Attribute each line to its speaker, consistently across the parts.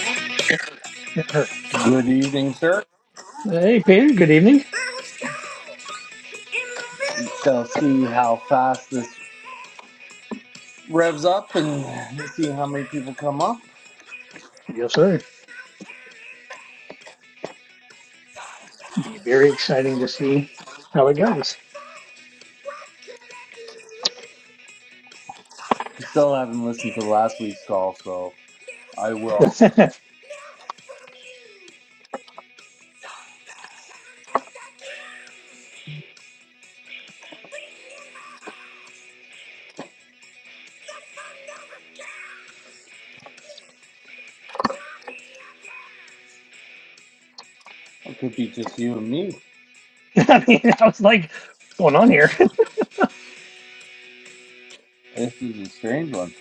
Speaker 1: Yeah, her.
Speaker 2: Good evening, sir.
Speaker 1: Hey, Peter. Good evening.
Speaker 2: Shall see how fast this revs up and see how many people come up.
Speaker 1: Yes, sir. Be very exciting to see how it goes.
Speaker 2: I still haven't listened to last week's call, so I will.
Speaker 1: I
Speaker 2: It could be just you and me.
Speaker 1: mean, I was like, what's going on here?
Speaker 2: This is a strange one.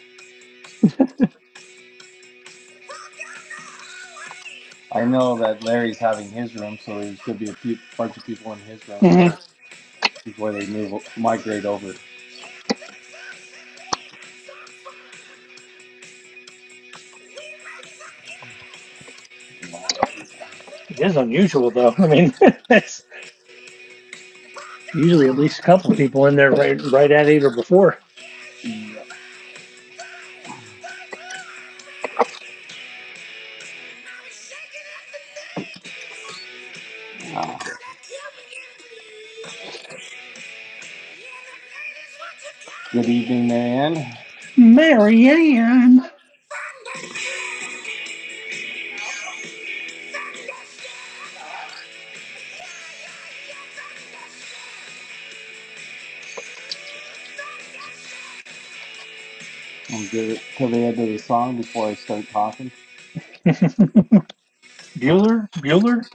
Speaker 2: I know that Larry's having his room, so there's going to be a few, bunch of people in his room
Speaker 1: Mhm.
Speaker 2: first before they move migrate over.
Speaker 1: It is unusual, though. I mean, it's usually at least a couple people in there right, right at eight or before.
Speaker 2: Yeah. Ah. Good evening, Marianne.
Speaker 1: Marianne.
Speaker 2: I'm good till the end of the song before I start talking.
Speaker 1: Bueller? Bueller?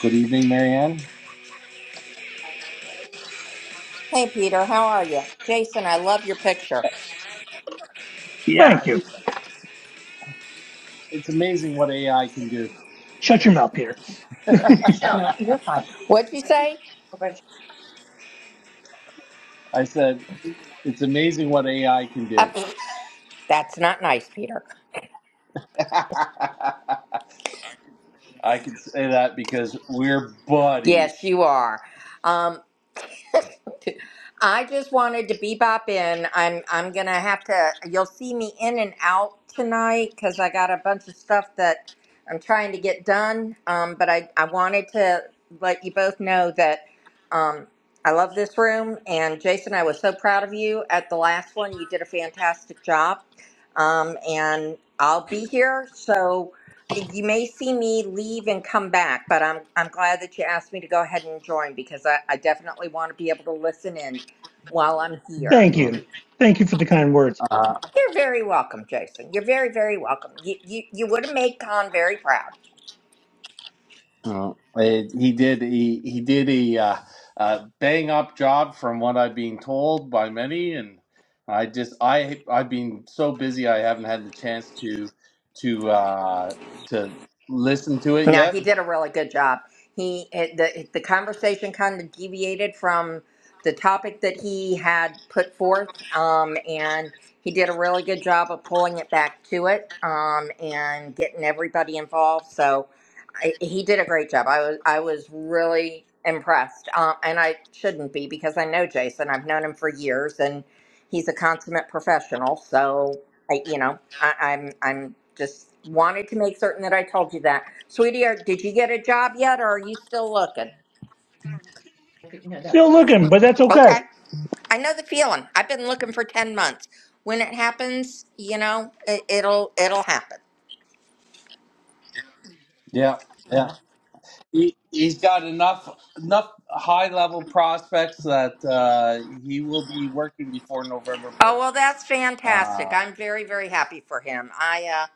Speaker 2: Good evening, Marianne.
Speaker 3: Hey, Peter, how are you? Jason, I love your picture.
Speaker 2: Yeah,
Speaker 1: Thank you.
Speaker 2: it's amazing what AI can do.
Speaker 1: Shut your mouth, Peter.
Speaker 3: No, you're fine. What'd you say?
Speaker 2: I said, it's amazing what AI can
Speaker 3: Uh,
Speaker 2: do.
Speaker 3: pff, that's not nice, Peter.
Speaker 2: I can say that because we're
Speaker 3: Yes,
Speaker 2: buddies.
Speaker 3: you are. Um, I just wanted to bebop in. I'm I'm gonna have to. You'll see me in and out tonight because I got a bunch of stuff that I'm trying to get done. Um, but I I wanted to let you both know that um, I love this room and Jason. I was so proud of you at the last one. You did a fantastic job. Um, and I'll be here. So you may see me leave and come back, but I'm I'm glad that you asked me to go ahead and join because I, I definitely want to be able to listen in while I'm here.
Speaker 1: Thank
Speaker 2: Oh,
Speaker 1: you. Thank you for the kind words.
Speaker 2: Uh,
Speaker 3: You're very welcome, Jason. You're very, very welcome. You you, you would have made Con very proud.
Speaker 2: oh. it, he did he, he did a uh, uh, bang up job from what I've been told by many, and I just I I've been so busy I haven't had the chance to to uh, to listen to it
Speaker 3: No,
Speaker 2: yet.
Speaker 3: he did a really good job. He it, the the conversation kind of deviated from the topic that he had put forth, um, and he did a really good job of pulling it back to it um, and getting everybody involved. So I, he did a great job. I was I was really impressed, um, and I shouldn't be because I know Jason. I've known him for years, and he's a consummate professional. So I, you know, I, I'm, I'm just wanted to make certain that I told you that, sweetie. did you get a job yet, or are you still looking?
Speaker 1: Still looking, but that's okay.
Speaker 3: Okay, I know the feeling. I've been looking for ten months. When it happens, you know, it, it'll, it'll happen.
Speaker 2: Yeah. Yeah, He, he's got enough enough high level prospects that uh, he will be working before November
Speaker 3: Oh well,
Speaker 2: first.
Speaker 3: that's fantastic.
Speaker 2: Uh,
Speaker 3: I'm very, very happy for him. I, uh,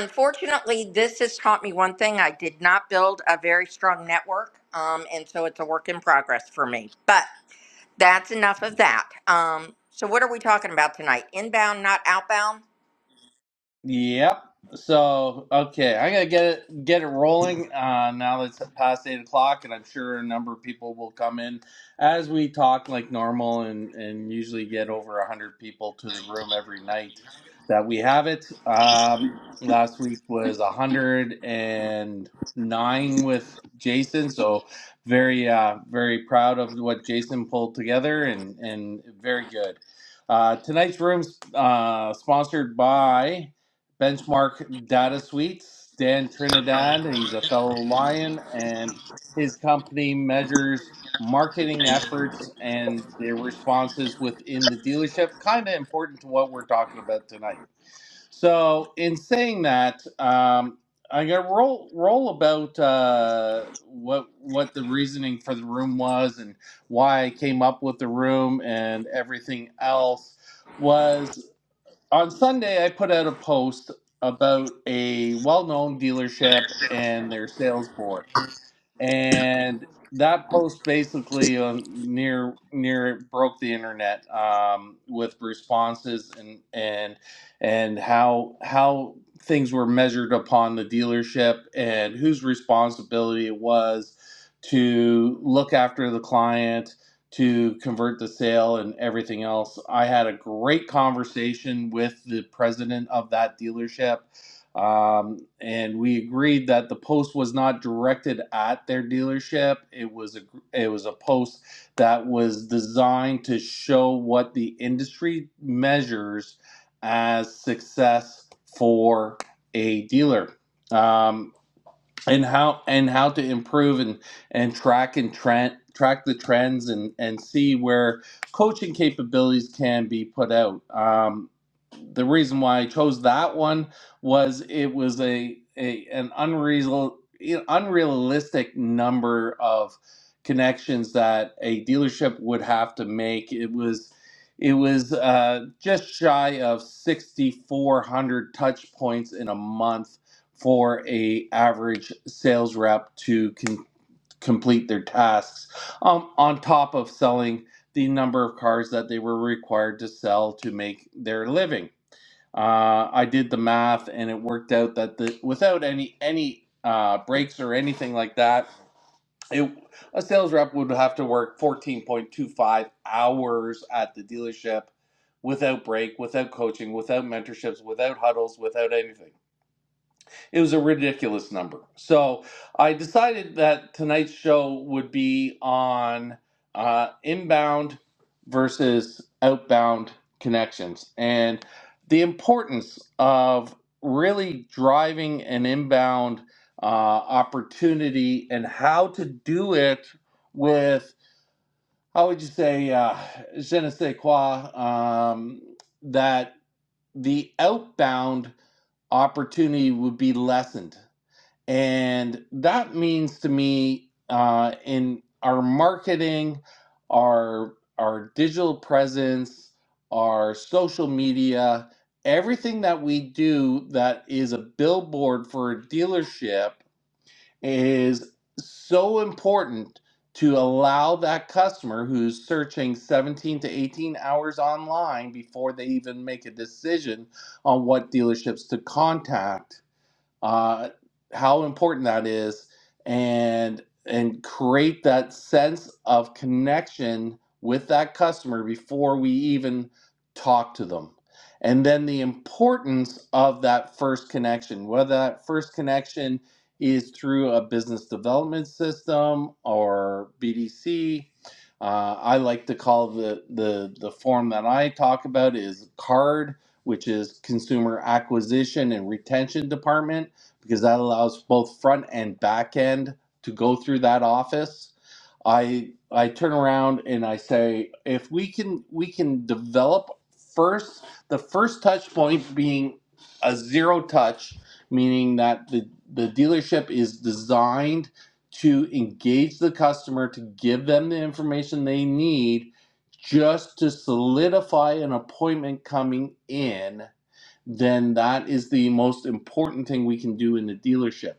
Speaker 3: unfortunately, this has taught me one thing. I did not build a very strong network, um, and so it's a work in progress for me. But. That's enough of that. Um, so what are we talking about tonight? Inbound, not outbound?
Speaker 2: Yep. So okay, I'm gonna get it get it rolling. Uh, now that it's past eight o'clock, and I'm sure a number of people will come in as we talk like normal, and and usually get over a hundred people to the room every night that we have it. Um, last week was a hundred and nine with Jason, so very uh, very proud of what Jason pulled together, and and very good. Uh, tonight's room's uh, sponsored by. Benchmark Data Suites, Dan Trinidad. He's a fellow Lion, and his company measures marketing efforts and their responses within the dealership. Kind of important to what we're talking about tonight. So, in saying that, um, I'm gonna roll roll about uh, what what the reasoning for the room was and why I came up with the room and everything else was on Sunday, I put out a post about a well known dealership and their sales board and that post basically um, near near it broke the internet um, with responses and and and how how things were measured upon the dealership and whose responsibility it was to look after the client to convert the sale and everything else. I had a great conversation with the president of that dealership um, and we agreed that the post was not directed at their dealership. It was a it was a post that was designed to show what the industry measures as success for a dealer. Um, and how and how to improve and and track and trend track the trends and and see where coaching capabilities can be put out um the reason why i chose that one was it was a, a an unreasonable unrealistic number of connections that a dealership would have to make it was it was uh, just shy of 6400 touch points in a month for a average sales rep to con- complete their tasks um, on top of selling the number of cars that they were required to sell to make their living uh, i did the math and it worked out that the without any any uh, breaks or anything like that it, a sales rep would have to work 14.25 hours at the dealership without break without coaching without mentorships without huddles without anything it was a ridiculous number. So I decided that tonight's show would be on uh, inbound versus outbound connections and the importance of really driving an inbound uh, opportunity and how to do it with, how would you say, uh, je ne sais quoi, um, that the outbound opportunity would be lessened and that means to me, uh, in our marketing, our our digital presence, our social media, everything that we do that is a billboard for a dealership is so important to allow that customer who's searching 17 to 18 hours online before they even make a decision on what dealerships to contact uh, how important that is and and create that sense of connection with that customer before we even talk to them and then the importance of that first connection whether that first connection is through a business development system or bdc uh, i like to call the, the the form that i talk about is card which is consumer acquisition and retention department because that allows both front and back end to go through that office. I I turn around and I say if we can we can develop first the first touch point being a zero touch meaning that the the dealership is designed to engage the customer to give them the information they need just to solidify an appointment coming in then that is the most important thing we can do in the dealership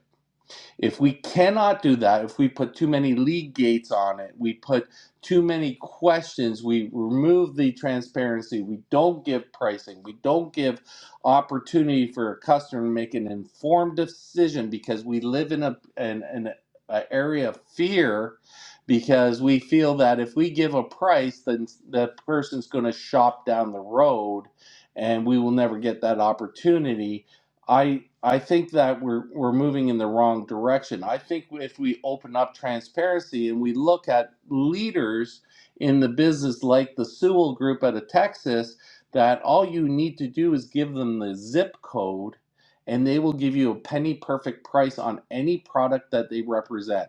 Speaker 2: if we cannot do that, if we put too many league gates on it, we put too many questions, we remove the transparency, we don't give pricing, we don't give opportunity for a customer to make an informed decision because we live in a an, an a area of fear because we feel that if we give a price then that person's going to shop down the road and we will never get that opportunity I I think that we're we're moving in the wrong direction. I think if we open up transparency and we look at leaders in the business like the Sewell Group out of Texas, that all you need to do is give them the zip code, and they will give you a penny perfect price on any product that they represent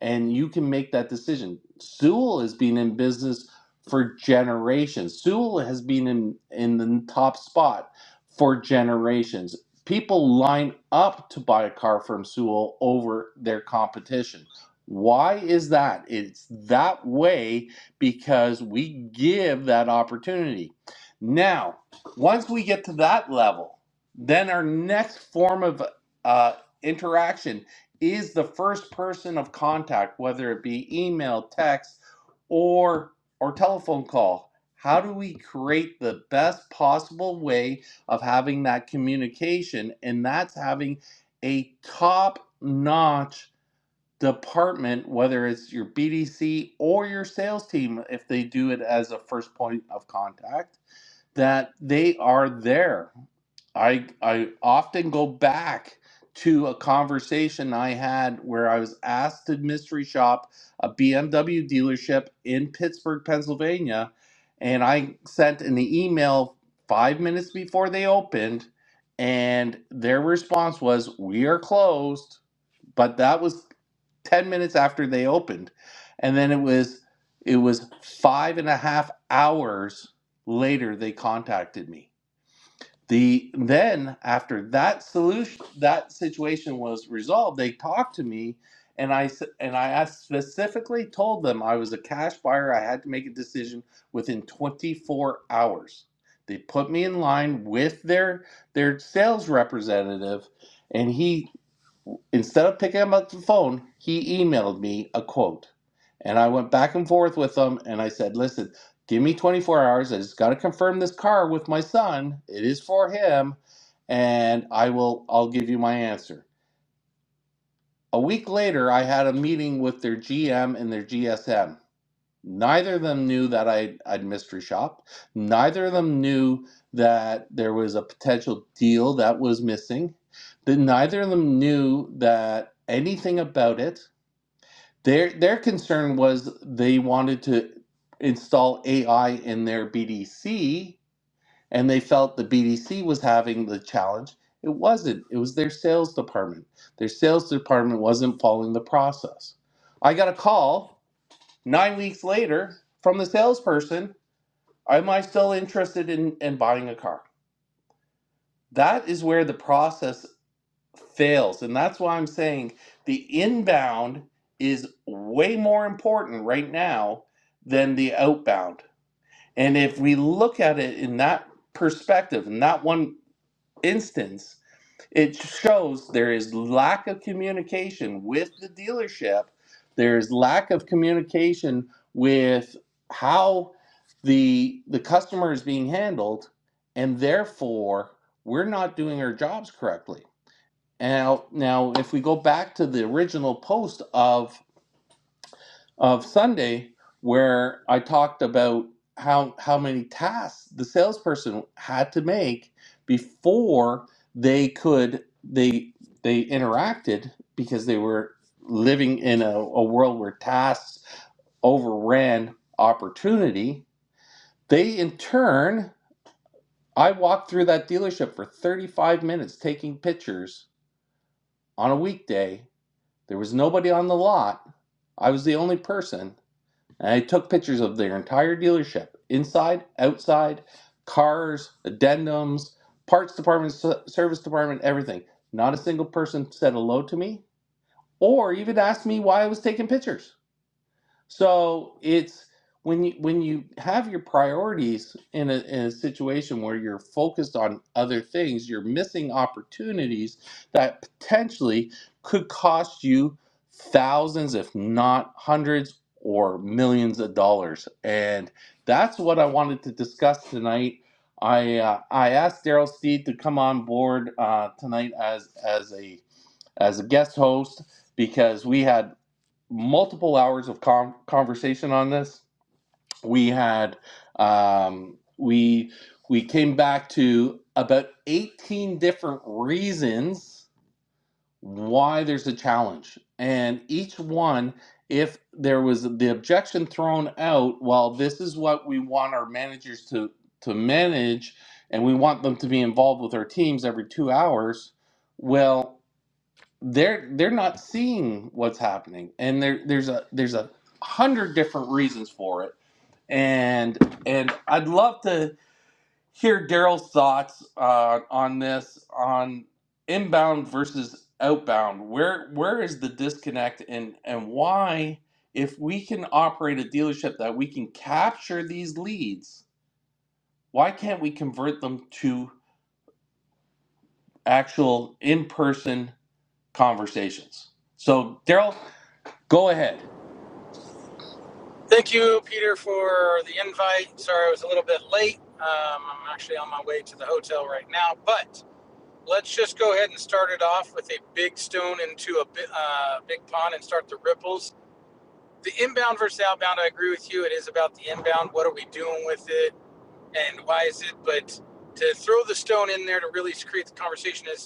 Speaker 2: and you can make that decision. Sewell has been in business for generations. Sewell has been in in the top spot for generations. People line up to buy a car from Sewell over their competition. Why is that? It's that way because we give that opportunity. Now, once we get to that level, then our next form of uh, interaction is the first person of contact, whether it be email, text, or or telephone call. How do we create the best possible way of having that communication? And that's having a top-notch department, whether it's your BDC or your sales team, if they do it as a first point of contact, that they are there I I often go back to a conversation I had where I was asked to mystery shop a BMW dealership in Pittsburgh, Pennsylvania, and I sent an email 5 minutes before they opened and their response was we are closed, but that was 10 minutes after they opened. And then it was it was five and a half hours later they contacted me the then after that solution that situation was resolved they talked to me and i s- and i asked, specifically told them i was a cash buyer i had to make a decision within 24 hours they put me in line with their their sales representative and he instead of picking him up the phone, he emailed me a quote. And I went back and forth with him and I said, listen, give me 24 hours. I just got to confirm this car with my son. It is for him. And I will, I'll give you my answer. A week later, I had a meeting with their GM and their GSM. Neither of them knew that I, I'd mystery shop. Neither of them knew that there was a potential deal that was missing. That neither of them knew that anything about it. Their their concern was they wanted to install AI in their BDC, and they felt the BDC was having the challenge. It wasn't. It was their sales department. Their sales department wasn't following the process. I got a call Nine weeks later, from the salesperson, am I still interested in, in buying a car? That is where the process fails. And that's why I'm saying the inbound is way more important right now than the outbound. And if we look at it in that perspective, in that one instance, it shows there is lack of communication with the dealership there is lack of communication with how the the customer is being handled and therefore we're not doing our jobs correctly now now if we go back to the original post of of Sunday where I talked about how how many tasks the salesperson had to make before they could they they interacted because they were living in a, a world where tasks overran opportunity. They in turn I walked through that dealership for 35 minutes taking pictures on a weekday. There was nobody on the lot. I was the only person And I took pictures of their entire dealership, inside, outside, cars, addendums, parts department, service department, everything. Not a single person said hello to me or even asked me why I was taking pictures. So it's when you when you have your priorities in a, in a situation where you're focused on other things, you're missing opportunities that potentially could cost you thousands, if not hundreds or millions of dollars. And that's what I wanted to discuss tonight. I uh, I asked Daryl Steed to come on board uh, tonight as as a as a guest host because we had multiple hours of con conversation on this. We had um, we we came back to about 18 different reasons why there's a challenge, and each one, if there was the objection thrown out, well, this is what we want our managers to to manage, and we want them to be involved with our teams every two hours. Well, they're they're not seeing what's happening and there there's a there's a hundred different reasons for it and and i'd love to hear daryl's thoughts uh, on this on inbound versus outbound where where is the disconnect and and why if we can operate a dealership that we can capture these leads why can't we convert them to actual in-person conversations so daryl go ahead
Speaker 4: Thank you, Peter, for the invite. Sorry I was a little bit late. Um, I'm actually on my way to the hotel right now, but let's just go ahead and start it off with a big stone into a uh, big pond and start the ripples. The inbound versus outbound, I agree with you. It is about the inbound. What are we doing with it and why is it? But to throw the stone in there to really create the conversation is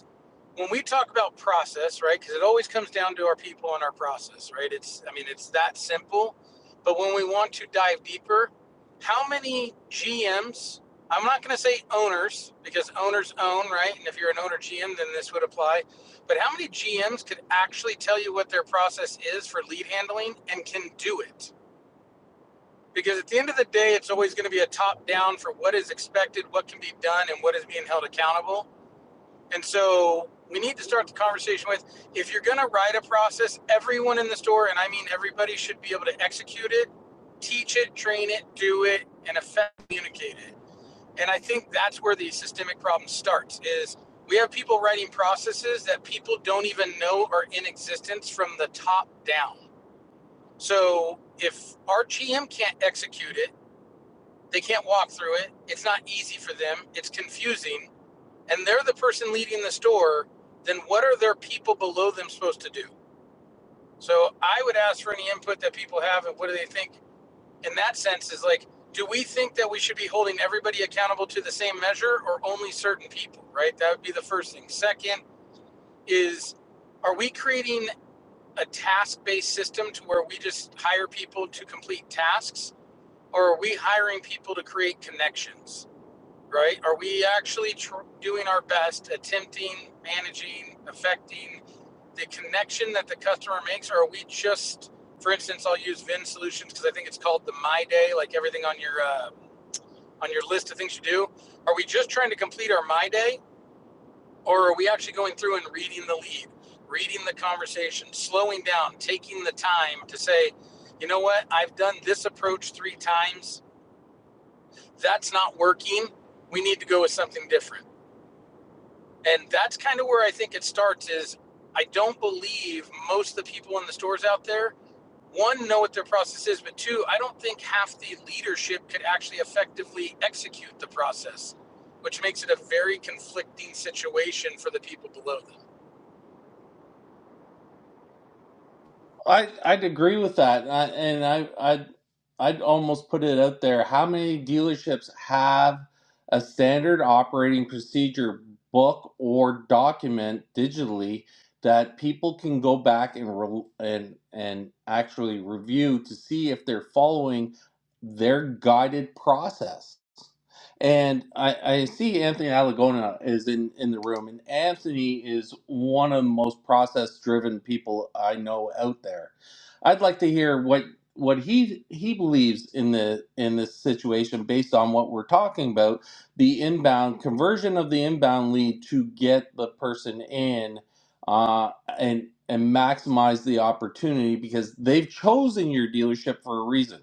Speaker 4: when we talk about process, right? Because it always comes down to our people and our process, right? It's, I mean, it's that simple. But when we want to dive deeper, how many GMs, I'm not going to say owners, because owners own, right? And if you're an owner GM, then this would apply. But how many GMs could actually tell you what their process is for lead handling and can do it? Because at the end of the day, it's always going to be a top down for what is expected, what can be done, and what is being held accountable and so we need to start the conversation with if you're going to write a process, everyone in the store, and I mean everybody, should be able to execute it, teach it, train it, do it, and effectively communicate it. And I think that's where the systemic problem starts is we have people writing processes that people don't even know are in existence from the top down. So if our GM can't execute it, they can't walk through it. It's not easy for them. It's confusing and they're the person leading the store, then what are their people below them supposed to do? So I would ask for any input that people have and what do they think in that sense is like, do we think that we should be holding everybody accountable to the same measure or only certain people, right? That would be the first thing. Second is, are we creating a task based system to where we just hire people to complete tasks or are we hiring people to create connections? right? Are we actually tr- doing our best, attempting, managing, affecting the connection that the customer makes? Or are we just, for instance, I'll use Vin Solutions because I think it's called the My Day, like everything on your uh, on your list of things you do. Are we just trying to complete our My Day, or are we actually going through and reading the lead, reading the conversation, slowing down, taking the time to say, you know what, I've done this approach three times. That's not working. We need to go with something different and that's kind of where I think it starts is I don't believe most of the people in the stores out there one know what their process is but two I don't think half the leadership could actually effectively execute the process which makes it a very conflicting situation for the people below them.
Speaker 2: I I'd agree with that, and I, and I I'd I'd almost put it out there. How many dealerships have a standard operating procedure book or document digitally that people can go back and re- and and actually review to see if they're following their guided process? And I, I see Anthony Alagona is in, in the room, and Anthony is one of the most process driven people I know out there. I'd like to hear what what he he believes in the in this situation based on what we're talking about, the inbound conversion of the inbound lead to get the person in uh, and and maximize the opportunity because they've chosen your dealership for a reason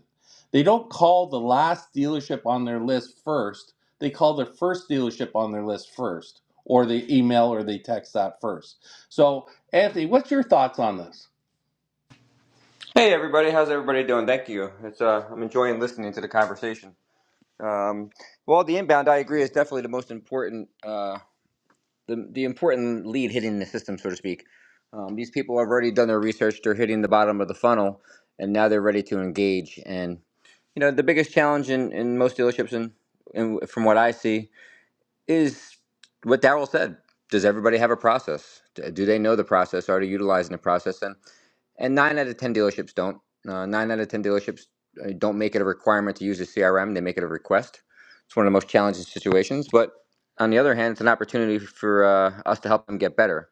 Speaker 2: they don't call the last dealership on their list first. They call their first dealership on their list first, or they email or they text that first. So, Anthony, what's your thoughts on this?
Speaker 5: Hey everybody, how's everybody doing? Thank you. It's uh, I'm enjoying listening to the conversation. Um, well, the inbound, I agree, is definitely the most important, uh, the the important lead hitting the system, so to speak. Um, these people have already done their research; they're hitting the bottom of the funnel, and now they're ready to engage. And you know, the biggest challenge in, in most dealerships, and, and from what I see, is what Daryl said. Does everybody have a process? D- Do they know the process? Are they utilizing the process? And and nine out of 10 dealerships don't. Uh, nine out of 10 dealerships uh, don't make it a requirement to use a CRM, they make it a request. It's one of the most challenging situations. But on the other hand, it's an opportunity for uh, us to help them get better.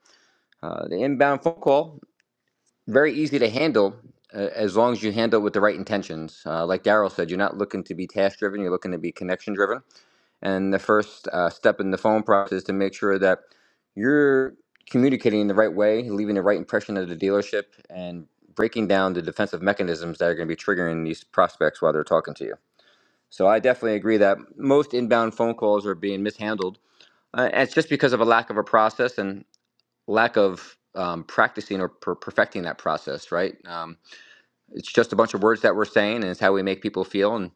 Speaker 5: Uh, the inbound phone call, very easy to handle uh, as long as you handle it with the right intentions. Uh, like Daryl said, you're not looking to be task driven, you're looking to be connection driven and the first uh, step in the phone process is to make sure that you're communicating in the right way, leaving the right impression at the dealership, and breaking down the defensive mechanisms that are going to be triggering these prospects while they're talking to you. So I definitely agree that most inbound phone calls are being mishandled. Uh, and it's just because of a lack of a process and lack of um, practicing or per- perfecting that process, right? Um, it's just a bunch of words that we're saying, and it's how we make people feel. And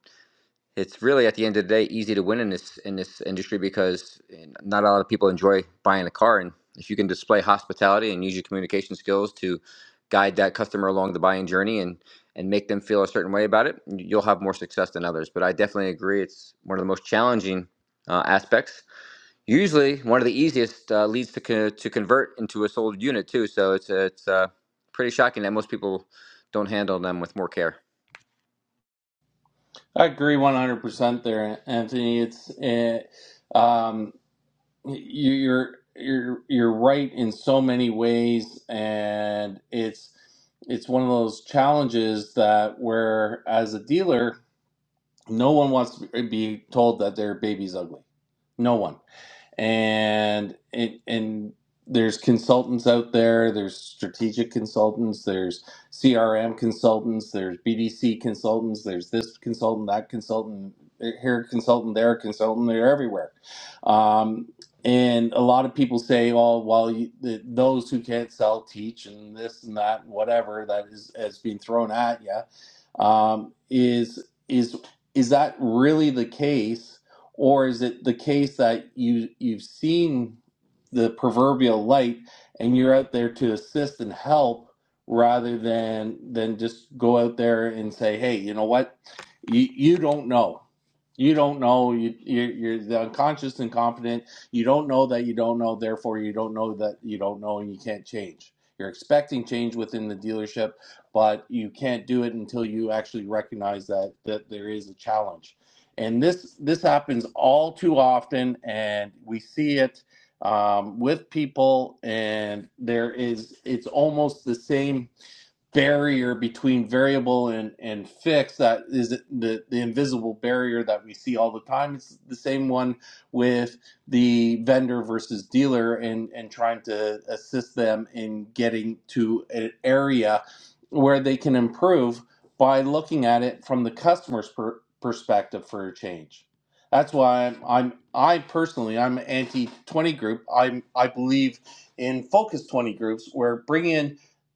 Speaker 5: it's really at the end of the day easy to win in this in this industry because eh, not a lot of people enjoy buying a car and if you can display hospitality and use your communication skills to guide that customer along the buying journey and and make them feel a certain way about it you'll have more success than others but i definitely agree it's one of the most challenging uh, aspects usually one of the easiest uh, leads to, co- to convert into a sold unit too so it's it's uh, pretty shocking that most people don't handle them with more care
Speaker 2: I agree 100% there, Anthony. It's eh, um, you're you're you're right in so many ways, and it's it's one of those challenges that where as a dealer, no one wants to be told that their baby's ugly. No one and it and there's consultants out there there's strategic consultants there's crm consultants there's bdc consultants there's this consultant that consultant eh, here consultant there consultant they're everywhere um, and a lot of people say oh well you, the, those who can't sell teach and this and that whatever that is has been thrown at you um, is is is that really the case or is it the case that you you've seen the proverbial light and you're out there to assist and help rather than than just go out there and say, "Hey, you know what? You you don't know. You don't know. You you're, you're the unconscious and confident. You don't know that you don't know. Therefore, you don't know that you don't know, and you can't change. You're expecting change within the dealership, but you can't do it until you actually recognize that that there is a challenge and this this happens all too often, and we see it um, with people. And there is it's almost the same barrier between variable and, and fixed that is the, the invisible barrier that we see all the time it's the same one with the vendor versus dealer and, and trying to assist them in getting to an area where they can improve by looking at it from the customer's per, perspective for a change that's why I'm, I'm i personally i'm anti 20 group i'm i believe in focus 20 groups where bring in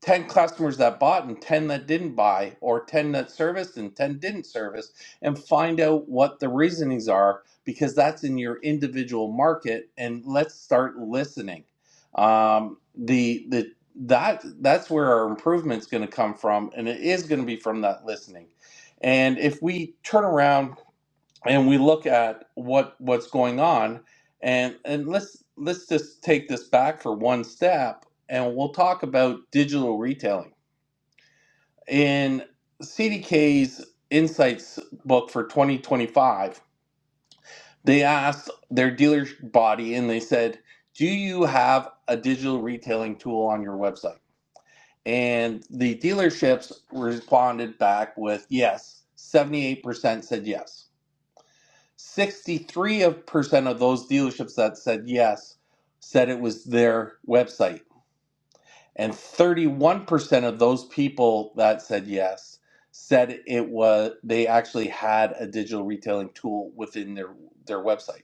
Speaker 2: 10 customers that bought and 10 that didn't buy or 10 that serviced and 10 didn't service and find out what the reasonings are because that's in your individual market and let's start listening um, the the that that's where our improvement's going to come from and it is going to be from that listening and if we turn around and we look at what what's going on and and let's let's just take this back for one step and we'll talk about digital retailing in CDK's insights book for 2025 they asked their dealer body and they said do you have a digital retailing tool on your website and the dealerships responded back with yes 78% said yes 63% of those dealerships that said yes said it was their website. And 31% of those people that said yes said it was they actually had a digital retailing tool within their their website.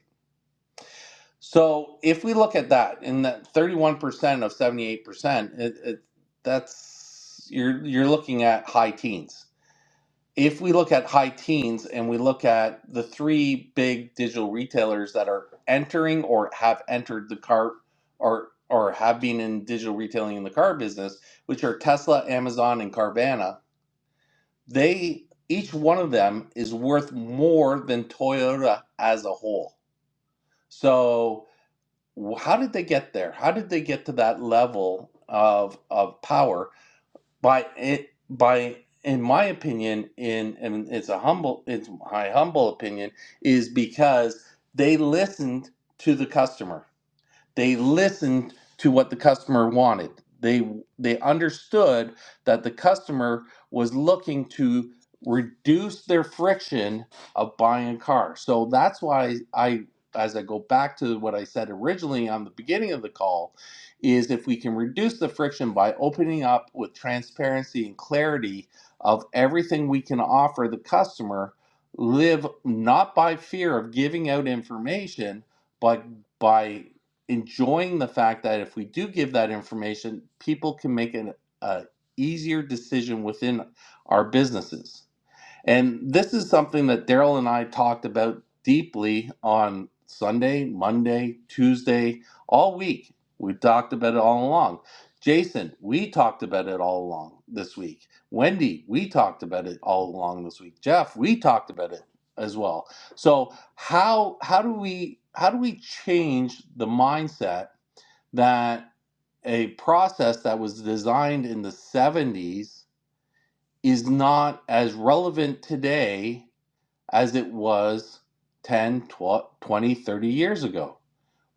Speaker 2: So if we look at that, in that 31% of 78%, it, it, that's you're you're looking at high teens if we look at high teens and we look at the three big digital retailers that are entering or have entered the car or or have been in digital retailing in the car business, which are Tesla, Amazon, and Carvana, they each one of them is worth more than Toyota as a whole. So, wh- how did they get there? How did they get to that level of of power? by it by in my opinion in and it's a humble it's my humble opinion is because they listened to the customer they listened to what the customer wanted. They they understood that the customer was looking to reduce their friction of buying a car. So that's why I as I go back to what I said originally on the beginning of the call is if we can reduce the friction by opening up with transparency and clarity of everything we can offer the customer live not by fear of giving out information but by enjoying the fact that if we do give that information, people can make an a easier decision within our businesses. And this is something that Daryl and I talked about deeply on Sunday, Monday, Tuesday, all week. We talked about it all along. Jason, we talked about it all along this week. Wendy, we talked about it all along this week. Jeff, we talked about it as well. So how how do we how do we change the mindset that a process that was designed in the 70s is not as relevant today as it was 10, 20, thirty years ago.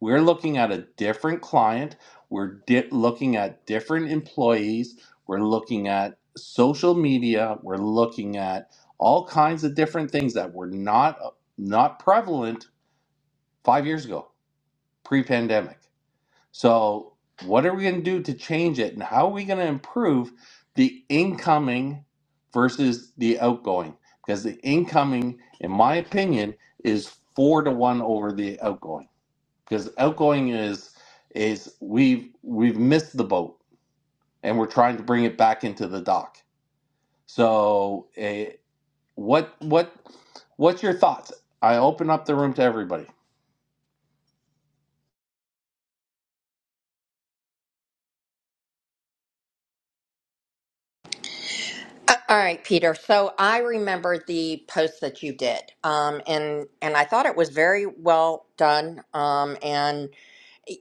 Speaker 2: We're looking at a different client. We're di- looking at different employees. We're looking at social media. We're looking at all kinds of different things that were not not prevalent five years ago, pre-pandemic. So, what are we going to do to change it, and how are we going to improve the incoming versus the outgoing? Because the incoming, in my opinion, is four to one over the outgoing. Because outgoing is is we've we've missed the boat, and we're trying to bring it back into the dock. So, eh, what what what's your thoughts? I open up the room to everybody.
Speaker 3: Uh, All right, Peter. So I remember the post that you did, um, and and I thought it was very well done. Um, and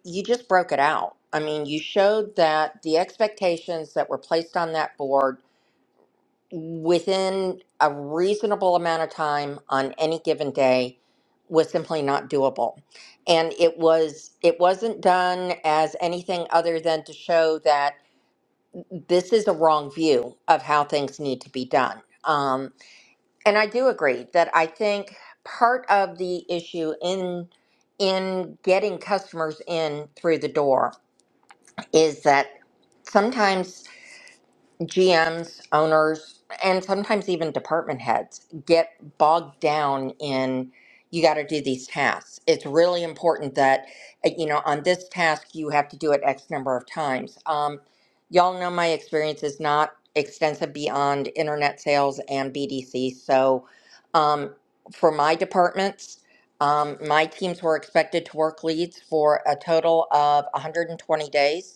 Speaker 3: you just broke it out. I mean, you showed that the expectations that were placed on that board within a reasonable amount of time on any given day was simply not doable and it was it wasn't done as anything other than to show that this is a wrong view of how things need to be done um, and i do agree that i think part of the issue in in getting customers in through the door is that sometimes GMs, owners, and sometimes even department heads get bogged down in you got to do these tasks. It's really important that, uh, you know, on this task, you have to do it X number of times. Um, y'all know my experience is not extensive beyond internet sales and BDC. So um, for my departments, um, my teams were expected to work leads for a total of 120 days.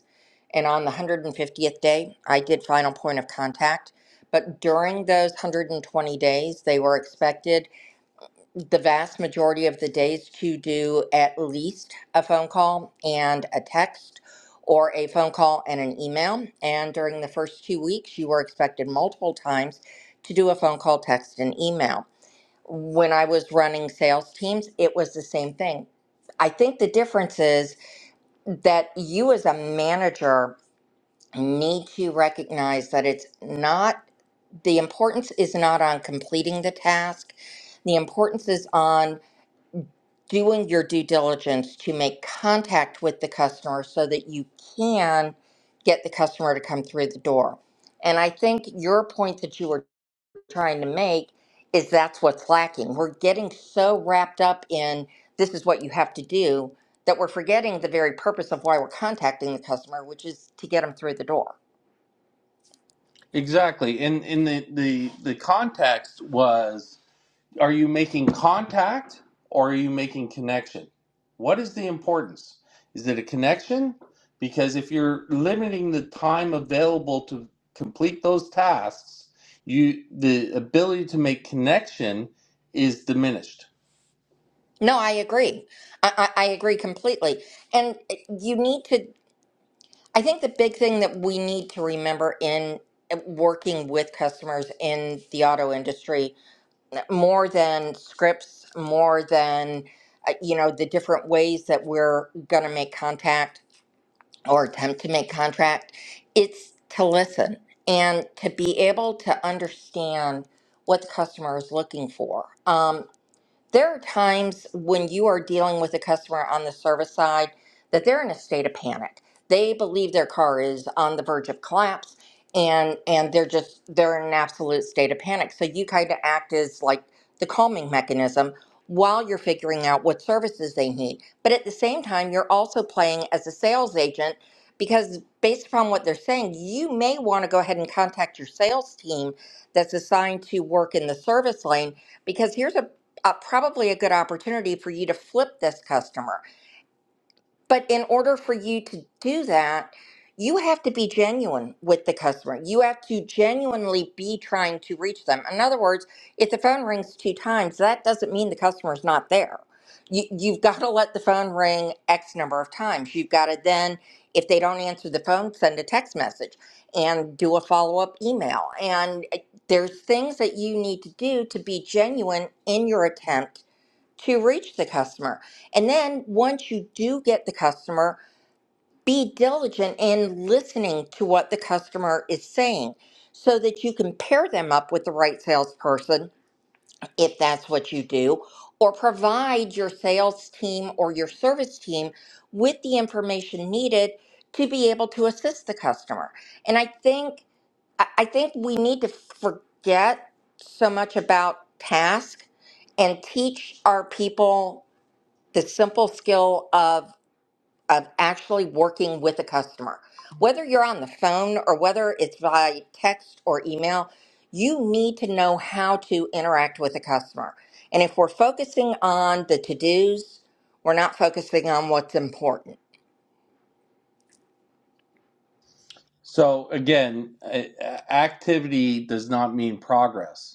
Speaker 3: And on the 150th day, I did final point of contact. But during those 120 days, they were expected the vast majority of the days to do at least a phone call and a text or a phone call and an email. And during the first two weeks, you were expected multiple times to do a phone call, text, and email. When I was running sales teams, it was the same thing. I think the difference is that you, as a manager, need to recognize that it's not the importance is not on completing the task. The importance is on doing your due diligence to make contact with the customer so that you can get the customer to come through the door. And I think your point that you were trying to make is that's what's lacking. We're getting so wrapped up in this is what you have to do that we're forgetting the very purpose of why we're contacting the customer, which is to get them through the door.
Speaker 2: Exactly, and in the the the context was. Are you making contact or are you making connection? What is the importance? Is it a connection? Because if you're limiting the time available to complete those tasks, you the ability to make connection is diminished.
Speaker 3: No, I agree. I, I, I agree completely. And eh, you need to, I think the big thing that we need to remember in eh, working with customers in the auto industry, more than scripts, more than, uh, you know, the different ways that we're going to make contact or attempt to make contact, it's to listen and to be able to understand what the customer is looking for. Um, there are times when you are dealing with a customer on the service side that they're in a state of panic. They believe their car is on the verge of collapse and and they're just they're in an absolute state of panic. So you kind of act as like the calming mechanism while you're figuring out what services they need. But at the same time, you're also playing as a sales agent because based upon what they're saying, you may want to go ahead and contact your sales team that's assigned to work in the service lane because here's a uh, probably a good opportunity for you to flip this customer. But in order for you to do that, you have to be genuine with the customer. You have to genuinely be trying to reach them. In other words, if the phone rings two times, that doesn't mean the customer's not there. You, you've got to let the phone ring X number of times. You've got to then, if they don't answer the phone, send a text message and do a follow up email. And uh, there's things that you need to do to be genuine in your attempt to reach the customer. And then once you do get the customer, be diligent in listening to what the customer is saying so that you can pair them up with the right salesperson if that's what you do, or provide your sales team or your service team with the information needed to be able to assist the customer. And I think I I think we need to forget so much about task and teach our people the simple skill of of actually working with a customer whether you're on the phone or whether it's by text or email you need to know how to interact with a customer and if we're focusing on the to-dos we're not focusing on what's important
Speaker 2: So again, activity does not mean progress.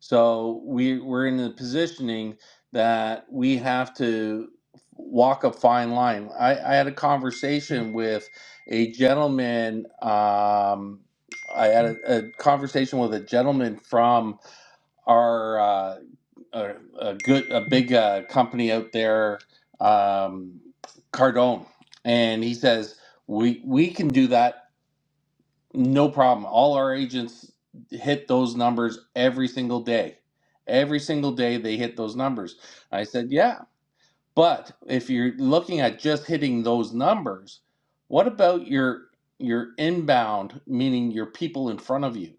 Speaker 2: So we we're in the positioning that we have to walk a fine line. I, I had a conversation with a gentleman. Um, I had a, a conversation with a gentleman from our uh, a, a good a big uh, company out there, um, Cardone, and he says we we can do that no problem. All our agents hit those numbers every single day. Every single day they hit those numbers. I said, yeah, but if you're looking at just hitting those numbers, what about your your inbound, meaning your people in front of you?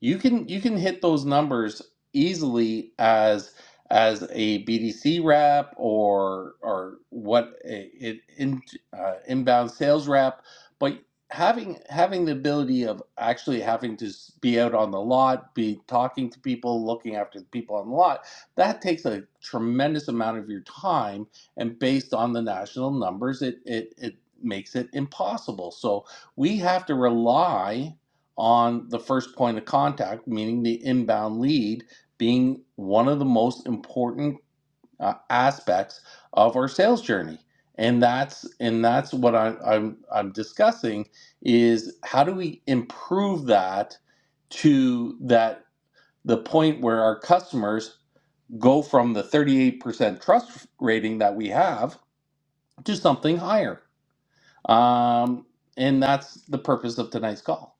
Speaker 2: you can you can hit those numbers easily as as a BDC rep or or what it in, uh, inbound sales rep, but having having the ability of actually having to be out on the lot, be talking to people, looking after the people on the lot, that takes a tremendous amount of your time, and based on the national numbers, it it it makes it impossible. So we have to rely on the first point of contact, meaning the inbound lead, being one of the most important uh, aspects of our sales journey. And that's and that's what I, I'm I'm discussing is how do we improve that to that the point where our customers go from the 38% trust rating that we have to something higher. Um, and that's the purpose of tonight's call.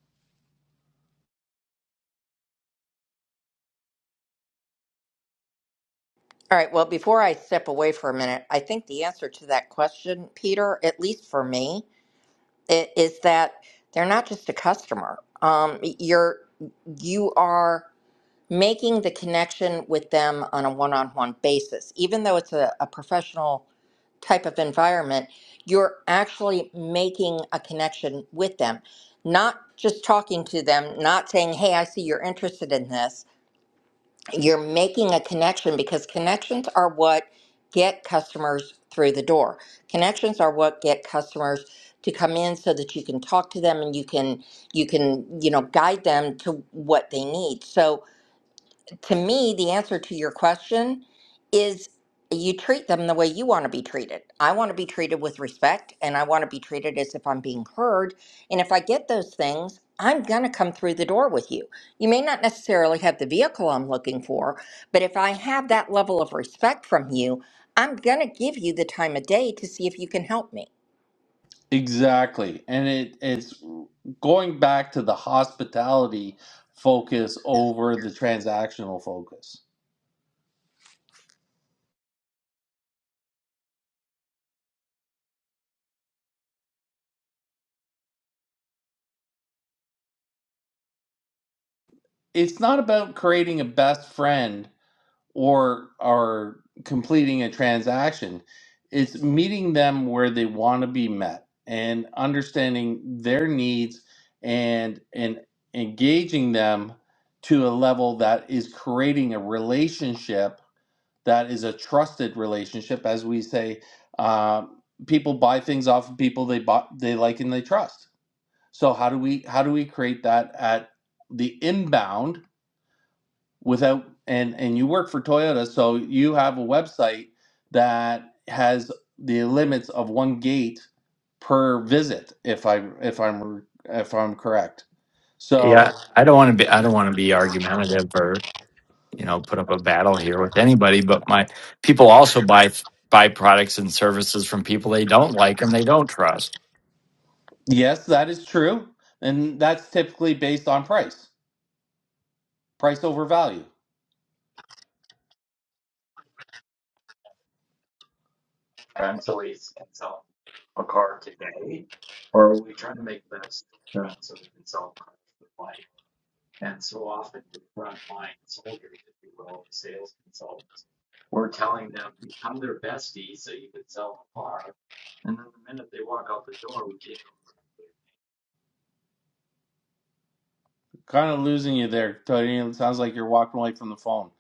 Speaker 3: all right well before i step away for a minute i think the answer to that question peter at least for me i- is that they're not just a customer um, you're you are making the connection with them on a one-on-one basis even though it's a, a professional type of environment you're actually making a connection with them not just talking to them not saying hey i see you're interested in this you're making a connection because connections are what get customers through the door connections are what get customers to come in so that you can talk to them and you can you can you know guide them to what they need so to me, the answer to your question is you treat them the way you want to be treated. I want to be treated with respect and I want to be treated as if I'm being heard. And if I get those things, I'm going to come through the door with you. You may not necessarily have the vehicle I'm looking for, but if I have that level of respect from you, I'm going to give you the time of day to see if you can help me.
Speaker 2: Exactly. And it it's going back to the hospitality focus over the transactional focus. It's not about creating a best friend or are completing a transaction. It's meeting them where they want to be met and understanding their needs and and engaging them to a level that is creating a relationship that is a trusted relationship, as we say. Uh, people buy things off of people they buy, they like and they trust. So how do we how do we create that at the inbound without and and you work for Toyota, so you have a website that has the limits of one gate per visit if I if I'm if I'm correct.
Speaker 6: Yeah,
Speaker 2: So,
Speaker 6: I don't want to be I don't want to be argumentative or you know put up a battle here with anybody, but my people also buy buy products and services from people they don't like and they don't trust.
Speaker 2: yes, that is true, and that's typically based on price. Price over value.
Speaker 6: Rentalese can sell a car today, or are we trying to make this trend so we can sell cars with light? And so often the frontline soldiers, if you will, sales consultants, we're telling them become their bestie so you can sell a car, and then the minute they walk out the door, we can't.
Speaker 2: Kind of losing you there, Tony. It sounds like you're walking away from the phone.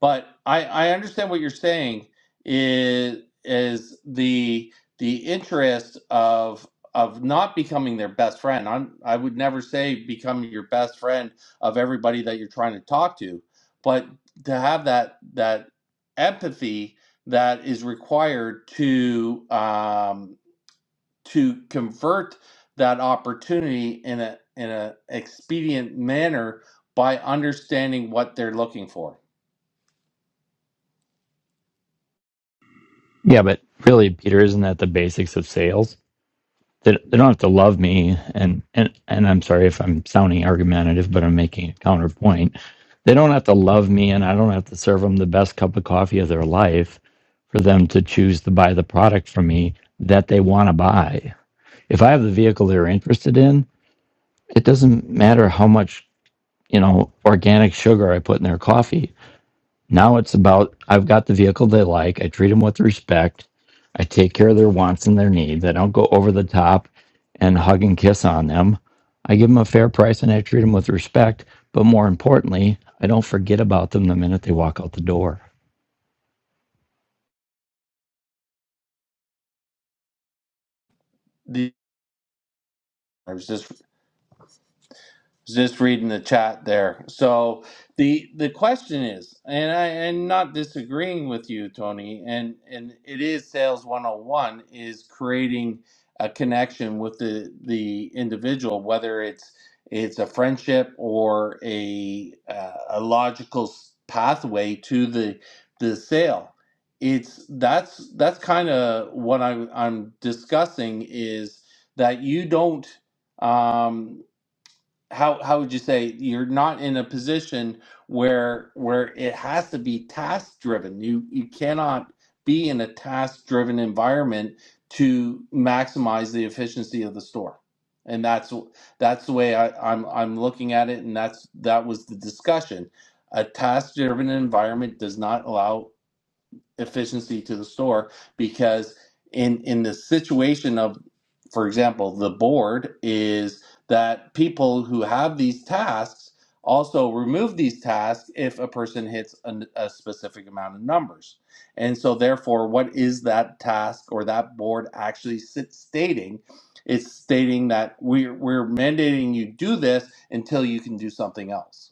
Speaker 2: But I, I understand what you're saying is is the the interest of of not becoming their best friend. I'm I would never say become your best friend of everybody that you're trying to talk to, but to have that that empathy that is required to um, to convert that opportunity in a in a expedient manner by understanding what they're looking for
Speaker 6: Yeah, but really, Peter, isn't that the basics of sales? They, they don't have to love me, and and and I'm sorry if I'm sounding argumentative, but I'm making a counterpoint. They don't have to love me, and I don't have to serve them the best cup of coffee of their life for them to choose to buy the product from me that they want to buy. If I have the vehicle they're interested in, it doesn't matter how much you know organic sugar I put in their coffee now it's about I've got the vehicle they like. I treat them with respect. I take care of their wants and their needs. I don't go over the top and hug and kiss on them. I give them a fair price and I treat them with respect. But more importantly, I don't forget about them the minute they walk out the door.
Speaker 2: The I was just just reading the chat there. So the the question is, and I am not disagreeing with you, Tony, and and it is sales 101 is creating a connection with the the individual, whether it's it's a friendship or a uh, a logical s- pathway to the the sale. It's that's that's kind of what I'm I'm discussing is that you don't. Um, how how would you say you're not in a position where where it has to be task driven you you cannot be in a task driven environment to maximize the efficiency of the store and that's that's the way I, I'm I'm looking at it and that's that was the discussion a task driven environment does not allow efficiency to the store because in in the situation of for example the board is that people who have these tasks also remove these tasks if a person hits an, a specific amount of numbers and so therefore what is that task or that board actually sit stating it's stating that we're, we're mandating you do this until you can do something else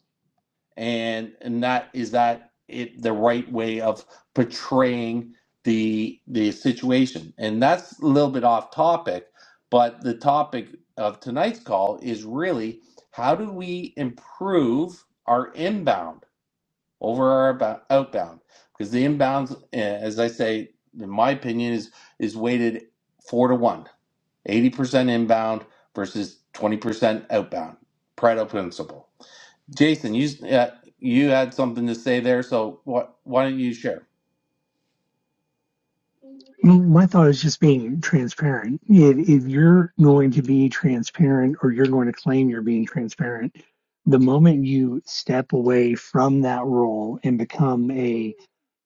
Speaker 2: and and that is that it the right way of portraying the the situation and that's a little bit off topic but the topic of tonight's call is really how do we improve our inbound over our abo- outbound because the inbounds eh, as i say in my opinion is is weighted 4 to one, eighty percent inbound versus 20% outbound pareto principle Jason, you uh, you had something to say there, so what? Why don't you share?
Speaker 1: My thought is just being transparent. If, if you're going to be transparent or you're going to claim you're being transparent, the moment you step away from that role and become a,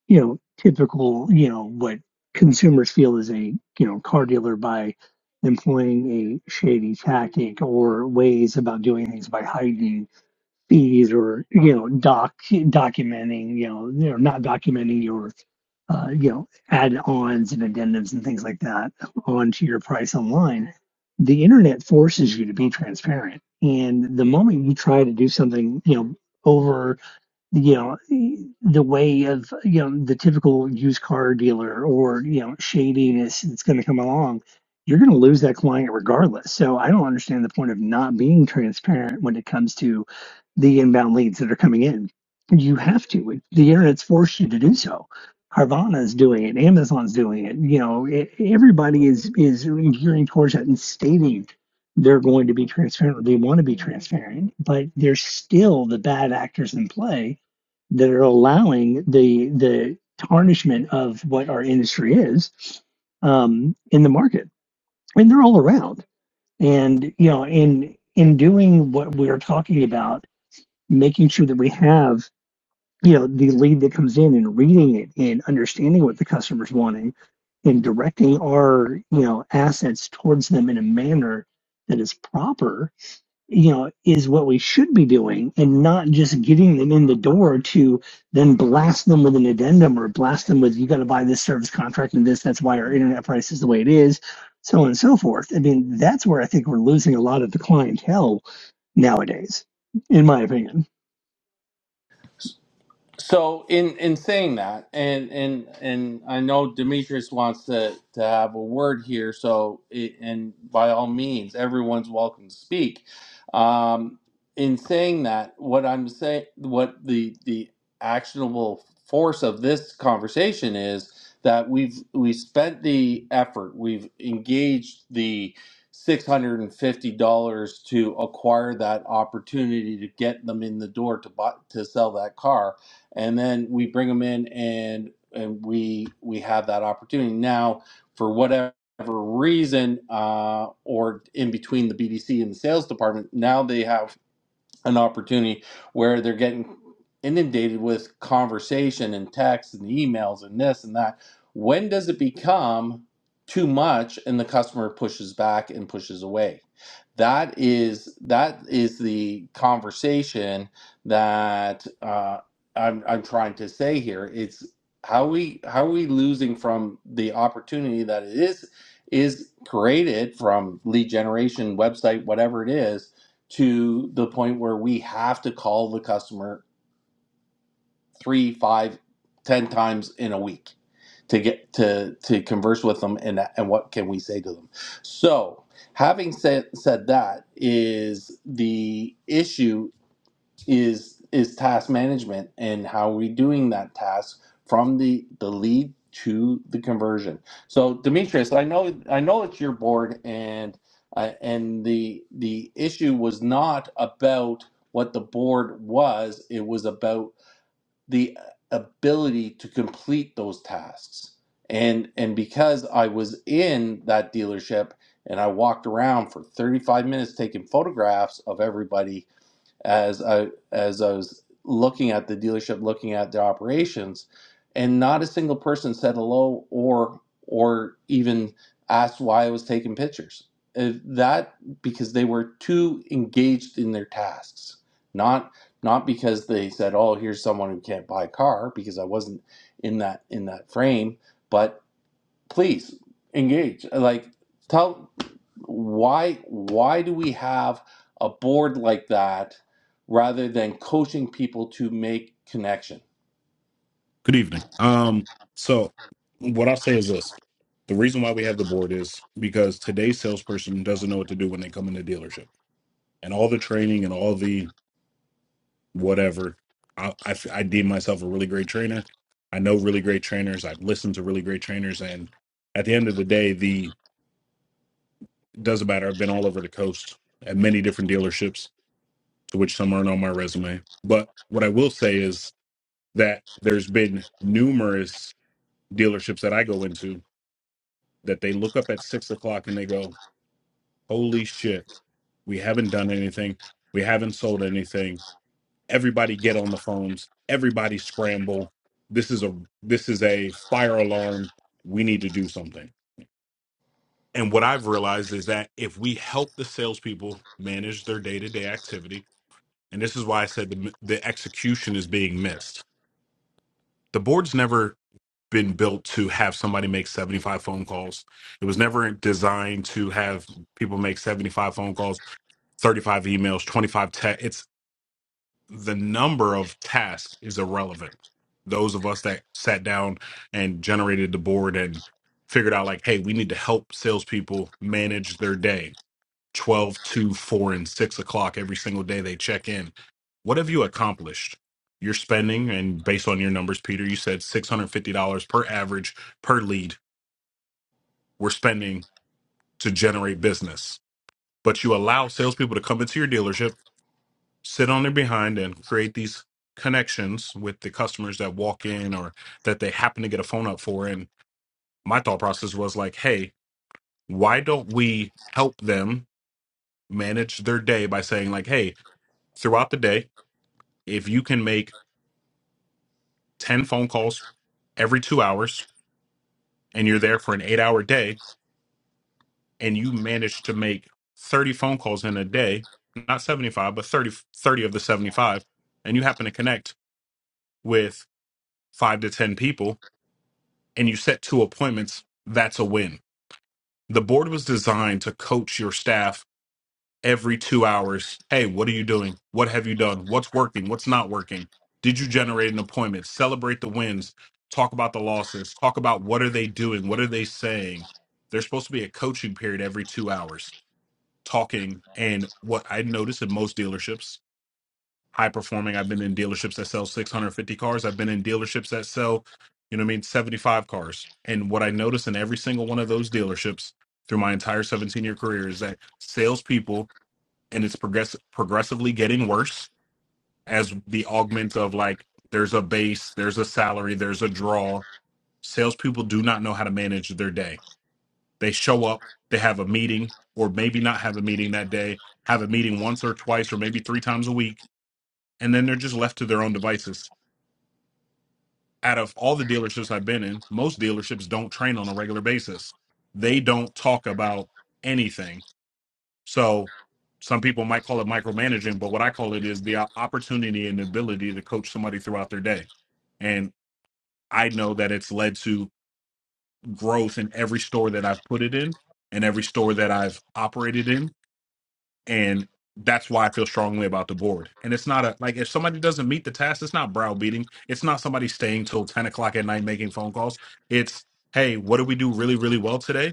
Speaker 1: you know, typical, you know, what consumers feel is a, you know, car dealer by employing a shady tactic or ways about doing things by hiding fees or you know doc documenting you know you know not documenting your uh, you know add-ons and addendums and things like that onto your price online the internet forces you to be transparent and the moment you try to do something you know over you know the way of you know the typical used car dealer or you know shadiness that's going to come along you're going to lose that client regardless so i don't understand the point of not being transparent when it comes to the inbound leads that are coming in you have to the internet's forced you to do so carvana's doing it amazon's doing it you know e- everybody is is gearing towards that and stating they're going to be transparent or they want to be transparent but there's still the bad actors in play that are allowing the the tarnishment of what our industry is um, in the market, and they're all around. And you know, in in doing what we are talking about, making sure that we have you know the lead that comes in and reading it and understanding what the customer's wanting, and directing our you know assets towards them in a manner that is proper you know, is what we should be doing and not just getting them in the door to then blast them with an addendum or blast them with, you got to buy this service contract and this, that's why our internet price is the way it is, so on and so forth. I mean, that's where I think we're losing a lot of the clientele nowadays, in my opinion.
Speaker 2: So in in saying that, and and and I know Demetrius wants to to have a word here. So it, and by all means, everyone's welcome to speak. Um, in saying that, what I'm saying, what the the actionable force of this conversation is that we've we spent the effort, we've engaged the six hundred and fifty dollars to acquire that opportunity to get them in the door to buy to sell that car and then we bring them in and and we we have that opportunity now for whatever reason uh, or in between the BDC and the sales department now they have an opportunity where they're getting inundated with conversation and text and emails and this and that. When does it become too much and the customer pushes back and pushes away? That is that is the conversation that uh, I'm I'm trying to say here. It's how we how are we losing from the opportunity that it is is created from lead generation website whatever it is to the point where we have to call the customer three, five, ten times in a week to get to to converse with them and and what can we say to them. So having said said that is the issue is is task management and how are we doing that task from the the lead to the conversion. So Demetrius, I know I know it's your board and uh, and the the issue was not about what the board was, it was about the uh, ability to complete those tasks. And and because I was in that dealership and I walked around for 35 minutes taking photographs of everybody as I as I was looking at the dealership, looking at their operations, and not a single person said hello or or even asked why I was taking pictures. If that because they were too engaged in their tasks, not not because they said, "Oh, here's someone who can't buy a car," because I wasn't in that in that frame, but please engage like tell why why do we have a board like that rather than coaching people to make connection
Speaker 7: Good evening. Um, so what I'll say is this. The reason why we have the board is because today's salesperson doesn't know what to do when they come in the dealership. And all the training and all the whatever, I, I, I deem myself a really great trainer. I know really great trainers. I've listened to really great trainers. And at the end of the day, the doesn't matter. I've been all over the coast at many different dealerships, to which some aren't on my resume. But what I will say is that there's been numerous dealerships that I go into that they look up at six o'clock and they go, Holy shit, we haven't done anything. We haven't sold anything. Everybody get on the phones. Everybody scramble. This is a this is a fire alarm. We need to do something. And what I've realized is that if we help the salespeople manage their day to day activity, and this is why I said the, the execution is being missed. The board's never been built to have somebody make 75 phone calls. It was never designed to have people make 75 phone calls, 35 emails, 25 text. It's the number of tasks is irrelevant. Those of us that sat down and generated the board and figured out like, hey, we need to help salespeople manage their day Twelve, two, 4, and 6 o'clock every single day they check in. What have you accomplished? You're spending, and based on your numbers, Peter, you said $650 per average per lead we're spending to generate business. But you allow salespeople to come into your dealership, sit on their behind, and create these connections with the customers that walk in or that they happen to get a phone up for. And my thought process was like, hey, why don't we help them manage their day by saying, like, hey, throughout the day, if you can make 10 phone calls every two hours and you're there for an eight hour day and you manage to make 30 phone calls in a day, not 75, but thirty—thirty of the 75, and you happen to connect with five to 10 people and you set two appointments, that's a win. The board was designed to coach your staff every two hours. Hey, what are you doing? What have you done? What's working? What's not working? Did you generate an appointment? Celebrate the wins. Talk about the losses. Talk about what are they doing? What are they saying? There's supposed to be a coaching period every two hours talking. And what I notice in most dealerships, high performing, I've been in dealerships that sell 650 cars. I've been in dealerships that sell, you know what I mean, 75 cars. And what I notice in every single one of those dealerships through my entire 17 year career is that salespeople and it's progress progressively getting worse as the augment of like there's a base, there's a salary, there's a draw. Salespeople do not know how to manage their day. They show up, they have a meeting, or maybe not have a meeting that day, have a meeting once or twice, or maybe three times a week, and then they're just left to their own devices. Out of all the dealerships I've been in, most dealerships don't train on a regular basis. They don't talk about anything So some people might call it micromanaging, but what I call it is the opportunity and ability to coach somebody throughout their day. And I know that it's led to growth in every store that I've put it in and every store that I've operated in. And that's why I feel strongly about the board. And it's not a like if somebody doesn't meet the task, it's not browbeating. It's not somebody staying till 10 o'clock at night making phone calls. It's hey, what did we do really, really well today?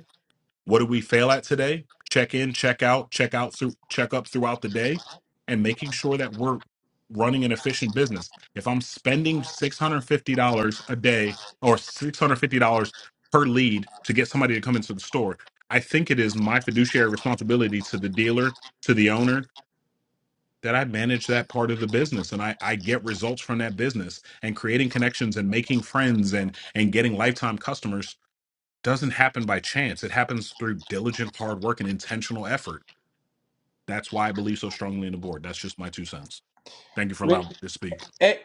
Speaker 7: What do we fail at today? Check in, check out, check out through check up throughout the day and making sure that we're running an efficient business. If I'm spending $650 a day or $650 per lead to get somebody to come into the store, I think it is my fiduciary responsibility to the dealer, to the owner that I manage that part of the business and I, I get results from that business and creating connections and making friends and and getting lifetime customers doesn't happen by chance. It happens through diligent hard work and intentional effort. That's why I believe so strongly in the board. That's just my two cents. Thank you for
Speaker 2: Re-
Speaker 7: allowing me to speak.
Speaker 2: eh,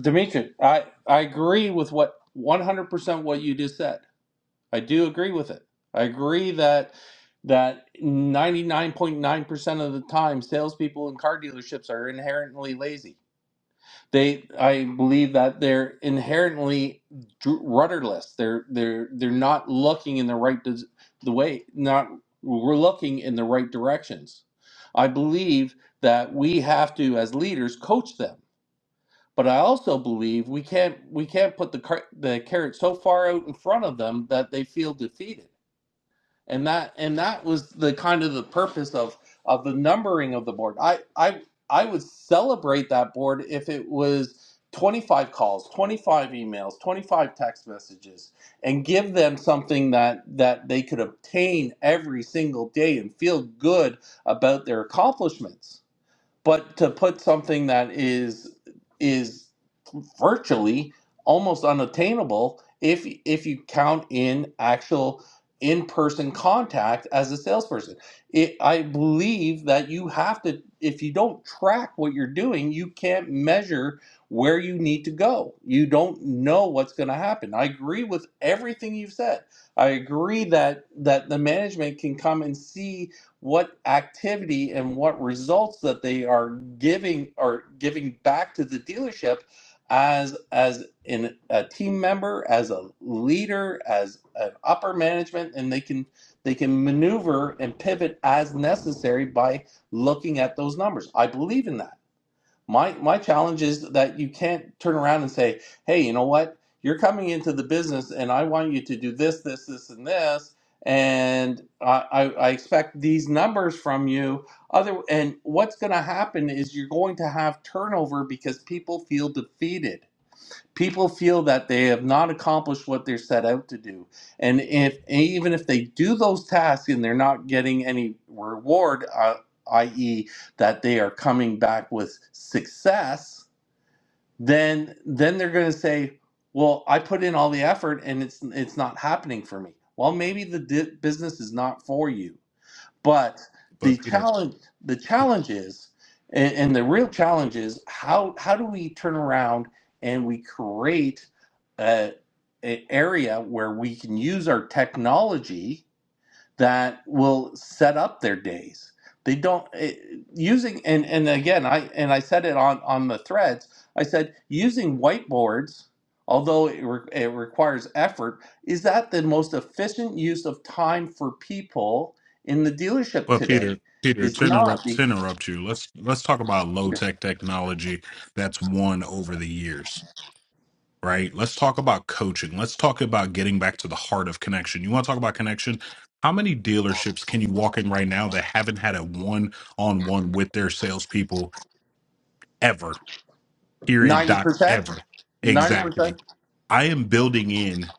Speaker 2: dimitri i i agree with what 100% what you just said i do agree with it i agree that that 99.9% of the time salespeople in car dealerships are inherently lazy They, I believe that they're inherently dr- rudderless. They're they're they're not looking in the right dis- the way. Not we're looking in the right directions. I believe that we have to, as leaders, coach them. But I also believe we can't we can't put the car- the carrot so far out in front of them that they feel defeated and that and that was the kind of the purpose of of the numbering of the board i i i would celebrate that board if it was 25 calls 25 emails 25 text messages and give them something that that they could obtain every single day and feel good about their accomplishments but to put something that is is virtually almost unattainable if if you count in actual in-person contact as a salesperson it, i believe that you have to if you don't track what you're doing you can't measure where you need to go you don't know what's going to happen i agree with everything you've said i agree that that the management can come and see what activity and what results that they are giving are giving back to the dealership as as in a team member as a leader as an upper management and they can they can maneuver and pivot as necessary by looking at those numbers i believe in that my my challenge is that you can't turn around and say, "Hey, you know what? You're coming into the business, and I want you to do this, this, this, and this, and I I, I expect these numbers from you." Other and what's going to happen is you're going to have turnover because people feel defeated People feel that they have not accomplished what they're set out to do. And if even if they do those tasks and they're not getting any reward, uh, i.e., that they are coming back with success, then then they're going to say, "Well, I put in all the effort and it's it's not happening for me." Well, maybe the di- business is not for you but the
Speaker 7: But Peter,
Speaker 2: challenge, the challenge is, and, and the real challenge is how how do we turn around and we create a, a area where we can use our technology that will set up their days. They don't it, using and and again I and I said it on on the threads. I said using whiteboards, although it, re- it requires effort, is that the most efficient use of time for people in the dealership
Speaker 7: but Peter,
Speaker 2: today?
Speaker 7: Peter,
Speaker 2: Is
Speaker 7: to
Speaker 2: not
Speaker 7: interrupt, to
Speaker 2: the
Speaker 7: interrupt you, let's let's talk about low tech technology that's won over the years, right? Let's talk about coaching. Let's talk about getting back to the heart of connection. You want to talk about connection? How many dealerships can you walk in right now that haven't had a one on one with their salespeople ever? period
Speaker 2: ninety
Speaker 7: doc
Speaker 2: percent,
Speaker 7: ever
Speaker 2: ninety percent.
Speaker 7: exactly i am building in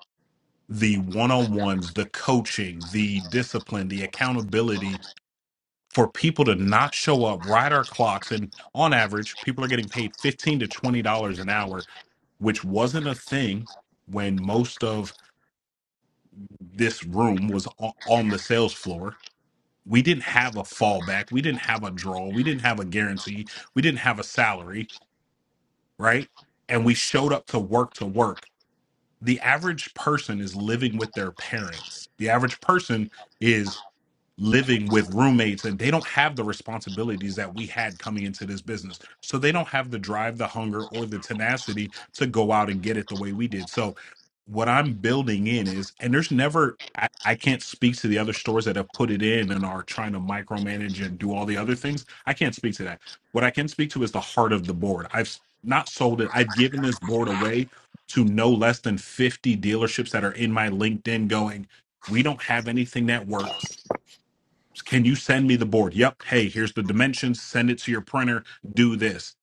Speaker 7: the one-on-ones the coaching the discipline the accountability for people to not show up ride our clocks and on average people are getting paid 15 to 20 dollars an hour which wasn't a thing when most of this room was o- on the sales floor. We didn't have a fallback. We didn't have a draw. We didn't have a guarantee. We didn't have a salary, right? And we showed up to work to work. the average person is living with their parents. The average person is living with roommates and they don't have the responsibilities that we had coming into this business. So they don't have the drive, the hunger, or the tenacity to go out and get it the way we did. So what I'm building in is, and there's never, I, I can't speak to the other stores that have put it in and are trying to micromanage and do all the other things. I can't speak to that. What I can speak to is the heart of the board. I've s- not sold it, I've given this board away to no less than 50 dealerships that are in my LinkedIn going, we don't have anything that works can you send me the board? Yep. Hey, here's the dimensions. Send it to your printer. Do this.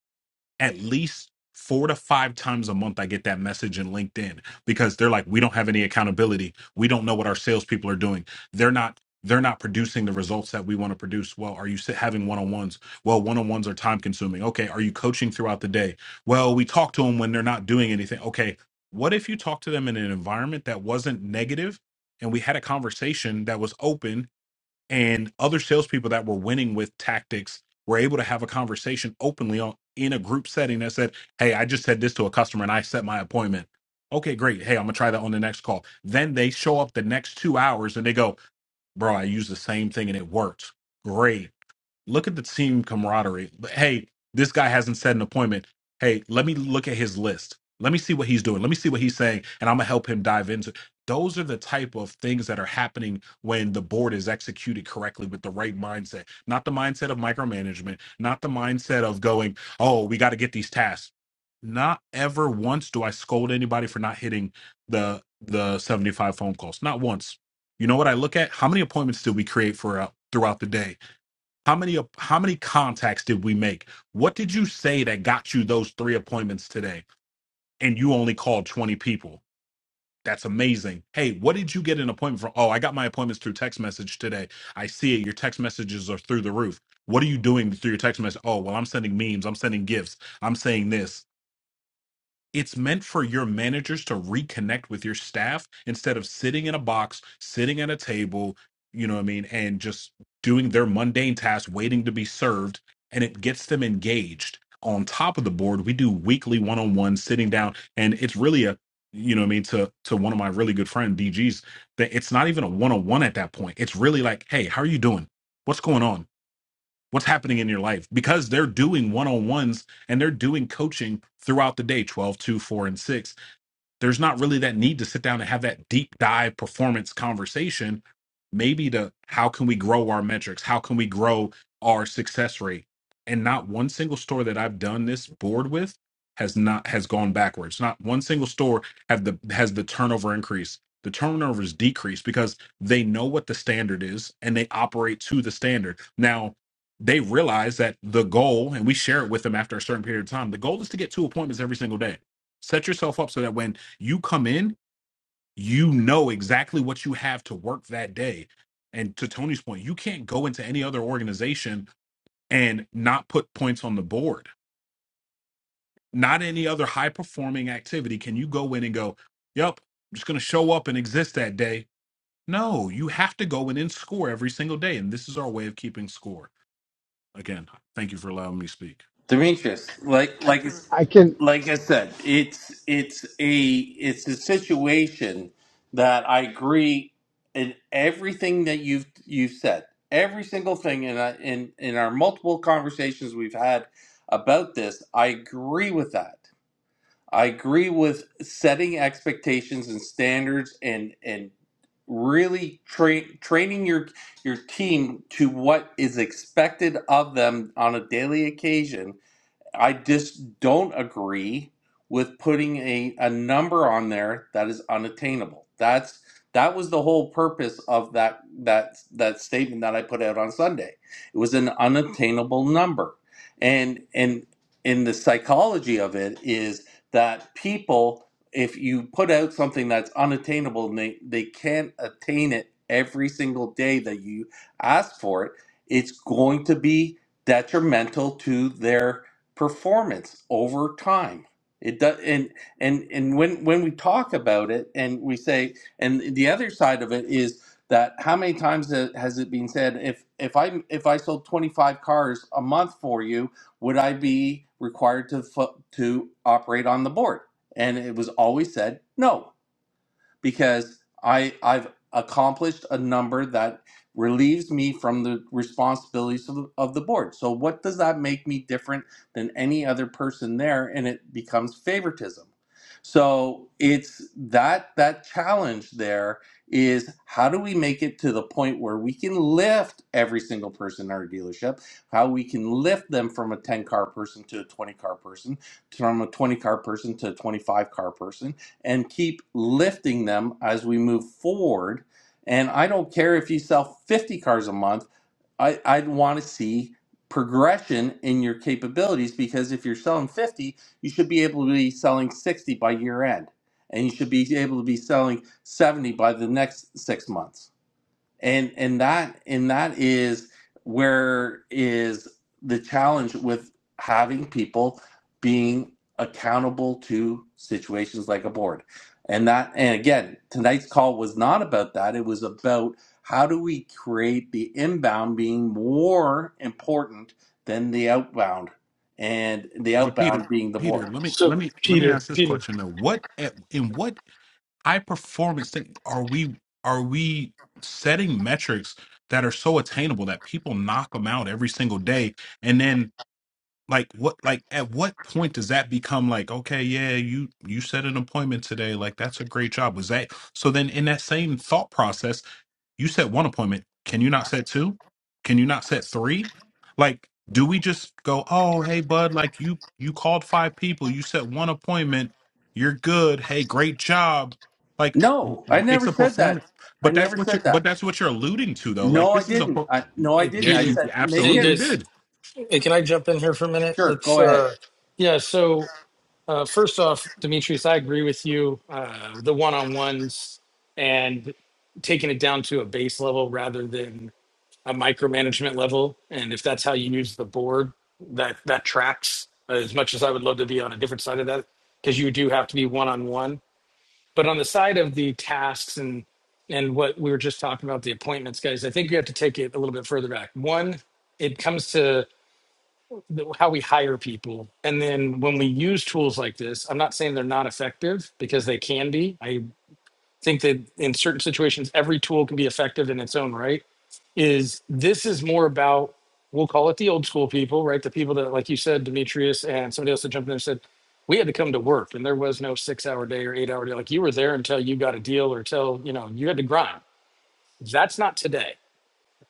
Speaker 7: At least four to five times a month, I get that message in LinkedIn because they're like, we don't have any accountability. We don't know what our salespeople are doing. They're not. They're not producing the results that we want to produce. Well, are you sit- having one on ones? Well, one on ones are time consuming. Okay. Are you coaching throughout the day? Well, we talk to them when they're not doing anything. Okay. What if you talk to them in an environment that wasn't negative and we had a conversation that was open and other salespeople that were winning with tactics were able to have a conversation openly on in a group setting that said, "Hey, I just said this to a customer and I set my appointment." Okay, great. Hey, I'm gonna try that on the next call. Then they show up the next two hours and they go, "Bro, I used the same thing and it worked. Great look at the team camaraderie. Hey, this guy hasn't set an appointment. Hey, let me look at his list. Let me see what he's doing. Let me see what he's saying, and I'm gonna help him dive into. Those are the type of things that are happening when the board is executed correctly with the right mindset, not the mindset of micromanagement, not the mindset of going, oh, we got to get these tasks. Not ever once do I scold anybody for not hitting the the 75 phone calls. Not once. You know what I look at? How many appointments did we create for uh, throughout the day? How many how many contacts did we make? What did you say that got you those three appointments today? And you only called 20 people. That's amazing. Hey, what did you get an appointment from? Oh, I got my appointments through text message today. I see it. Your text messages are through the roof. What are you doing through your text message? Oh, well, I'm sending memes. I'm sending gifts. I'm saying this. It's meant for your managers to reconnect with your staff instead of sitting in a box, sitting at a table, you know what I mean, and just doing their mundane tasks, waiting to be served, and it gets them engaged. On top of the board, we do weekly one-on-one sitting down, and it's really a you know what I mean to to one of my really good friend DGs that it's not even a one-on-one at that point. It's really like, hey, how are you doing? What's going on? what's happening in your life because they're doing one-on-ones and they're doing coaching throughout the day twelve, two, 4 and 6 there's not really that need to sit down and have that deep dive performance conversation maybe to how can we grow our metrics how can we grow our success rate and not one single store that i've done this board with has not has gone backwards not one single store have the has the turnover increase the turnovers is decreased because they know what the standard is and they operate to the standard now they realize that the goal and we share it with them after a certain period of time the goal is to get two appointments every single day set yourself up so that when you come in, you know exactly what you have to work that day. And to Tony's point, you can't go into any other organization and not put points on the board. Not any other high performing activity can you go in and go, "Yep, I'm just going to show up and exist that day." No, you have to go in and score every single day, and this is our way of keeping score. Again, thank you for allowing me to speak.
Speaker 2: Demetrius, like like it's-
Speaker 8: I can
Speaker 2: like I said, it's it's a it's a situation that I agree in everything that you've you've said, every single thing, and I, in in our multiple conversations we've had about this, I agree with that. I agree with setting expectations and standards and and really tra- training your your team to what is expected of them on a daily occasion I just don't agree with putting a, a number on there that is unattainable. That's that was the whole purpose of that that that statement that I put out on Sunday. It was an unattainable number. And and in the psychology of it is that people if you put out something that's unattainable and they, they can't attain it every single day that you ask for it, it's going to be detrimental to their performance over time. It does, and and and when when we talk about it, and we say, and the other side of it is that how many times has it been said? If if I if I sold twenty five cars a month for you, would I be required to fu- to operate on the board? And it was always said no because I I've accomplished a number that relieves me from the responsibilities of the, of the board. So what does that make me different than any other person there and it becomes favoritism. So it's that that challenge there is how do we make it to the point where we can lift every single person in our dealership, how we can lift them from a 10 car person to a 20 car person, from a 20 car person to a 25 car person and keep lifting them as we move forward. And I don't care if you sell 50 cars a month, I, I'd want to see progression in your capabilities because if you're selling 50, you should be able to be selling 60 by year end. And you should be able to be selling 70 by the next six months and and that and that is where is the challenge with having people being accountable to situations like a board and that and again tonight's call was not about that it was about how do we create the inbound being more important than the outbound and the
Speaker 7: But Peter,
Speaker 2: outbound being the
Speaker 7: Peter,
Speaker 2: board
Speaker 7: let me let me let me
Speaker 4: Peter,
Speaker 7: ask this
Speaker 4: Peter,
Speaker 7: question though. What at, in what high performance thing are we are we setting metrics that are so attainable that people knock them out every single day and then like what like at what point does that become like okay yeah you you set an appointment today like that's a great job was that so then in that same thought process you set one appointment can you not set two can you not set three like do we just go oh hey bud like you you called five people you set one appointment you're good hey great job like
Speaker 2: no i
Speaker 7: w- it's
Speaker 2: never
Speaker 7: a
Speaker 2: said that
Speaker 7: performance
Speaker 2: i
Speaker 7: but that's
Speaker 2: never
Speaker 7: what you're
Speaker 2: said
Speaker 7: but
Speaker 2: that
Speaker 7: that's what you're alluding to though like
Speaker 2: no i
Speaker 7: this is a
Speaker 2: didn't
Speaker 7: per-
Speaker 2: I, no i
Speaker 4: hey,
Speaker 2: didn't i
Speaker 7: yes you
Speaker 4: Peter.
Speaker 2: said make
Speaker 4: Hey,
Speaker 7: absolutely
Speaker 2: it
Speaker 4: guys.
Speaker 7: did
Speaker 4: Hey, can I?
Speaker 2: sure go ahead
Speaker 4: Uh, yeah. So, uh, first off, Demetrius, I agree with you. Uh, the one on ones and taking it down to a base level rather than a micromanagement level. And if that's how you use the board, that that tracks. As much as I would love to be on a different side of that, because you do have to be one on one. But on the side of the tasks and and what we were just talking about the appointments, guys, I think you have to take it a little bit further back. One, it comes to the- how we hire people, and then when we use tools like this, I'm not saying they're not effective because they can be think that in certain situations every tool can be effective in its own right is this is more about we'll call it the old school people right the people that like you said demetrius and somebody else that jumped in and said we had to come to work and there was no six hour day or eight hour day like you were there until you got a deal or till you know you had to grind that's not today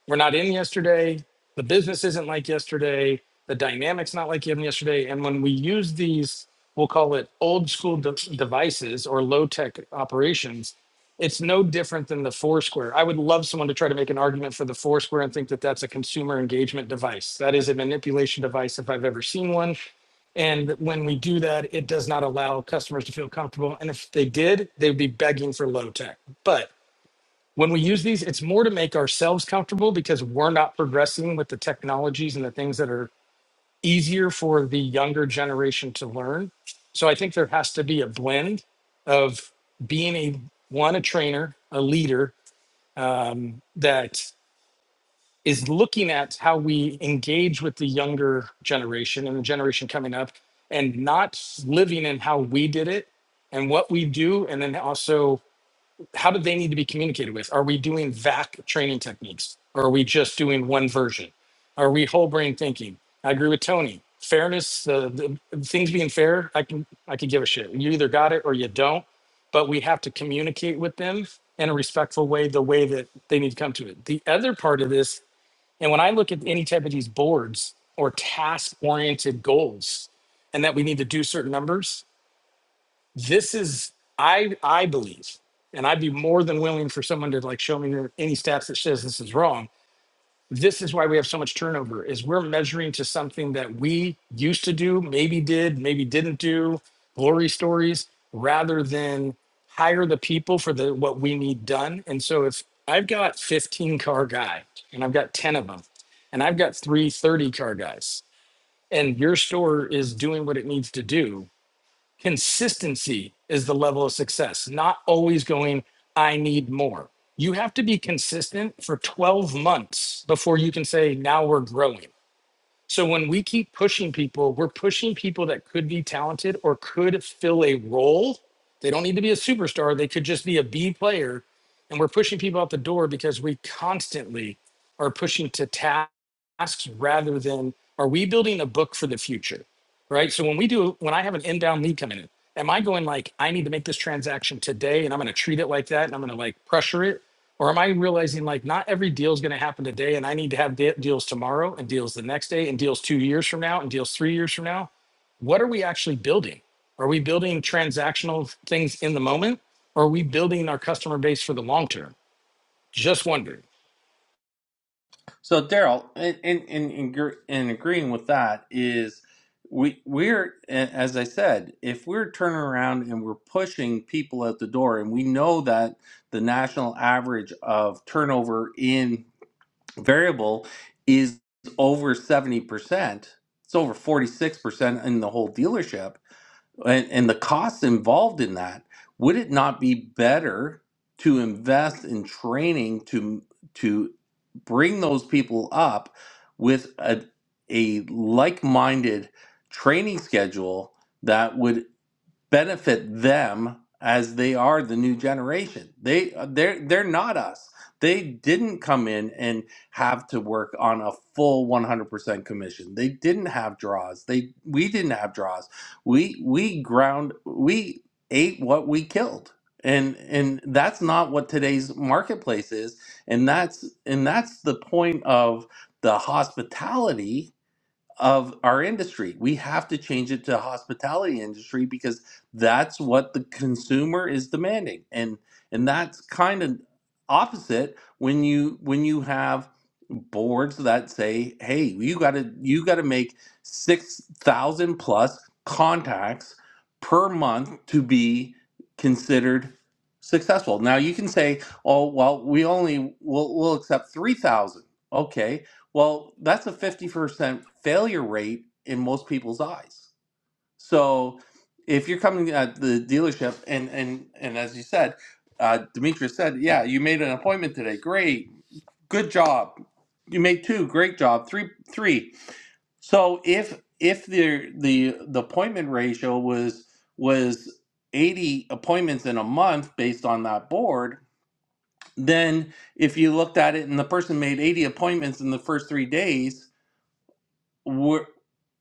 Speaker 4: we're not in yesterday. The business isn't like yesterday. The dynamics not like in yesterday. And when we use these, we'll call it old school de- devices or low tech operations, it's no different than the Foursquare. I would love someone to try to make an argument for the Foursquare and think that that's a consumer engagement device. That is a manipulation device if I've ever seen one. And when we do that, it does not allow customers to feel comfortable. And if they did, they'd be begging for low tech. But when we use these, it's more to make ourselves comfortable because we're not progressing with the technologies and the things that are easier for the younger generation to learn. So I think there has to be a blend of being a one a trainer, a leader um, that is looking at how we engage with the younger generation and the generation coming up, and not living in how we did it and what we do, and then also how do they need to be communicated with? Are we doing VAC training techniques? Or are we just doing one version? Are we whole brain thinking? I agree with Tony. Fairness, uh, the things being fair, I can I can give a shit. You either got it or you don't. But we have to communicate with them in a respectful way, the way that they need to come to it. The other part of this, and when I look at any type of these boards or task-oriented goals, and that we need to do certain numbers, this is i i believe and i'd be more than willing for someone to like show me there- any stats that says this is wrong this is why we have so much turnover is we're measuring to something that we used to do maybe did maybe didn't do glory stories rather than hire the people for the what we need done and so if i've got 15 car guy and i've got 10 of them and i've got three thirty car guys and your store is doing what it needs to do Consistency is the level of success, not always going, I need more. You have to be consistent for 12 months before you can say, now we're growing. So when we keep pushing people, we're pushing people that could be talented or could fill a role. They don't need to be a superstar, they could just be a B player. And we're pushing people out the door because we constantly are pushing to tasks rather than are we building a book for the future? right? So when we do, when I have an inbound lead coming in, am I going like, I need to make this transaction today and I'm going to treat it like that and I'm going to like pressure it? Or am I realizing like not every deal is going to happen today and I need to have de- deals tomorrow and deals the next day and deals two years from now and deals three years from now? What are we actually building? Are we building transactional things in the moment or are we building our customer base for the long term? Just wondering.
Speaker 2: So Daryl, in in, in in gr- in agreeing with that is we we're as I said, if we're turning around and we're pushing people at the door, and we know that the national average of turnover in variable is over seventy percent, it's over forty six percent in the whole dealership and, and the costs involved in that, would it not be better to invest in training to to bring those people up with a, a like-minded training schedule that would benefit them as they are the new generation. They uh, they're they're not us. They didn't come in and have to work on a full 100% commission. They didn't have draws. They we didn't have draws. We we ground we ate what we killed. And and that's not what today's marketplace is. And that's and that's the point of the hospitality of our industry. We have to change it to the hospitality industry because that's what the consumer is demanding. And and that's kind of opposite when you when you have boards that say, "Hey, you got to you got to make 6,000 plus contacts per month to be considered successful." Now you can say, "Oh, well, we only will we'll we'll accept 3,000." Okay well, that's a 50% failure rate in most people's eyes. So if you're coming at the dealership and and and as you said, uh, Demetrius said, yeah, you made an appointment today. Great. Good job. You made two. Great job. Three three. So if if the the the appointment ratio was was 80 appointments in a month based on that board, then if you looked at it and the person made 80 appointments in the first 3 days, were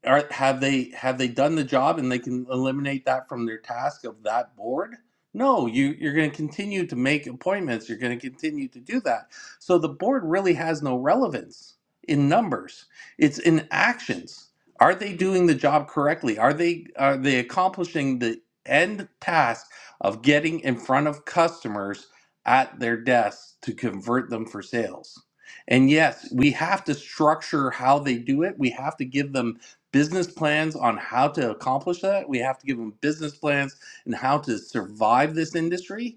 Speaker 2: are have they have they done the job and they can eliminate that from their task of that board no you you're going to continue to make appointments you're going to continue to do that so the board really has no relevance in numbers it's in actions are they doing the job correctly are they are they accomplishing the end task of getting in front of customers at their desks to convert them for sales and yes, we have to structure how they do it. We have to give them business plans on how to accomplish that. We have to give them business plans and how to survive this industry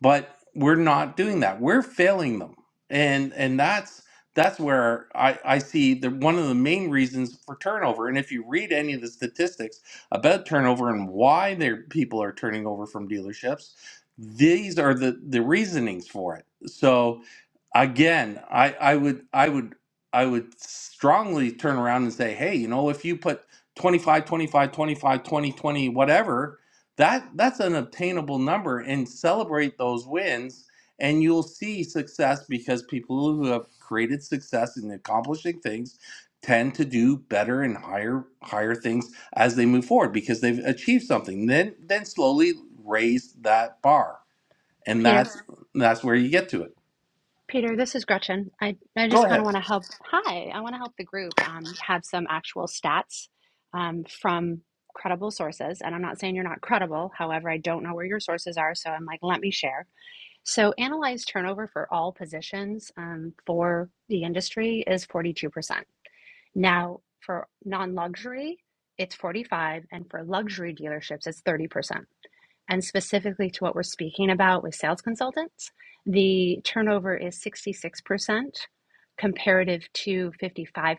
Speaker 2: but we're not doing that we're failing them and and that's that's where i i see the one of the main reasons for turnover and if you read any of the statistics about turnover and why their people are turning over from dealerships these are the the reasonings for it so again i i would i would i would strongly turn around and say hey you know if you put 25 25 25 20 20 whatever that that's an obtainable number and celebrate those wins and you'll see success because people who have created success in accomplishing things tend to do better and higher higher things as they move forward because they've achieved something then then slowly raise that bar and
Speaker 9: Peter,
Speaker 2: that's Sure. that's where you get to it
Speaker 9: Peter, this is Gretchen. I, I
Speaker 2: go
Speaker 9: just kind of
Speaker 2: ahead
Speaker 9: want to help. Hi, I want to help the group um, have some actual stats um, from credible sources. And I'm not saying you're not credible. However, I don't know where your sources are. So I'm like, let me share. So, analyzed turnover for all positions um, for the industry is 42%. Now, for non luxury, it's 45 and for luxury dealerships it's 30% and specifically to what we're speaking about with sales consultants, the turnover is 66% comparative to 55%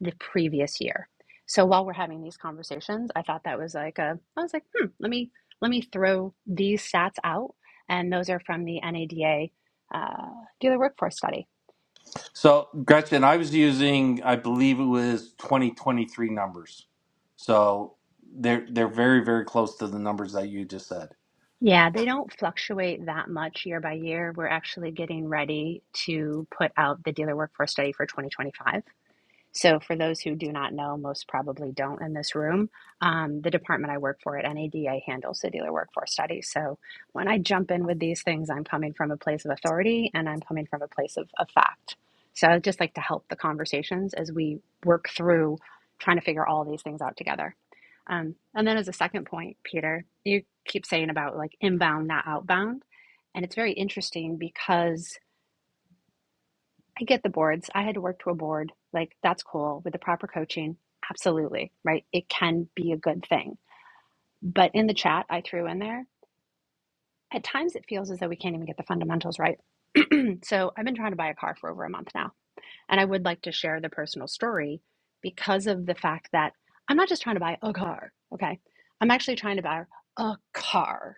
Speaker 9: the previous year. So while we're having these conversations, I thought that was like a, I was like, hmm, let me let me throw these stats out, and those are from the NADA uh, dealer workforce study.
Speaker 2: so gretchen i was using i believe it was 2023 numbers so they're they're very very close to the numbers that you just said
Speaker 9: Yeah, they don't fluctuate that much year by year. We're actually getting ready to put out the dealer workforce study for 2025. So, for those who do not know, most probably don't in this room, um, the department I work for at NADA handles handle Sedular Workforce Studies. So, when I jump in with these things, I'm coming from a place of authority and I'm coming from a place of, of fact. So, I'd just like to help the conversations as we work through trying to figure all these things out together. Um, and then, as a second point, Peter, you keep saying about like inbound, not outbound. And it's very interesting because I get the boards. I had to work to a board. Like, that's cool with the proper coaching. Absolutely. Right. It can be a good thing. But in the chat, I threw in there, at times it feels as though we can't even get the fundamentals right. So I've been trying to buy a car for over a month now. And I would like to share the personal story because of the fact that I'm not just trying to buy a car. Okay. I'm actually trying to buy a car.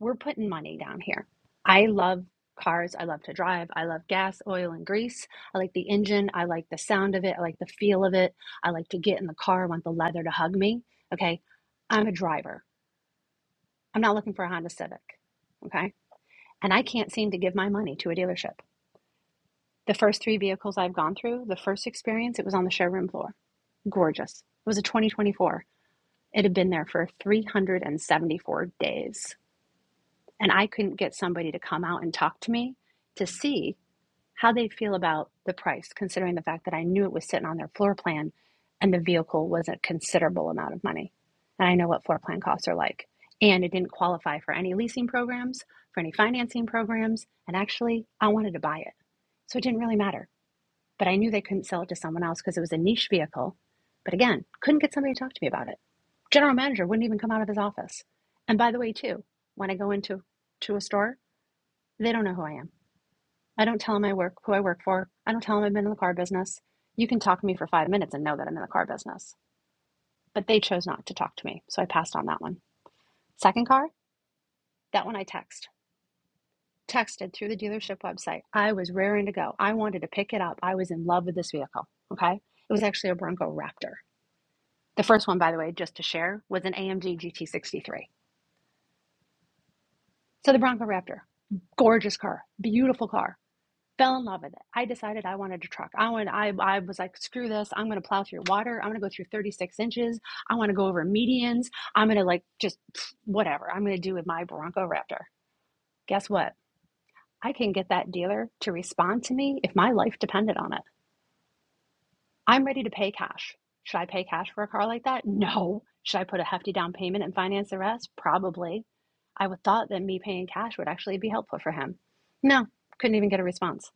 Speaker 9: we're putting money down here. I love cars. I love to drive. I love gas, oil, and grease. I like the engine. I like the sound of it. I like the feel of it. I like to get in the car. I want the leather to hug me. Okay. I'm a driver. I'm not looking for a Honda Civic. Okay. And I can't seem to give my money to a dealership. The first three vehicles I've gone through, the first experience, it was on the showroom floor. Gorgeous. It was a 2024. It had been there for 374 days. and I couldn't get somebody to come out and talk to me to see how they feel about the price, considering the fact that I knew it was sitting on their floor plan and the vehicle was a considerable amount of money. And I know what floor plan costs are like. And it didn't qualify for any leasing programs, for any financing programs. And actually, I wanted to buy it. So it didn't really matter but I knew they couldn't sell it to someone else because it was a niche vehicle. But again, couldn't get somebody to talk to me about it. General manager wouldn't even come out of his office. And by the way, too, when I go into to a store, they don't know who I am. I don't tell them I work who I work for. I don't tell them I've been in the car business. You can talk to me for five minutes and know that I'm in the car business. But they chose not to talk to me, so I passed on that one. Second car, that one I text. Texted through the dealership website. I was raring to go. I wanted to pick it up. I was in love with this vehicle. Okay. It was actually a Bronco Raptor. The first one, by the way, just to share, was an AMG GT63. So the Bronco Raptor, gorgeous car, beautiful car. Fell in love with it. I decided I wanted a truck. I wanted. I I was like, screw this. I'm going to plow through water. I'm going to go through 36 inches. I want to go over medians. I'm going to like just whatever. I'm going to do with my Bronco Raptor. Guess what? I can get that dealer to respond to me if my life depended on it. I'm ready to pay cash. Should I pay cash for a car like that? No. Should I put a hefty down payment and finance the rest? Probably. I would thought that me paying cash would actually be helpful for him. No, couldn't even get a response.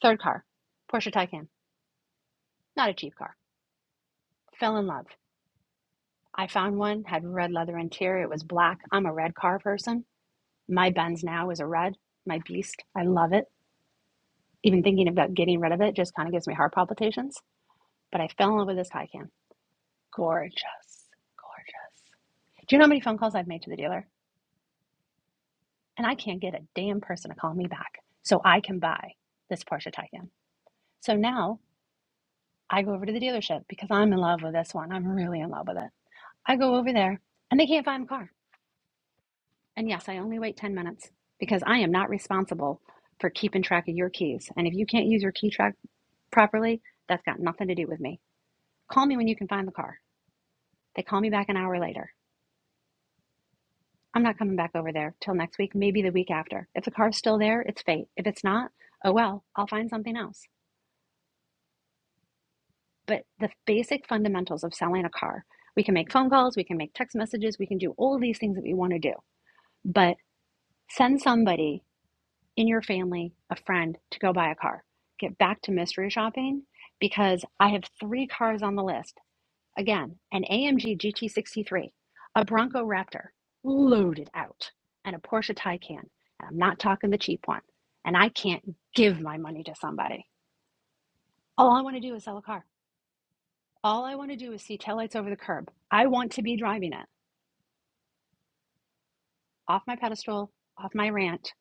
Speaker 9: Third car, Porsche Taycan. Not a cheap car. Fell in love. I found one, had red leather interior. It was black. I'm a red car person. My Benz now is a red, my beast. I love it. Even thinking about getting rid of it just kind of gives me heart palpitations. But I fell in love with this Taycan. Gorgeous. Gorgeous. Do you know how many phone calls I've made to the dealer? And I can't get a damn person to call me back so I can buy this Porsche Taycan. So now I go over to the dealership because I'm in love with this one. I'm really in love with it. I go over there and they can't find the car. And yes, I only wait 10 minutes because I am not responsible for keeping track of your keys. And if you can't use your key track properly, that's got nothing to do with me. Call me when you can find the car. They call me back an hour later. I'm not coming back over there till next week, maybe the week after. If the car's still there, it's fate. If it's not, oh well, I'll find something else. But the basic fundamentals of selling a car we can make phone calls, we can make text messages, we can do all of these things that we want to do. But send somebody in your family, a friend, to go buy a car. Get back to mystery shopping because I have three cars on the list Again, an AMG GT63, a Bronco Raptor, loaded out, and a Porsche Taycan. And I'm not talking the cheap one. And I can't give my money to somebody. All I want to do is sell a car. All I want to do is see taillights over the curb. I want to be driving it. Off my pedestal, off my rant.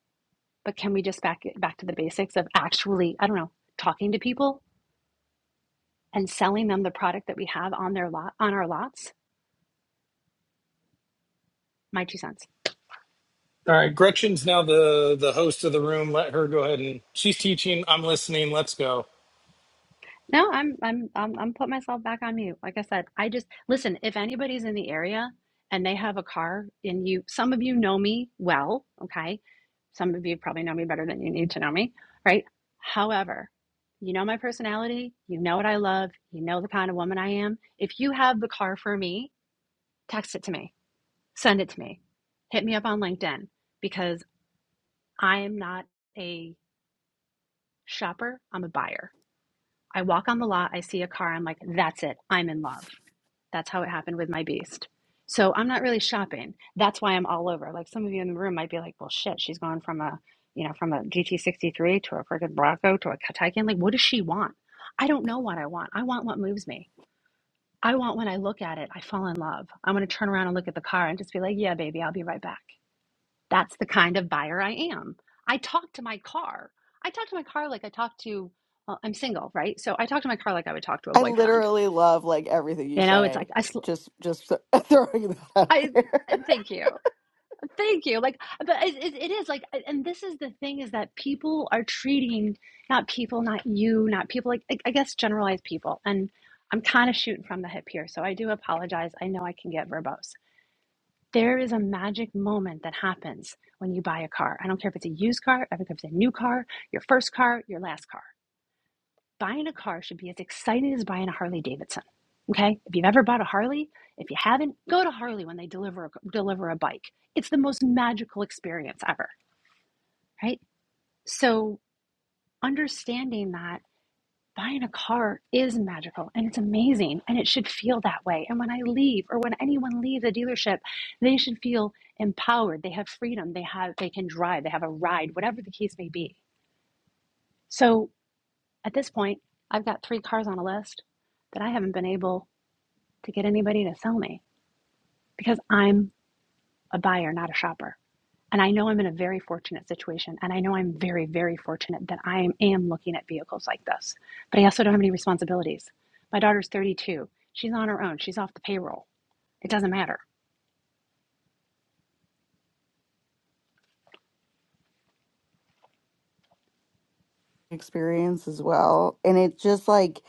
Speaker 9: But can we just back it back to the basics of actually, I don't know, talking to people and selling them the product that we have on their lot on our lots? My two cents.
Speaker 4: All right, Gretchen's now the the host of the room. Let her go ahead and she's teaching. I'm listening. Let's go.
Speaker 9: No, I'm I'm I'm I'm putting myself back on mute. Like I said, I just listen, if anybody's in the area and they have a car and you some of you know me well, okay? Some of you probably know me better than you need to know me, right? However, you know my personality, you know what I love, you know the kind of woman I am. If you have the car for me, text it to me. Send it to me. Hit me up on LinkedIn because I am not a shopper, I'm a buyer. I walk on the lot, I see a car, I'm like, that's it, I'm in love. That's how it happened with my beast. So I'm not really shopping. That's why I'm all over. Like some of you in the room might be like, well, shit, she's gone from a, you know, from a GT63 to a freaking Bronco to a Taycan. Like, what does she want? I don't know what I want. I want what moves me. I want when I look at it, I fall in love. I want to turn around and look at the car and just be like, yeah, baby, I'll be right back. That's the kind of buyer I am. I talk to my car. I talk to my car like I talk to, well, I'm single, right? So I talk to my car like I would talk to a
Speaker 10: I
Speaker 9: boyfriend.
Speaker 10: literally love like everything you
Speaker 9: You know, it's
Speaker 10: say.
Speaker 9: like, I, sl-
Speaker 10: Just just th- throwing that out
Speaker 9: I
Speaker 10: there.
Speaker 9: thank you. Thank you. Like, but it, it, it is like, and this is the thing is that people are treating not people, not you, not people, like, I I guess generalized people. And I'm kind of shooting from the hip here. So I do apologize. I know I can get verbose. There is a magic moment that happens when you buy a car. I don't care if it's a used car, I don't care if it's a new car, your first car, your last car. Buying a car should be as exciting as buying a Harley Davidson. Okay? If you've ever bought a Harley, if you haven't, go to Harley when they deliver deliver a bike. It's the most magical experience ever, right? So, understanding that buying a car is magical and it's amazing and it should feel that way. And when I leave or when anyone leaves a dealership, they should feel empowered. They have freedom. They have they can drive, they have a ride, whatever the case may be. So at this point, I've got three cars on a list that I haven't been able to get anybody to sell me because I'm a buyer, not a shopper. And I know I'm in a very fortunate situation. And I know I'm very, very fortunate that I am, looking at vehicles like this. But I also don't have any responsibilities. My daughter's 32. She's on her own. She's off the payroll. It doesn't matter.
Speaker 10: Experience as well. And it just like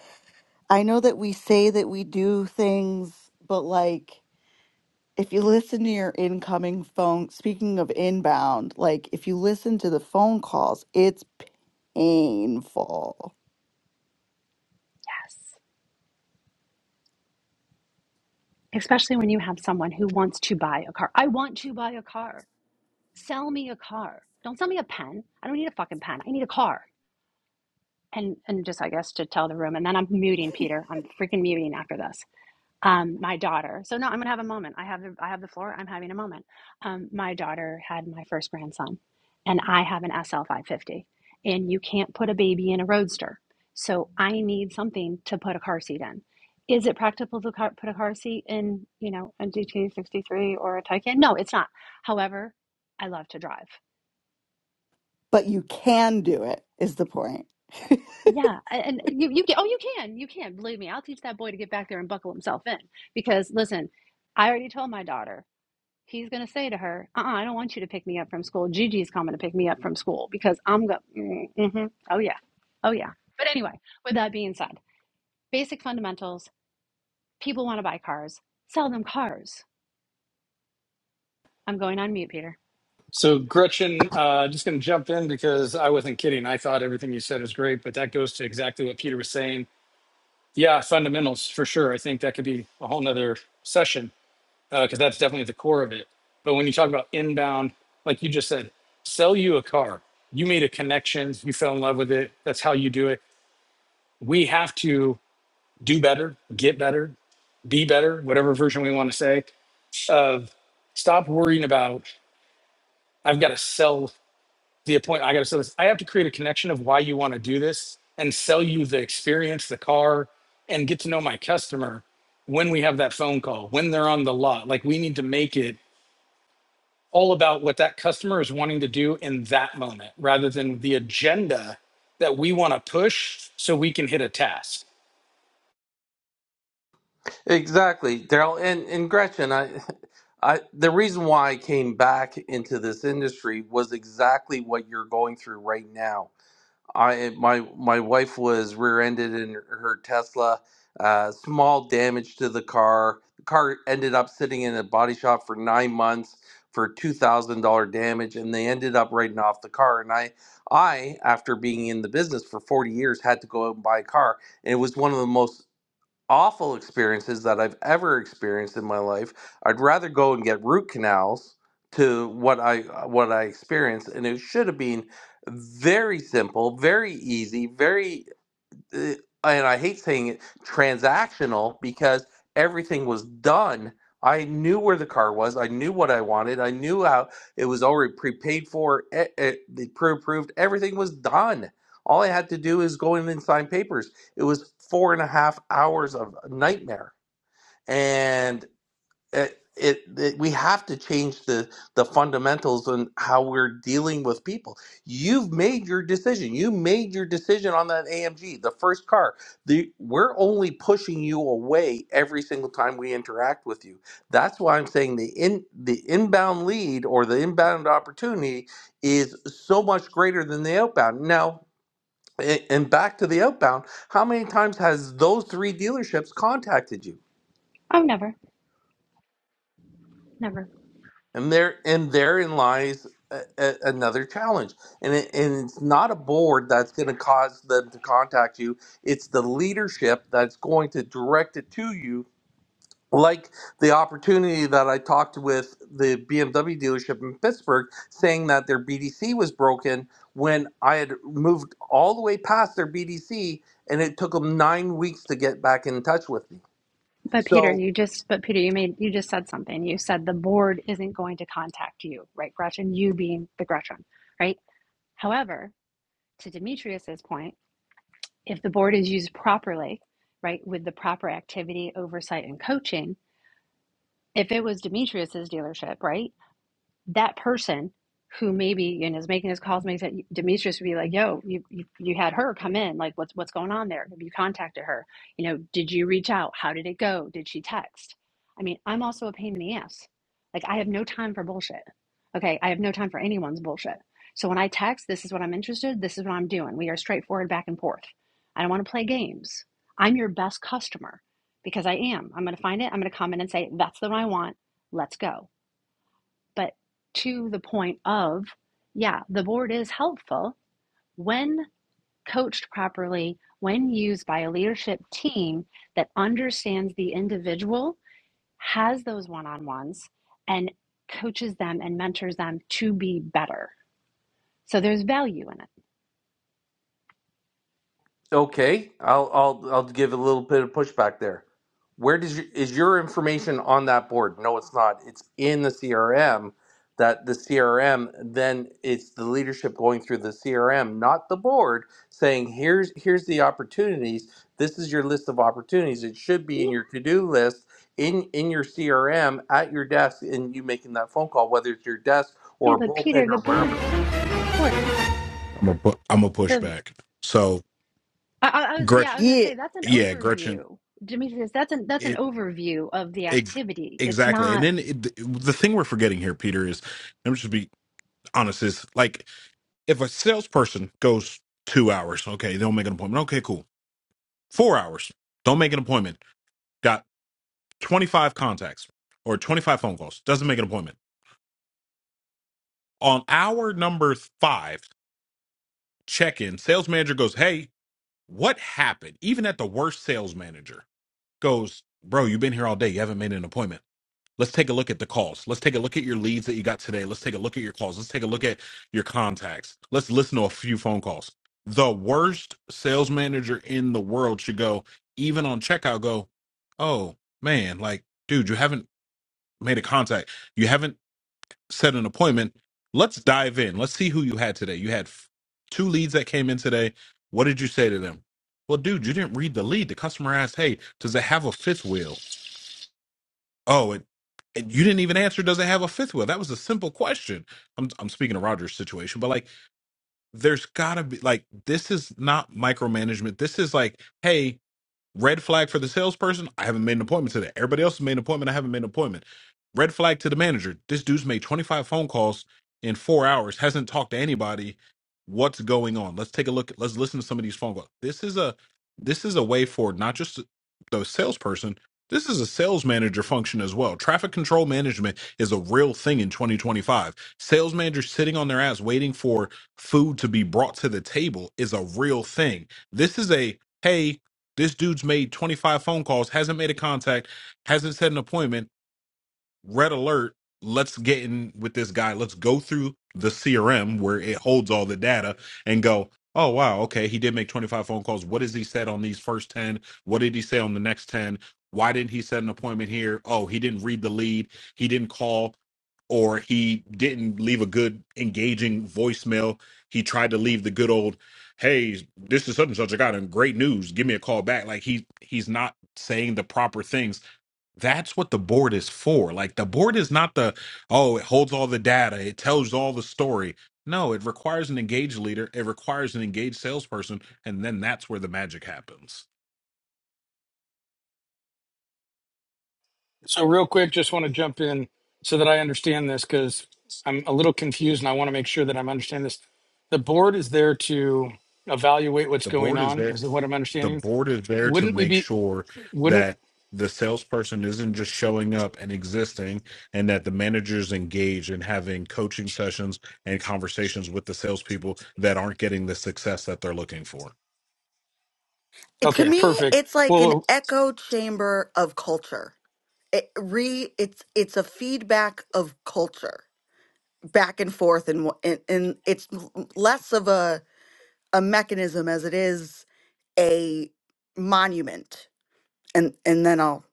Speaker 10: I know that we say that we do things, but like if you listen to your incoming phone, speaking of inbound, like if you listen to the phone calls, it's painful.
Speaker 9: Yes. Especially when you have someone who wants to buy a car. I want to buy a car. Sell me a car. Don't sell me a pen. I don't need a fucking pen. I need a car. And and just I guess to tell the room, and then I'm muting Peter. I'm freaking muting after this. um, my daughter. So no, I'm gonna have a moment. I have the, I have the floor. I'm having a moment. Um, my daughter had my first grandson, and I have an SL 550, and you can't put a baby in a roadster. So I need something to put a car seat in. Is it practical to car, put a car seat in, you know, a GT63 or a Taycan? No, it's not. However, I love to drive.
Speaker 10: But you can do it, is the point.
Speaker 9: Yeah, a- and you you can. Oh, you can. You can. Believe me, I'll teach that boy to get back there and buckle himself in. Because listen, I already told my daughter. he's going to say to her, "Uh, uh I don't want you to pick me up from school. Gigi's coming to pick me up from school because I'm going. Mm-hmm. Oh yeah, oh yeah." But anyway, with that being said, basic fundamentals. People want to buy cars. Sell them cars. I'm going on mute, Peter.
Speaker 4: So, Gretchen, uh, just going to jump in because I wasn't kidding. I thought everything you said was great, but that goes to exactly what Peter was saying. Yeah, fundamentals for sure. I think that could be a whole nother session because that's definitely the core of it. But when you talk about inbound, like you just said, sell you a car. You made a connection, you fell in love with it. That's how you do it. We have to do better, get better, be better, whatever version we want to say of stop worrying about I've got to sell. the appointment. I got to sell this. I have to create a connection of why you want to do this and sell you the experience, the car, and get to know my customer when we have that phone call, when they're on the lot. Like we need to make it all about what that customer is wanting to do in that moment rather than the agenda that we want to push so we can hit a task.
Speaker 2: Exactly, Daryl. And and Gretchen, I I the reason why I came back into this industry was exactly what you're going through right now. I my my wife was rear-ended in her Tesla, uh, small damage to the car. The car ended up sitting in a body shop for nine months for two thousand dollar damage, and they ended up writing off the car. And I I, after being in the business for forty years, had to go out and buy a car and it was one of the most awful experiences that I've ever experienced in my life. I'd rather go and get root canals to what I uh, what I experienced, and it should have been very simple, very easy, very uh, and I hate saying it, transactional because everything was done. I knew where the car was. I knew what I wanted. I knew how it was already prepaid for. It, it, they pre-approved. Everything was done. All I had to do is go in and sign papers. It was four and a half hours of nightmare. And it, it, it we have to change the the fundamentals and how we're dealing with people you've made your decision you made your decision on that amg the first car the we're only pushing you away every single time we interact with you that's why i'm saying the in the inbound lead or the inbound opportunity is so much greater than the outbound now a- and back to the outbound how many times has those three dealerships contacted you
Speaker 9: Oh, never, never.
Speaker 2: and there and therein lies a, a, another challenge and it, and it's not a board that's going to cause them to contact you it's the leadership that's going to direct it to you like the opportunity that I talked with the BMW dealership in Pittsburgh saying that their BDC was broken when I had moved all the way past their BDC and it took them 9 weeks to get back in touch with me.
Speaker 9: But Peter,
Speaker 2: So
Speaker 9: you just but Peter, you made you just said something. You said the board isn't going to contact you, right, Gretchen? You being the Gretchen, right? However, to Demetrius's point. if the board is used properly, right, with the proper activity, oversight, and coaching, if it was Demetrius's dealership, right, that person who maybe you know is making those calls makes it Demetrius would be like, "Yo, you, you you had her come in. Like, what's what's going on there? Have you contacted her? You know, did you reach out? How did it go? Did she text? I mean, I'm also a pain in the ass. Like, I have no time for bullshit. Okay, I have no time for anyone's bullshit. So when I text, this is what I'm interested. This is what I'm doing. We are straightforward back and forth. I don't want to play games. I'm your best customer because I am. I'm going to find it. I'm going to comment and say, "That's the one I want. Let's go." But to the point of, yeah, the board is helpful when coached properly, when used by a leadership team that understands the individual, has those one on ones, and coaches them and mentors them to be better. So there's value in it.
Speaker 2: Okay, I'll I'll I'll give a little bit of pushback there. Where does your, is your information on that board? No, it's not. It's in the CRM. That the CRM then it's the leadership going through the CRM, not the board, saying here's here's the opportunities. This is your list of opportunities. It should be in
Speaker 9: Yeah,
Speaker 2: your to do list in in your CRM at your desk, and you making that phone call, whether it's your desk or
Speaker 9: yeah,
Speaker 2: a
Speaker 9: but Peter,
Speaker 2: bullpen
Speaker 9: the
Speaker 2: or wherever.
Speaker 9: board, board, come on.
Speaker 7: I'm a pu- I'm a
Speaker 9: The
Speaker 7: pushback. So
Speaker 9: I, I I was, yeah, I
Speaker 7: Gretchen,
Speaker 9: was gonna
Speaker 10: Yeah.
Speaker 9: say that's an
Speaker 7: yeah, Gretchen,
Speaker 9: overview, Demetrius. That's an that's an
Speaker 7: it,
Speaker 9: overview of the
Speaker 7: ex
Speaker 9: activity. It's
Speaker 7: exactly.
Speaker 9: not
Speaker 7: And then it, the thing we're forgetting here, Peter, is I'm just be honest is like if a salesperson goes two hours, okay, they don't make an appointment. Okay, cool. Four hours, don't make an appointment. Got 25 contacts or 25 phone calls, doesn't make an appointment. On hour number five, check in. Sales manager goes, hey, what happened? Even at the worst sales manager goes, bro, you've been here all day. You haven't made an appointment Let's take a look at the calls. Let's take a look at your leads that you got today. Let's take a look at your calls. Let's take a look at your contacts. Let's listen to a few phone calls. The worst sales manager in the world should go, even on checkout, go, oh man, like, dude, you haven't made a contact. You haven't set an appointment. Let's dive in. Let's see who you had today. You had f- two leads that came in today. What did you say to them? Well, dude, you didn't read the lead. The customer asked, hey, does it have a fifth wheel? Oh, and, and you didn't even answer. Does it have a fifth wheel? That was a simple question. I'm I'm speaking of Roger's situation, but like, there's gotta be like this is not micromanagement. This is like, hey. Red flag for the salesperson, I haven't made an appointment today. Everybody else has made an appointment, I haven't made an appointment. Red flag to the manager, this dude's made 25 phone calls in four hours, hasn't talked to anybody. What's going on? Let's take a look. Let's listen to some of these phone calls. This is a this is a way for not just the salesperson, this is a sales manager function as well. Traffic control management is a real thing in 2025. Sales managers sitting on their ass waiting for food to be brought to the table is a real thing. This is a hey this dude's made 25 phone calls, hasn't made a contact, hasn't set an appointment, red alert let's get in with this guy let's go through the crm where it holds all the data and go oh wow okay he did make 25 phone calls what has he said on these first 10 what did he say on the next 10 why didn't he set an appointment here oh he didn't read the lead he didn't call or he didn't leave a good engaging voicemail he tried to leave the good old hey this is such and such i got him great news give me a call back like he he's not saying the proper things that's what the board is for. Like the board is not the oh, it holds all the data, it tells all the story. No, it requires an engaged leader, it requires an engaged salesperson, and then that's where the magic happens.
Speaker 4: So real quick, just want to jump in so that I understand this because I'm a little confused and I want to make sure that I'm understanding this. The board is there to evaluate what's
Speaker 7: The
Speaker 4: going
Speaker 7: board is
Speaker 4: on,
Speaker 7: there
Speaker 4: is what I'm
Speaker 7: the
Speaker 4: understanding.
Speaker 7: board is there to
Speaker 4: Wouldn't we
Speaker 7: make
Speaker 4: be,
Speaker 7: sure
Speaker 4: wouldn't,
Speaker 7: that the salesperson isn't just showing up and existing and that the managers engage and having coaching sessions and conversations with the salespeople that aren't getting the success that they're looking for.
Speaker 10: It- to
Speaker 4: okay,
Speaker 10: me
Speaker 4: perfect.
Speaker 10: it's like an
Speaker 4: Well,
Speaker 10: echo chamber of culture it re it's it's a feedback of culture back and forth and wha- and, and it's l- less of a a mechanism as it is a monument and and then i'll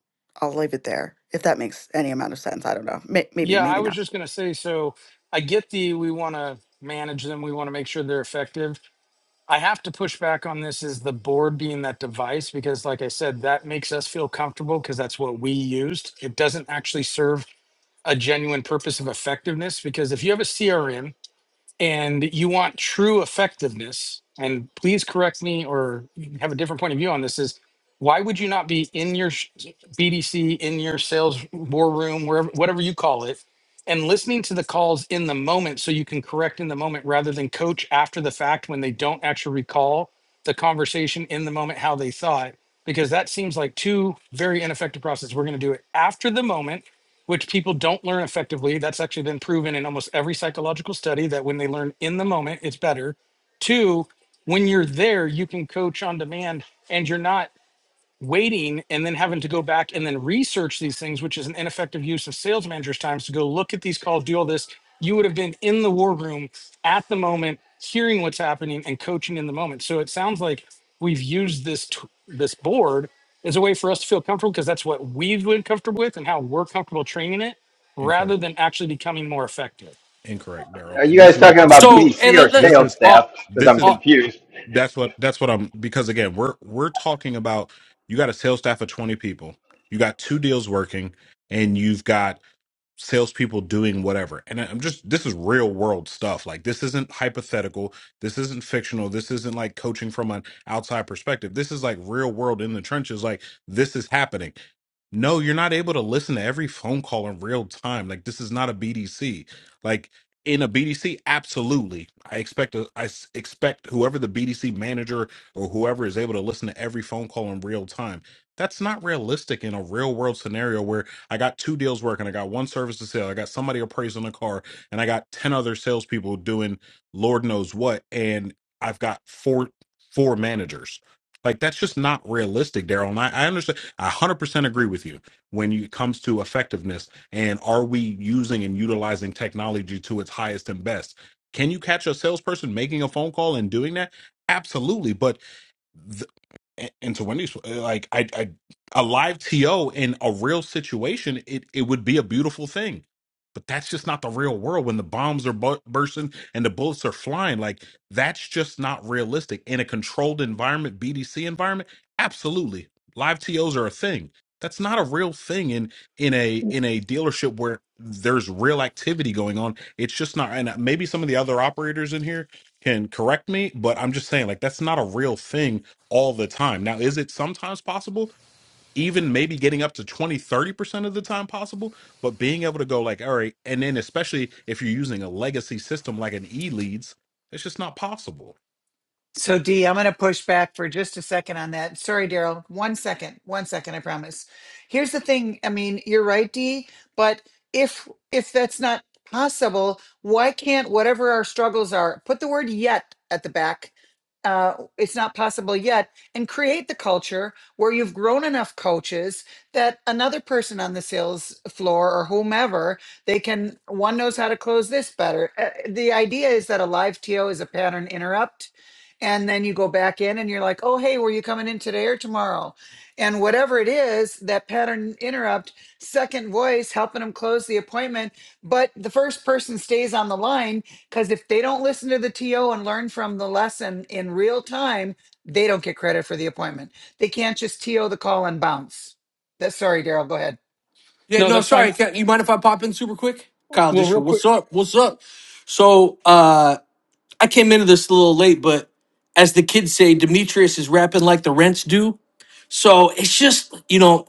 Speaker 10: i'll leave it there if that makes any amount of sense i don't know May- maybe
Speaker 4: yeah, I
Speaker 10: maybe not
Speaker 4: was just going to say, so I get the, we want to manage them, we want to make sure they're effective. I have to push back on this is the board being that device because, like I said, that makes us feel comfortable because that's what we used. It doesn't actually serve a genuine purpose of effectiveness because if you have a CRM and you want true effectiveness and please correct me or have a different point of view on this is why would you not be in your sh- bdc in your sales war room wherever whatever you call it and listening to the calls in the moment so you can correct in the moment rather than coach after the fact when they don't actually recall the conversation in the moment how they thought because that seems like two very ineffective processes we're going to do it after the moment which people don't learn effectively. That's actually been proven in almost every psychological study that when they learn in the moment, it's better. Two, when you're there, you can coach on demand and you're not waiting and then having to go back and then research these things, which is an ineffective use of sales managers' times to go look at these calls, do all this. You would have been in the war room at the moment, hearing what's happening and coaching in the moment. So it sounds like we've used this t- this board as a way for us to feel comfortable because that's what we've been comfortable with and how we're comfortable training it, rather
Speaker 7: Incorrect.
Speaker 4: than actually becoming more effective.
Speaker 7: Incorrect, Daryl.
Speaker 11: Are
Speaker 7: And
Speaker 11: you
Speaker 7: this
Speaker 11: guys
Speaker 7: is
Speaker 11: talking
Speaker 7: this
Speaker 11: about
Speaker 12: So, hey,
Speaker 11: BDC or
Speaker 12: let, let,
Speaker 7: this
Speaker 11: sales
Speaker 7: is
Speaker 12: uh,
Speaker 11: staff? Because
Speaker 7: this
Speaker 11: I'm
Speaker 7: is
Speaker 12: uh,
Speaker 11: confused.
Speaker 7: that's what that's what I'm because again we're we're talking about you got a sales staff of 20 people you got two deals working and you've got salespeople doing whatever and I'm just this is real world stuff like this isn't hypothetical this isn't fictional this isn't like coaching from an outside perspective this is like real world in the trenches like this is happening no, you're not able to listen to every phone call in real time. Like this is not a BDC. Like in a BDC, absolutely. I expect a, I s- expect whoever the BDC manager or whoever is able to listen to every phone call in real time. That's not realistic in a real world scenario where I got two deals working, I got one service to sell, I got somebody appraising a car, and I got ten other salespeople doing Lord knows what, and I've got four four managers. Like that's just not realistic, Daryl. And I, I understand I 100% agree with you when it comes to effectiveness and are we using and utilizing technology to its highest and best? Can you catch a salesperson making a phone call and doing that? Absolutely. But th- and, and to Wendy's, uh, like I, I, a live TO in a real situation, it it would be a beautiful thing, but that's just not the real world. When the bombs are bu- bursting and the bullets are flying, like that's just not realistic. In a controlled environment, BDC environment, absolutely, live TOs are a thing. That's not a real thing in in a in a dealership where there's real activity going on. It's just not. And uh, maybe some of the other operators in here can correct me, but I'm just saying, like that's not a real thing all the time. Now, is it sometimes possible? Even maybe getting up to twenty, thirty percent of the time possible, but being able to go like, all right, and then especially if you're using a legacy system like an e leads, it's just not possible.
Speaker 13: So Dee, I'm going to push back for just a second on that. Sorry, Daryl. One second. One second, I promise. Here's the thing. I mean, you're right, Dee, but if if that's not possible, why can't whatever our struggles are, put the word yet at the back uh, it's not possible yet and create the culture where you've grown enough coaches that another person on the sales floor or whomever they can one knows how to close this better Uh, the idea is that a live to is a pattern interrupt and then you go back in and you're like oh hey were you coming in today or tomorrow and whatever it is that pattern interrupt second voice helping them close the appointment but the first person stays on the line because if they don't listen to the TO and learn from the lesson in real time, they don't get credit for the appointment. They can't just TO the call and bounce. That's sorry, Daryl. Go ahead.
Speaker 12: yeah,
Speaker 4: No,
Speaker 12: no,
Speaker 4: that's fine.
Speaker 12: sorry. Can, you mind if I pop in super quick? Kyle
Speaker 4: Well,
Speaker 12: Disher,
Speaker 4: real quick.
Speaker 12: what's up? What's up? So, uh, I came into this a little late, but as the kids say, Demetrius is rapping like the rents do. So it's just, you know,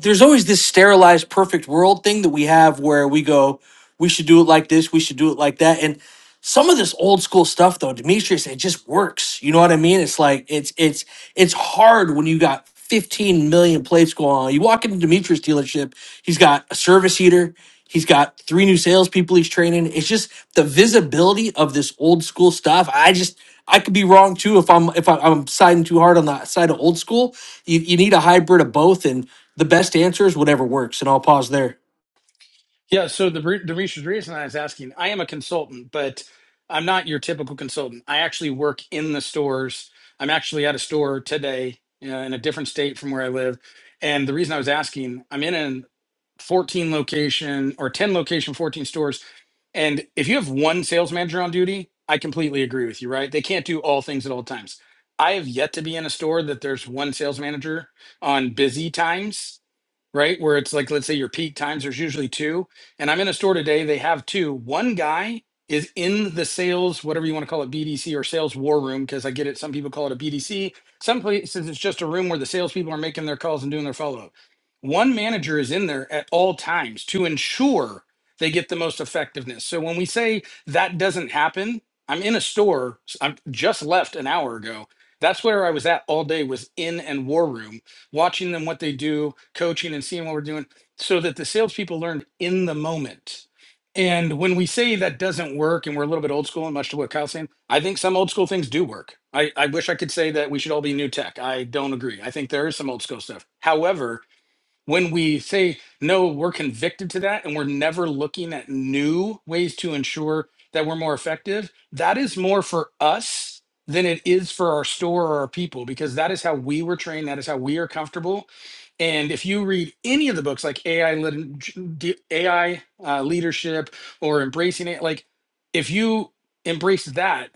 Speaker 12: there's always this sterilized perfect world thing that we have where we go we should do it like this we should do it like that and some of this old school stuff though demetrius it just works you know what i mean it's like it's it's it's hard when you got 15 million plates going on you walk into demetrius dealership he's got a service heater he's got three new salespeople he's training it's just the visibility of this old school stuff i just i could be wrong too if i'm if I- i'm siding too hard on the side of old school you, you need a hybrid of both and the best answer is whatever works, and I'll pause there.
Speaker 4: Yeah, so the re- the reason reason I was asking, I am a consultant, but I'm not your typical consultant. I actually work in the stores. I'm actually at a store today uh, in a different state from where I live. And the reason I was asking, I'm in a 14 location or 10 location, 14 stores. And if you have one sales manager on duty, I completely agree with you, right? They can't do all things at all times. I have yet to be in a store that there's one sales manager on busy times right? Where it's like, let's say your peak times, there's usually two. And I'm in a store today, they have two. One guy is in the sales, whatever you want to call it, BDC or sales war room, because I get it. Some people call it a BDC. Some places it's just a room where the salespeople are making their calls and doing their follow up. One manager is in there at all times to ensure they get the most effectiveness. So when we say that doesn't happen, I'm in a store, I I'm just left an hour ago. That's where I was at all day was in and war room watching them what they do, coaching and seeing what we're doing, so that the salespeople learn in the moment. And when we say that doesn't work and we're a little bit old school, and much to what Kyle's saying, I think some old school things do work. I, I wish I could say that we should all be new tech. I don't agree. I think there is some old school stuff. However, when we say no we're convicted to that and we're never looking at new ways to ensure that we're more effective that is more for us than it is for our store or our people because that is how we were trained that is how we are comfortable and if you read any of the books like ai lit- ai uh, leadership or embracing it like if you embrace that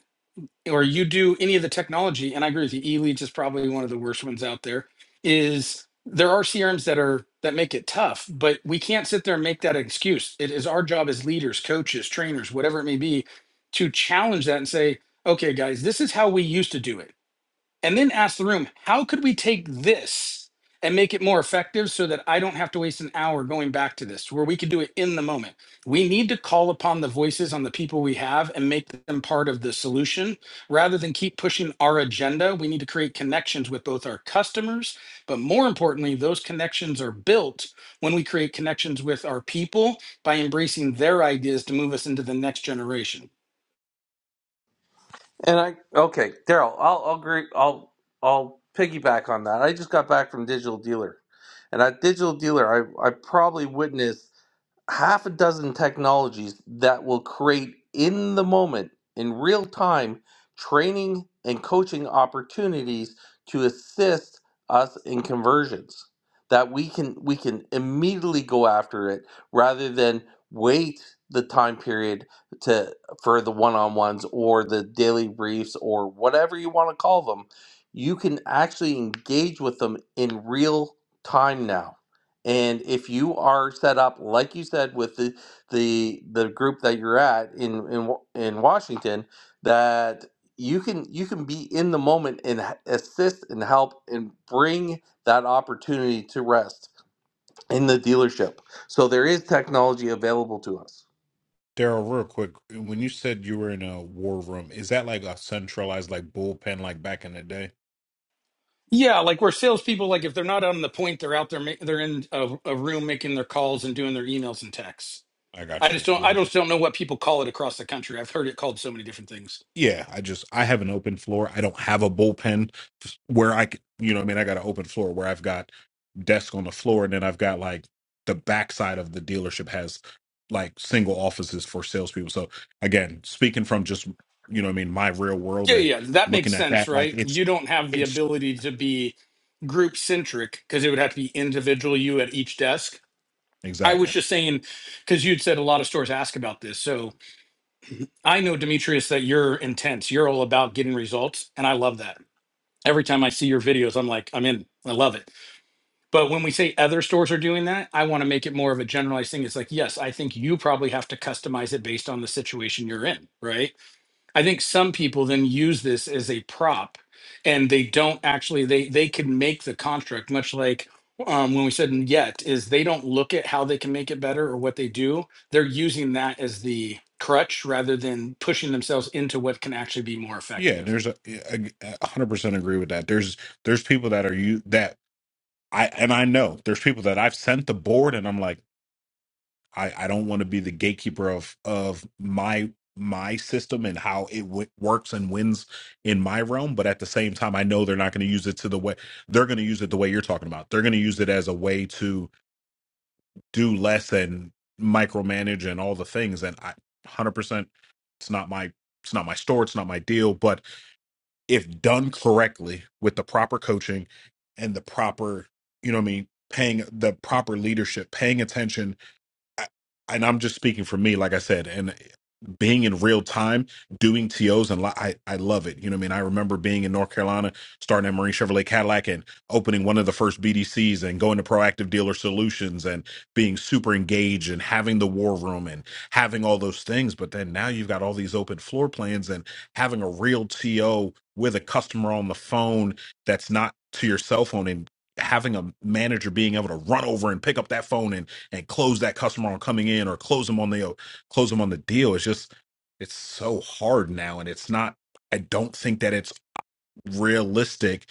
Speaker 4: or you do any of the technology, and I agree with you, E-leads is probably one of the worst ones out there, is there are CRMs that are that make it tough, but we can't sit there and make that an excuse. It is our job as leaders, coaches, trainers, whatever it may be, to challenge that and say, okay, guys, this is how we used to do it and then ask the room, how could we take this and make it more effective so that I don't have to waste an hour going back to this, where we could do it in the moment? We need to call upon the voices on the people we have and make them part of the solution rather than keep pushing our agenda. We need to create connections with both our customers, but more importantly, those connections are built when we create connections with our people by embracing their ideas to move us into the next generation.
Speaker 2: And I okay, Daryl, I'll I'll agree I'll I'll piggyback on that. I just got back from Digital Dealer. And at Digital Dealer I I probably witnessed half a dozen technologies that will create in the moment, in real time, training and coaching opportunities to assist us in conversions that we can we can immediately go after it rather than wait the time period to for the one-on-ones or the daily briefs or whatever you want to call them you can actually engage with them in real time now and if you are set up, like you said, with the the the group that you're at in in Wa- in Washington, that you can you can be in the moment and h- assist and help and bring that opportunity to rest in the dealership. So there is technology available to us.
Speaker 7: Daryl, real quick, when you said you were in a war room, is that like a centralized, like bullpen, like back in the day?
Speaker 4: Yeah, like we're salespeople. Like if they're not on the point, they're out there. ma- They're in a, a room making their calls and doing their emails and texts.
Speaker 7: I
Speaker 4: I
Speaker 7: got
Speaker 4: just
Speaker 7: you.
Speaker 4: don't. I
Speaker 7: Yeah.
Speaker 4: just don't know what people call it across the country. I've heard it called so many different things.
Speaker 7: Yeah, I just I have an open floor. I don't have a bullpen where I c- you know what I mean I got an open floor where I've got desk on the floor and then I've got like the backside of the dealership has like single offices for salespeople. So again, speaking from just you know what I mean my real world
Speaker 4: Yeah,
Speaker 7: and
Speaker 4: yeah, that makes
Speaker 7: looking at
Speaker 4: sense,
Speaker 7: that like
Speaker 4: right?
Speaker 7: it's
Speaker 4: You don't have the
Speaker 7: it's
Speaker 4: ability to be group centric because it would have to be individual you at each desk. I was
Speaker 7: exactly
Speaker 4: just saying because you'd said a lot of stores ask about this. So I know Demetrius that you're intense. You're all about getting results, and I love that. Every time I see your videos, I'm like, I'm in. I love it But when we say other stores are doing that, I want to make it more of a generalized thing. It's like, yes, I think you probably have to customize it based on the situation you're in, right? I think some people then use this as a prop and they don't actually they they can make the construct much like um, when we said in yet is they don't look at how they can make it better or what they do. They're using that as the crutch rather than pushing themselves into what can actually be more
Speaker 7: yeah.
Speaker 4: effective.
Speaker 7: There's a a, a hundred percent agree with that. There's there's people that are you that I and I know there's people that I've sent the board and I'm like. I, I don't want to be the gatekeeper of of my my system and how it w- works and wins in my realm but at the same time I know they're not going to use it to the way they're going to use it the way you're talking about they're going to use it as a way to do less and micromanage and all the things and I 100% it's not my it's not my store it's not my deal but if done correctly with the proper coaching and the proper you know what I mean paying the proper leadership paying attention I, and I'm just speaking for me, like I said, and being in real time, doing TOs and li- I, I love it. You know what I mean? I remember being in North Carolina, starting at Marine Chevrolet Cadillac and opening one of the first BDCs and going to Proactive Dealer Solutions and being super engaged and having the war room and having all those things. But then now you've got all these open floor plans and having a real TO with a customer on the phone that's not to your cell phone and having a manager being able to run over and pick up that phone and and close that customer on coming in or close them on the close them on the deal it's just it's so hard now and it's not i don't think that it's realistic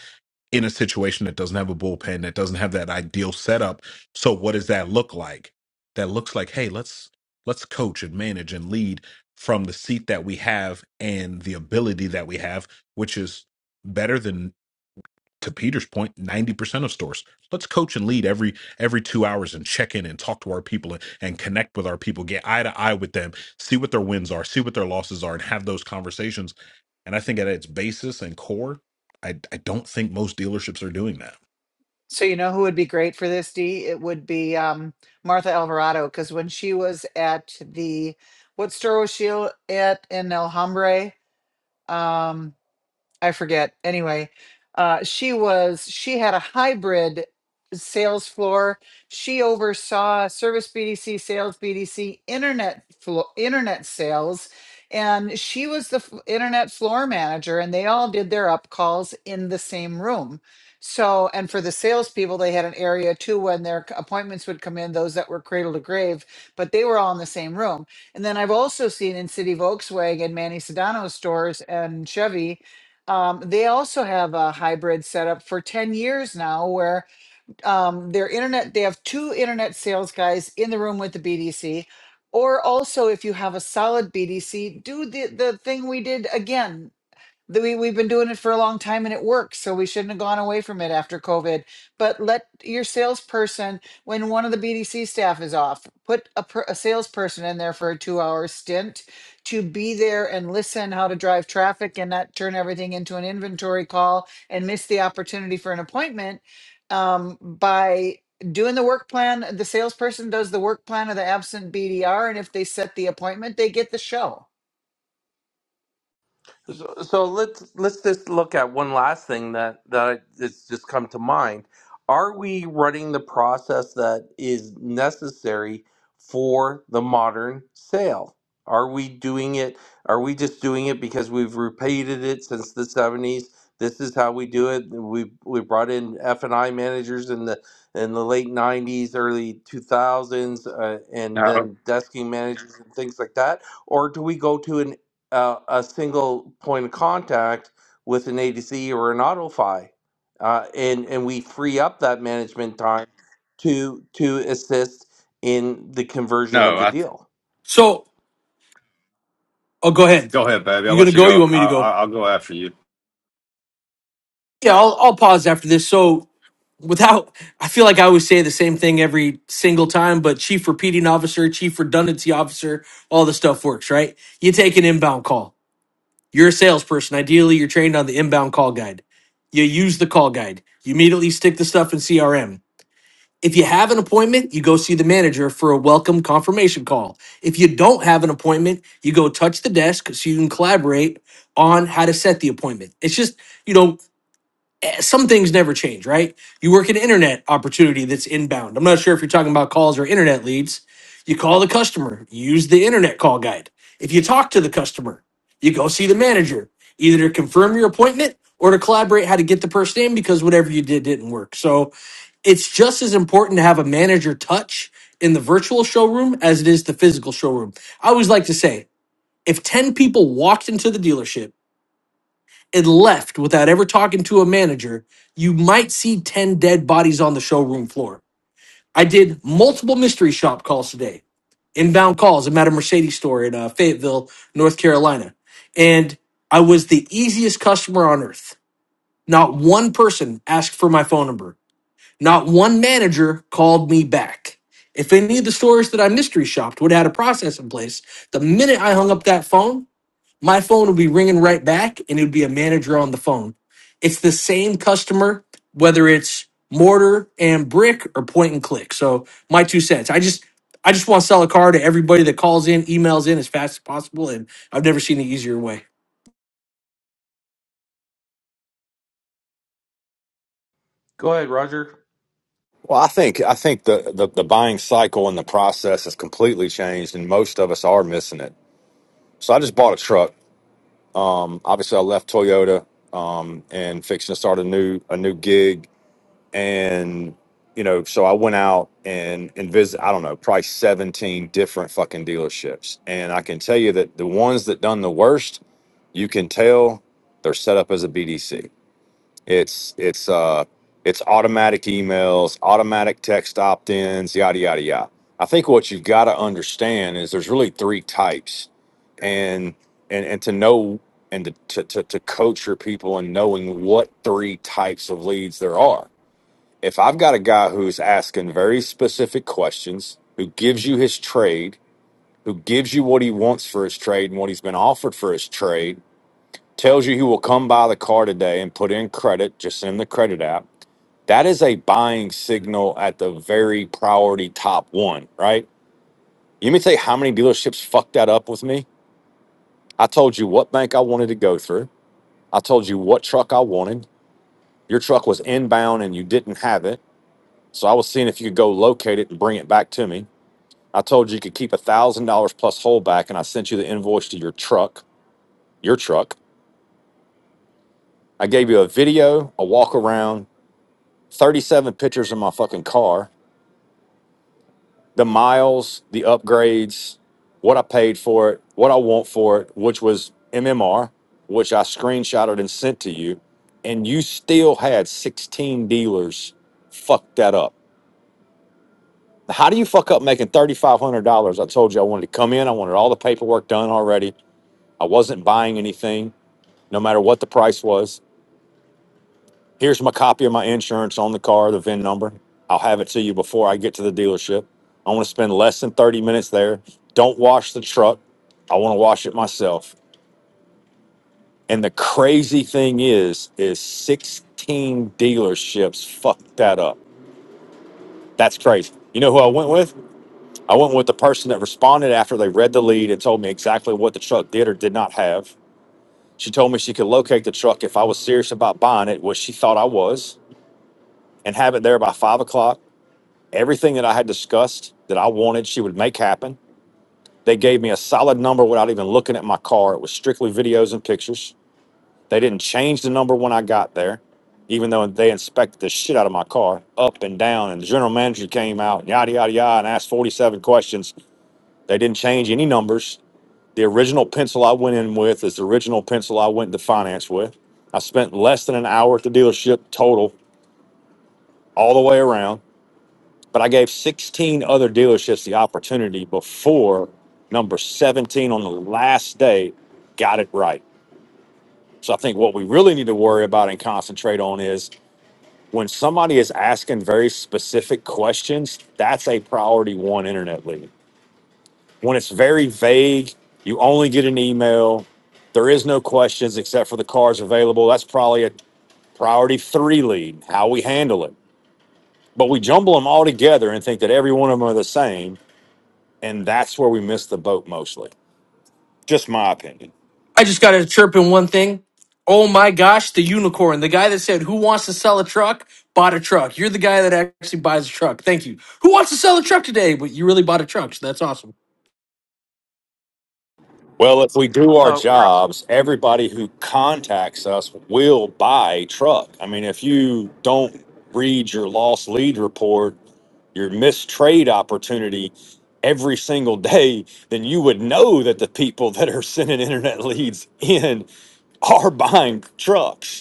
Speaker 7: in a situation that doesn't have a bullpen that doesn't have that ideal setup so what does that look like that looks like hey let's let's coach and manage and lead from the seat that we have and the ability that we have which is better than to Peter's 90% of stores. Let's coach and lead every every two hours and check in and talk to our people and, and connect with our people, get eye to eye with them, see what their wins are, see what their losses are, and have those conversations. And I think at its basis and core, I, I don't think most dealerships are doing that.
Speaker 13: So you know who would be great for this, D? It would be um, Martha Alvarado, because when she was at the what store was she at in El Hombre? Um, I forget. Anyway, uh, she was she had a hybrid sales floor. She oversaw service BDC, sales BDC, internet flo- internet sales, and she was the f- internet floor manager. And they all did their up calls in the same room. So, and for the salespeople, they had an area too when their c- appointments would come in, those that were cradle to grave, but they were all in the same room. And then I've also seen in City Volkswagen, Manny Sedano's stores, and Chevy um, they also have a hybrid setup for 10 years now where um, their internet, they have two internet sales guys in the room with the BDC. Or also, if you have a solid BDC, do the, the thing we did again that we, we've been doing it for a long time and it works so we shouldn't have gone away from it after covid but let your salesperson when one of the bdc staff is off put a, per- a salesperson in there for a two hour stint to be there and listen how to drive traffic and not turn everything into an inventory call and miss the opportunity for an appointment um, by doing the work plan the salesperson does the work plan of the absent bdr and if they set the appointment they get the show
Speaker 2: So, so let's let's just look at one last thing that that I- it's just come to mind. Are we running the process that is necessary for the modern sale? Are we doing it? Are we just doing it because we've repeated it since the seventies? This is how we do it. We we brought in F and I managers in the in the late nineties, early two thousands, uh, and
Speaker 14: No,
Speaker 2: then desking managers and things like that or do we go to an uh, a single point of contact with an ADC or an AutoFi, uh, and and we free up that management time to to assist in the conversion of
Speaker 14: no.
Speaker 2: the
Speaker 14: I,
Speaker 2: deal.
Speaker 12: So, oh, go ahead.
Speaker 14: go ahead, baby. I'll
Speaker 12: You gonna
Speaker 14: let you
Speaker 12: go?
Speaker 14: go.
Speaker 12: You want me
Speaker 14: I,
Speaker 12: to
Speaker 14: I,
Speaker 12: go?
Speaker 14: I'll go after you.
Speaker 12: Yeah, I'll, I'll pause after this. So, without, I feel like I always say the same thing every single time, but chief repeating officer, chief redundancy officer, all the stuff works, right? You take an inbound call. You're a salesperson. Ideally, you're trained on the inbound call guide. You use the call guide. You immediately stick the stuff in CRM. If you have an appointment, you go see the manager for a welcome confirmation call. If you don't have an appointment, you go touch the desk so you can collaborate on how to set the appointment. It's just, you know, eh, some things never change, right? You work an internet opportunity that's inbound. I'm not sure if you're talking about calls or internet leads. You call the customer, you use the internet call guide. If you talk to the customer, you go see the manager, either to confirm your appointment or to collaborate how to get the person in because whatever you did didn't work. So, it's just as important to have a manager touch in the virtual showroom as it is the physical showroom. I always like to say if 10 people walked into the dealership and left without ever talking to a manager, you might see 10 dead bodies on the showroom floor. I did multiple mystery shop calls today, inbound calls. I'm at a Mercedes store in uh, Fayetteville, North Carolina. And I was the easiest customer on earth. Not one person asked for my phone number. Not one manager called me back. If any of the stores that I mystery shopped would have had a process in place, the minute I hung up that phone, my phone would be ringing right back and it would be a manager on the phone. It's the same customer, whether it's mortar and brick or point and click. So my two cents. I just I just want to sell a car to everybody that calls in, emails in as fast as possible, and I've never seen an easier way.
Speaker 2: Go ahead, Roger.
Speaker 14: Well, I think I think the, the the buying cycle and the process has completely changed, and most of us are missing it. So I just bought a truck. Obviously, I left Toyota um, and fixing to start a new a new gig, and you know, so I went out and and visit. I don't know, probably seventeen different fucking dealerships, and I can tell you that the ones that done the worst, you can tell they're set up as a BDC It's it's uh it's automatic emails, automatic text opt-ins, yada yada yada. I think what you've got to understand is there's really three types, and and and to know and to, to to to coach your people in knowing what three types of leads there are. If I've got a guy who's asking very specific questions, who gives you his trade, who gives you what he wants for his trade and what he's been offered for his trade, tells you he will come by the car today and put in credit, just send the credit app that is a buying signal at the very priority top one, right? You may say, how many dealerships fucked that up with me? I told you what bank I wanted to go through. I told you what truck I wanted. Your truck was inbound and you didn't have it. So I was seeing if you could go locate it and bring it back to me. I told you you could keep a thousand dollars plus holdback, and I sent you the invoice to your truck, your truck. I gave you a video, a walk around, 37 pictures of my fucking car. the miles, the upgrades, what I paid for it, what I want for it, which was MMR, which I screenshotted and sent to you, and you still had 16 dealers fuck that up. How do you fuck up making $3,500? I told you I wanted to come in, I wanted all the paperwork done already. I wasn't buying anything, no matter what the price was. Here's my copy of my insurance on the car, the VIN number. I'll have it to you before I get to the dealership. I want to spend less than 30 minutes there. Don't wash the truck. I want to wash it myself. And the crazy thing is, is 16 dealerships fucked that up. That's crazy. You know who I went with? I went with the person that responded after they read the lead and told me exactly what the truck did or did not have. She told me she could locate the truck if I was serious about buying it, which she thought I was, and have it there by five o'clock Everything that I had discussed that I wanted, she would make happen. They gave me a solid number without even looking at my car. It was strictly videos and pictures. They didn't change the number when I got there, even though they inspected the shit out of my car up and down. And the general manager came out, yada, yada, yada, and asked 47 questions. They didn't change any numbers. The original pencil I went in with is the original pencil I went to finance with. I spent less than an hour at the dealership total, all the way around. But I gave 16 other dealerships the opportunity before number 17 on the last day got it right. So I think what we really need to worry about and concentrate on is when somebody is asking very specific questions, that's a priority one internet lead. When it's very vague, you only get an email, there is no questions except for the cars available. That's probably a priority three lead, how we handle it. But we jumble them all together and think that every one of them are the same And that's where we miss the boat mostly. Just my opinion.
Speaker 12: I just got to chirp in one thing. Oh my gosh, the unicorn, the guy that said, Who wants to sell a truck? Bought a truck. You're the guy that actually buys a truck. Thank you. Who wants to sell a truck today? But you really bought a truck, so that's awesome.
Speaker 14: Well, if we do our
Speaker 2: Oh,
Speaker 14: jobs, everybody who contacts us will buy a truck. I mean, if you don't read your lost lead report, your missed trade opportunity every single day, then you would know that the people that are sending internet leads in are buying trucks.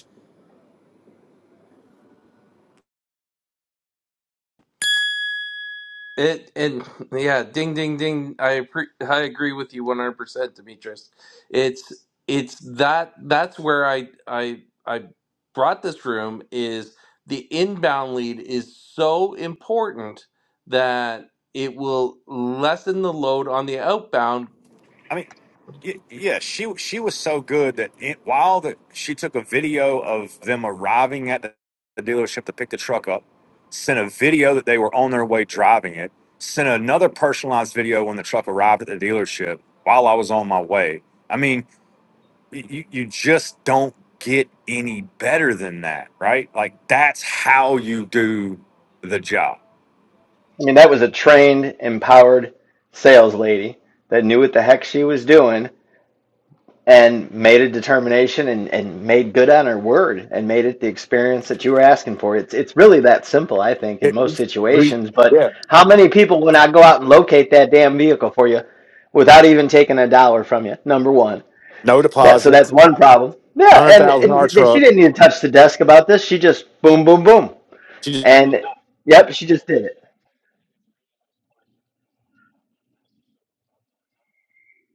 Speaker 2: It and yeah, ding ding ding. I appre I agree with you 100%, Demetrius. It's it's that that's where I I I brought this room is the inbound lead is so important that it will lessen the load on the outbound
Speaker 14: I mean, y- yeah, she she was so good that it, while the, she took a video of them arriving at the, the dealership to pick the truck up, sent a video that they were on their way driving it, sent another personalized video when the truck arrived at the dealership while I was on my way. I mean, y- you you just don't get any better than that, right? Like that's how you do the job.
Speaker 11: I mean, that was a trained, empowered sales lady that knew what the heck she was doing and made a determination and, and made good on her word and made it the experience that you were asking for. It's it's really that simple, I think, in
Speaker 14: It,
Speaker 11: most
Speaker 14: we
Speaker 11: situations. But how many people would not go out and locate that damn vehicle for you without even taking a dollar from you? Number one.
Speaker 14: no
Speaker 11: That so that's
Speaker 14: deposits,
Speaker 11: one problem. Yeah,
Speaker 14: hundred
Speaker 11: and,
Speaker 14: thousand dollar
Speaker 11: and she
Speaker 14: truck.
Speaker 11: didn't even touch the desk about this. She just boom, boom, boom
Speaker 14: She
Speaker 11: And yep, she just did it.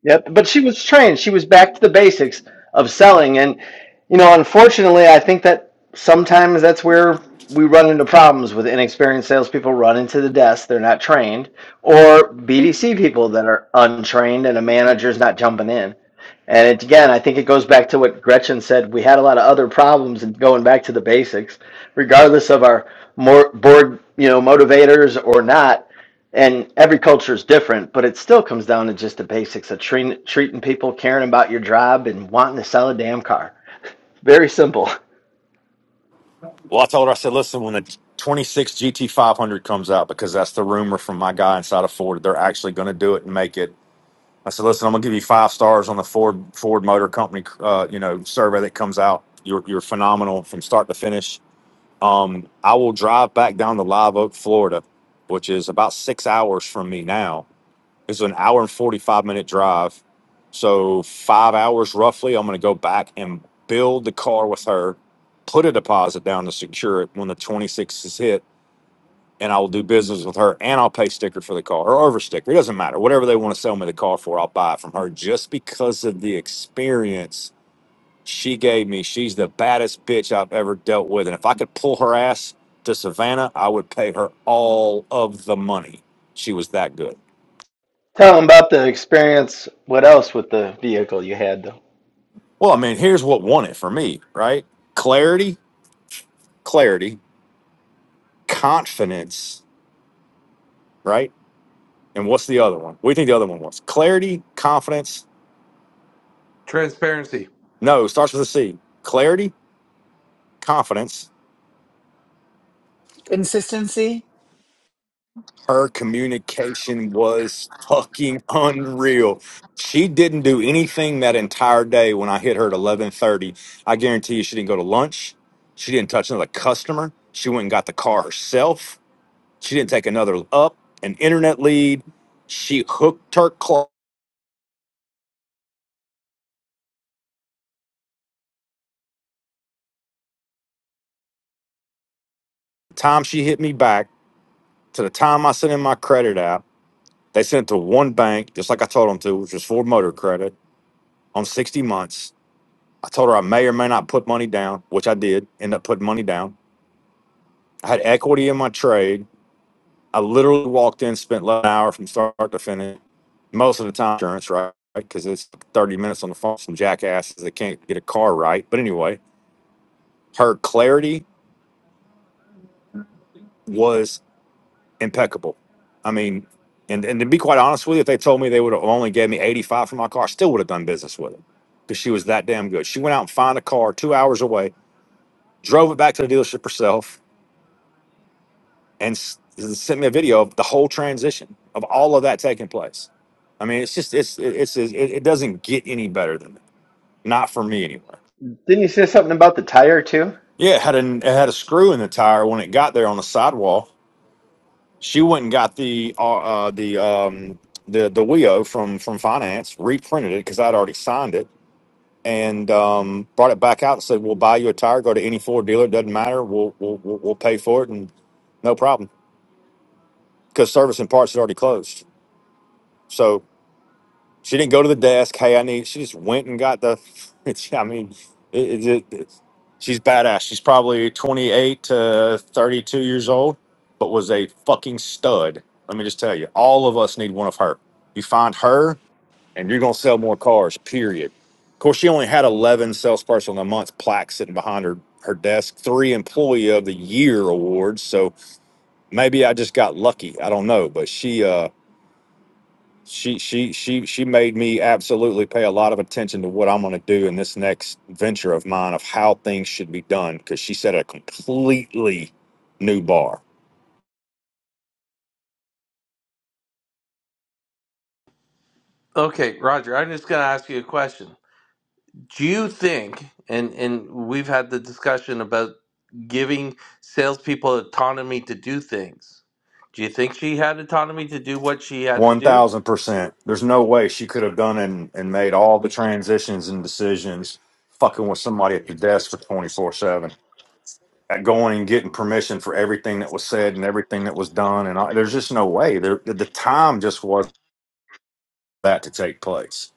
Speaker 11: Yep, but she was trained. She was back to the basics of selling. And, you know, unfortunately, I think that sometimes that's where we run into problems with inexperienced salespeople run into the desk. They're not trained, or BDC people that are untrained and a manager's not jumping in. And it, again, I think it goes back to what Gretchen said. We had a lot of other problems and going back to the basics, regardless of our more board, you know, motivators or not and every culture is different, but it still comes down to just the basics of treating, treating people, caring about your job, and wanting to sell a damn car. Very simple.
Speaker 14: Well, I told her, I said, listen, when the 26 GT500 comes out, because that's the rumor from my guy inside of Ford, they're actually going to do it and make it. I said, listen, I'm going to give you five stars on the Ford Ford Motor Company, uh, you know, survey that comes out. You're, you're phenomenal from start to finish. Um, I will drive back down to Live Oak, Florida, which is about six hours from me now it's an hour and 45 minute drive. So, five hours roughly, I'm going to go back and build the car with her, put a deposit down to secure it when the 26 is hit, and I will do business with her and I'll pay sticker for the car or over sticker. It doesn't matter. Whatever they want to sell me the car for, I'll buy it from her just because of the experience she gave me. She's the baddest bitch I've ever dealt with. And if I could pull her ass to Savannah, I would pay her all of the money. She was that good.
Speaker 11: Tell them about the experience. What else with the vehicle you had, though?
Speaker 14: Well, I mean, here's what won it for me, right? Clarity, clarity, confidence, right? And what's the other one? We think the other one was clarity, confidence.
Speaker 2: transparency.
Speaker 14: No, it starts with a C. Clarity, confidence.
Speaker 13: consistency
Speaker 14: Her communication was fucking unreal. She didn't do anything that entire day when I hit her at 11:30. I guarantee you she didn't go to lunch. She didn't touch another customer. She went and got the car herself. She didn't take another up, an internet lead. She hooked her clock. The time she hit me back to the time I sent in my credit app, they sent it to one bank, just like I told them to, which was Ford Motor Credit, on 60 months. I told her I may or may not put money down, which I did end up putting money down. I had equity in my trade. I literally walked in, spent less than an hour from start to finish. Most of the time, insurance, right? Because it's 30 minutes on the phone, some jackasses that can't get a car right. But anyway, her clarity was impeccable. I mean, and, and to be quite honest with you, if they told me they would have only gave me 85 for my car, I still would have done business with it because she was that damn good. She went out and found a car two hours away, drove it back to the dealership herself, and s- sent me a video of the whole transition of all of that taking place. I mean, it's just, it's, it's, it, it doesn't get any better than that. Not for me anyway.
Speaker 11: Didn't you say something about the tire, too?
Speaker 14: Yeah, it had, a, it had a screw in the tire when it got there on the sidewall She went and got the uh, uh, the um, the the WIO from from finance, reprinted it because I'd already signed it, and um, brought it back out and said, "We'll buy you a tire. Go to any Ford dealer. It Doesn't matter. We'll we'll we'll we'll pay for it, and no problem because service and parts is already closed." So She didn't go to the desk. Hey, I need. She just went and got the. It's, I mean, it, it, it, it's- she's badass. She's probably 28 to 32 years old, but was a fucking stud. Let me just tell you, all of us need one of her. You find her, and you're gonna sell more cars. Period. Of course, she only had 11 salesperson of the month plaques sitting behind her her desk, three employee of the year awards. So maybe I just got lucky. I don't know, but she. uh she she she she made me absolutely pay a lot of attention to what I'm going to do in this next venture of mine of how things should be done because she set a completely new bar.
Speaker 2: Okay, Roger, I'm just going to ask you a question. Do you think and and we've had the discussion about giving salespeople autonomy to do things. Do you think she had autonomy to do what she had to
Speaker 14: One
Speaker 2: do?
Speaker 14: thousand percent. There's no way she could have done and and made all the transitions and decisions fucking with somebody at your desk for twenty four seven. Going and getting permission for everything that was said and everything that was done, and I, there's just no way. There, the the time just wasn't that to take place.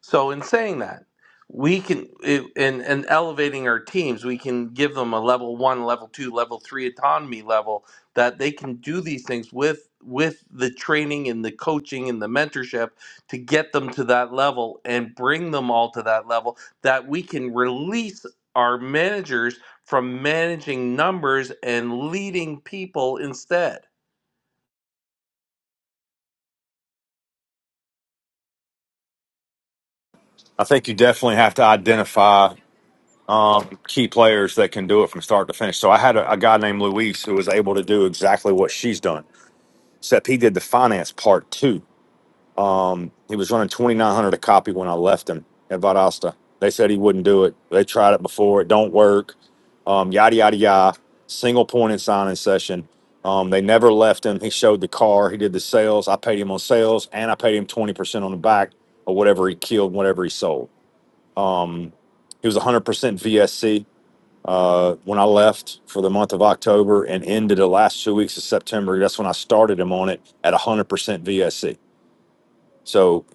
Speaker 2: So in saying that, we can it- in in elevating our teams, we can give them a level one, level two, level three autonomy level that they can do these things with with the training and the coaching and the mentorship to get them to that level and bring them all to that level that we can release our managers from managing numbers and leading people instead.
Speaker 14: I think you definitely have to identify. um, key players that can do it from start to finish. So I had a, a guy named Luis who was able to do exactly what she's done, except he did the finance part too. Um, he was running 2,900 a copy when I left him at Valdosta. They said he wouldn't do it. They tried it before. It don't work. Um, yada, yada, yada. Single point in signing session. Um, they never left him. He showed the car. He did the sales. I paid him on sales and I paid him 20% on the back or whatever he killed, whatever he sold. Um, he was 100% VSC. Uh, when I left for the month of October and ended the last two weeks of September, that's when I started him on it at 100% VSC. So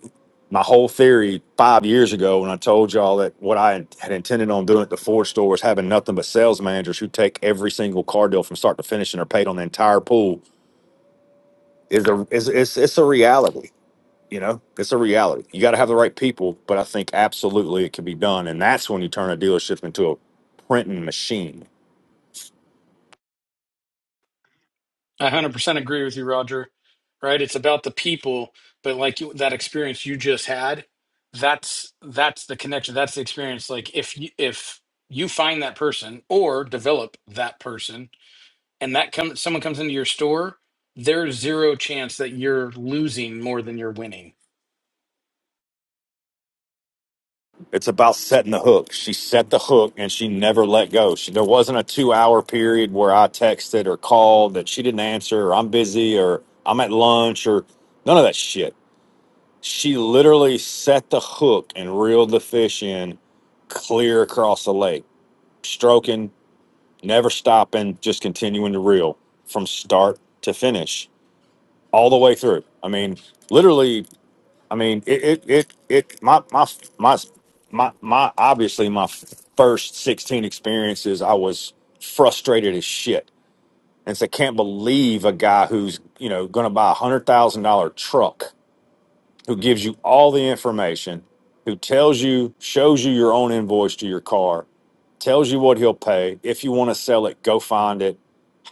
Speaker 14: my whole theory five years ago, when I told y'all that what I had intended on doing at the Ford store was having nothing but sales managers who take every single car deal from start to finish and are paid on the entire pool, is a is it's it's a reality. You know, it's a reality. You got to have the right people, but I think absolutely it can be done, and that's when you turn a dealership into a printing machine
Speaker 4: I 100% agree with you, Roger. Right? It's about the people, but like you, that experience you just had, that's that's the connection. That's the experience. Like if you, if you find that person or develop that person, and that comes someone comes into your store, there's zero chance that you're losing more than you're winning.
Speaker 14: It's about setting the hook. She set the hook and she never let go. She, there wasn't a two hour period where I texted or called that she didn't answer or I'm busy or I'm at lunch or none of that shit. She literally set the hook and reeled the fish in clear across the lake, stroking, never stopping, just continuing to reel from start to finish all the way through. I mean, literally I mean, it, it, it, it my, my, my, my, my, obviously my first 16 experiences, I was frustrated as shit. And so I can't believe a guy who's, you know, going to buy a hundred thousand dollar truck who gives you all the information, who tells you, shows you your own invoice to your car, tells you what he'll pay. If you want to sell it, go find it.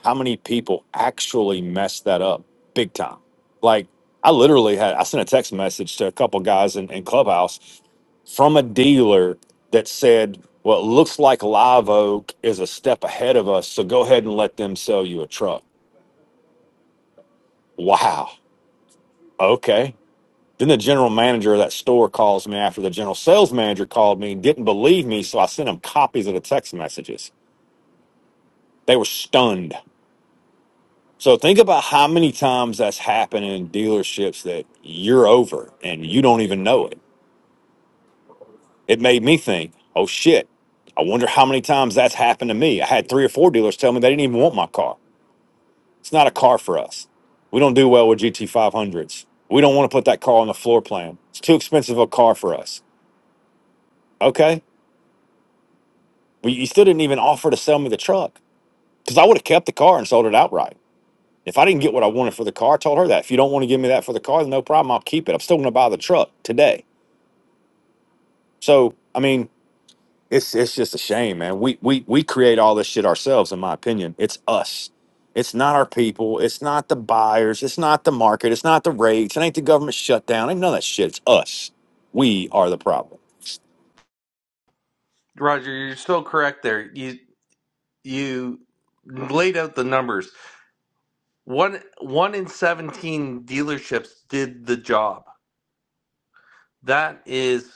Speaker 14: How many people actually mess that up big time? Like, I literally had, I sent a text message to a couple guys in, in Clubhouse from a dealer that said, what looks like Live Oak is a step ahead of us. So go ahead and let them sell you a truck. Wow. Okay. Then the general manager of that store calls me after the general sales manager called me, didn't believe me, so I sent them copies of the text messages. They were stunned. So think about how many times that's happened in dealerships that you're over and you don't even know it. It made me think, oh shit, I wonder how many times that's happened to me. I had three or four dealers tell me they didn't even want my car. It's not a car for us. We don't do well with GT500s. We don't want to put that car on the floor plan. It's too expensive a car for us. Okay Well, you still didn't even offer to sell me the truck because I would have kept the car and sold it outright. If I didn't get what I wanted for the car, I told her that. If you don't want to give me that for the car, then no problem. I'll keep it. I'm still going to buy the truck today. So, I mean, it's it's just a shame, man. We we we create all this shit ourselves, in my opinion. It's us. It's not our people. It's not the buyers. It's not the market. It's not the rates. It ain't the government shutdown. Ain't none of that shit. It's us. We are the problem.
Speaker 2: Roger, you're so correct there. You you laid out the numbers One one in seventeen dealerships did the job. That is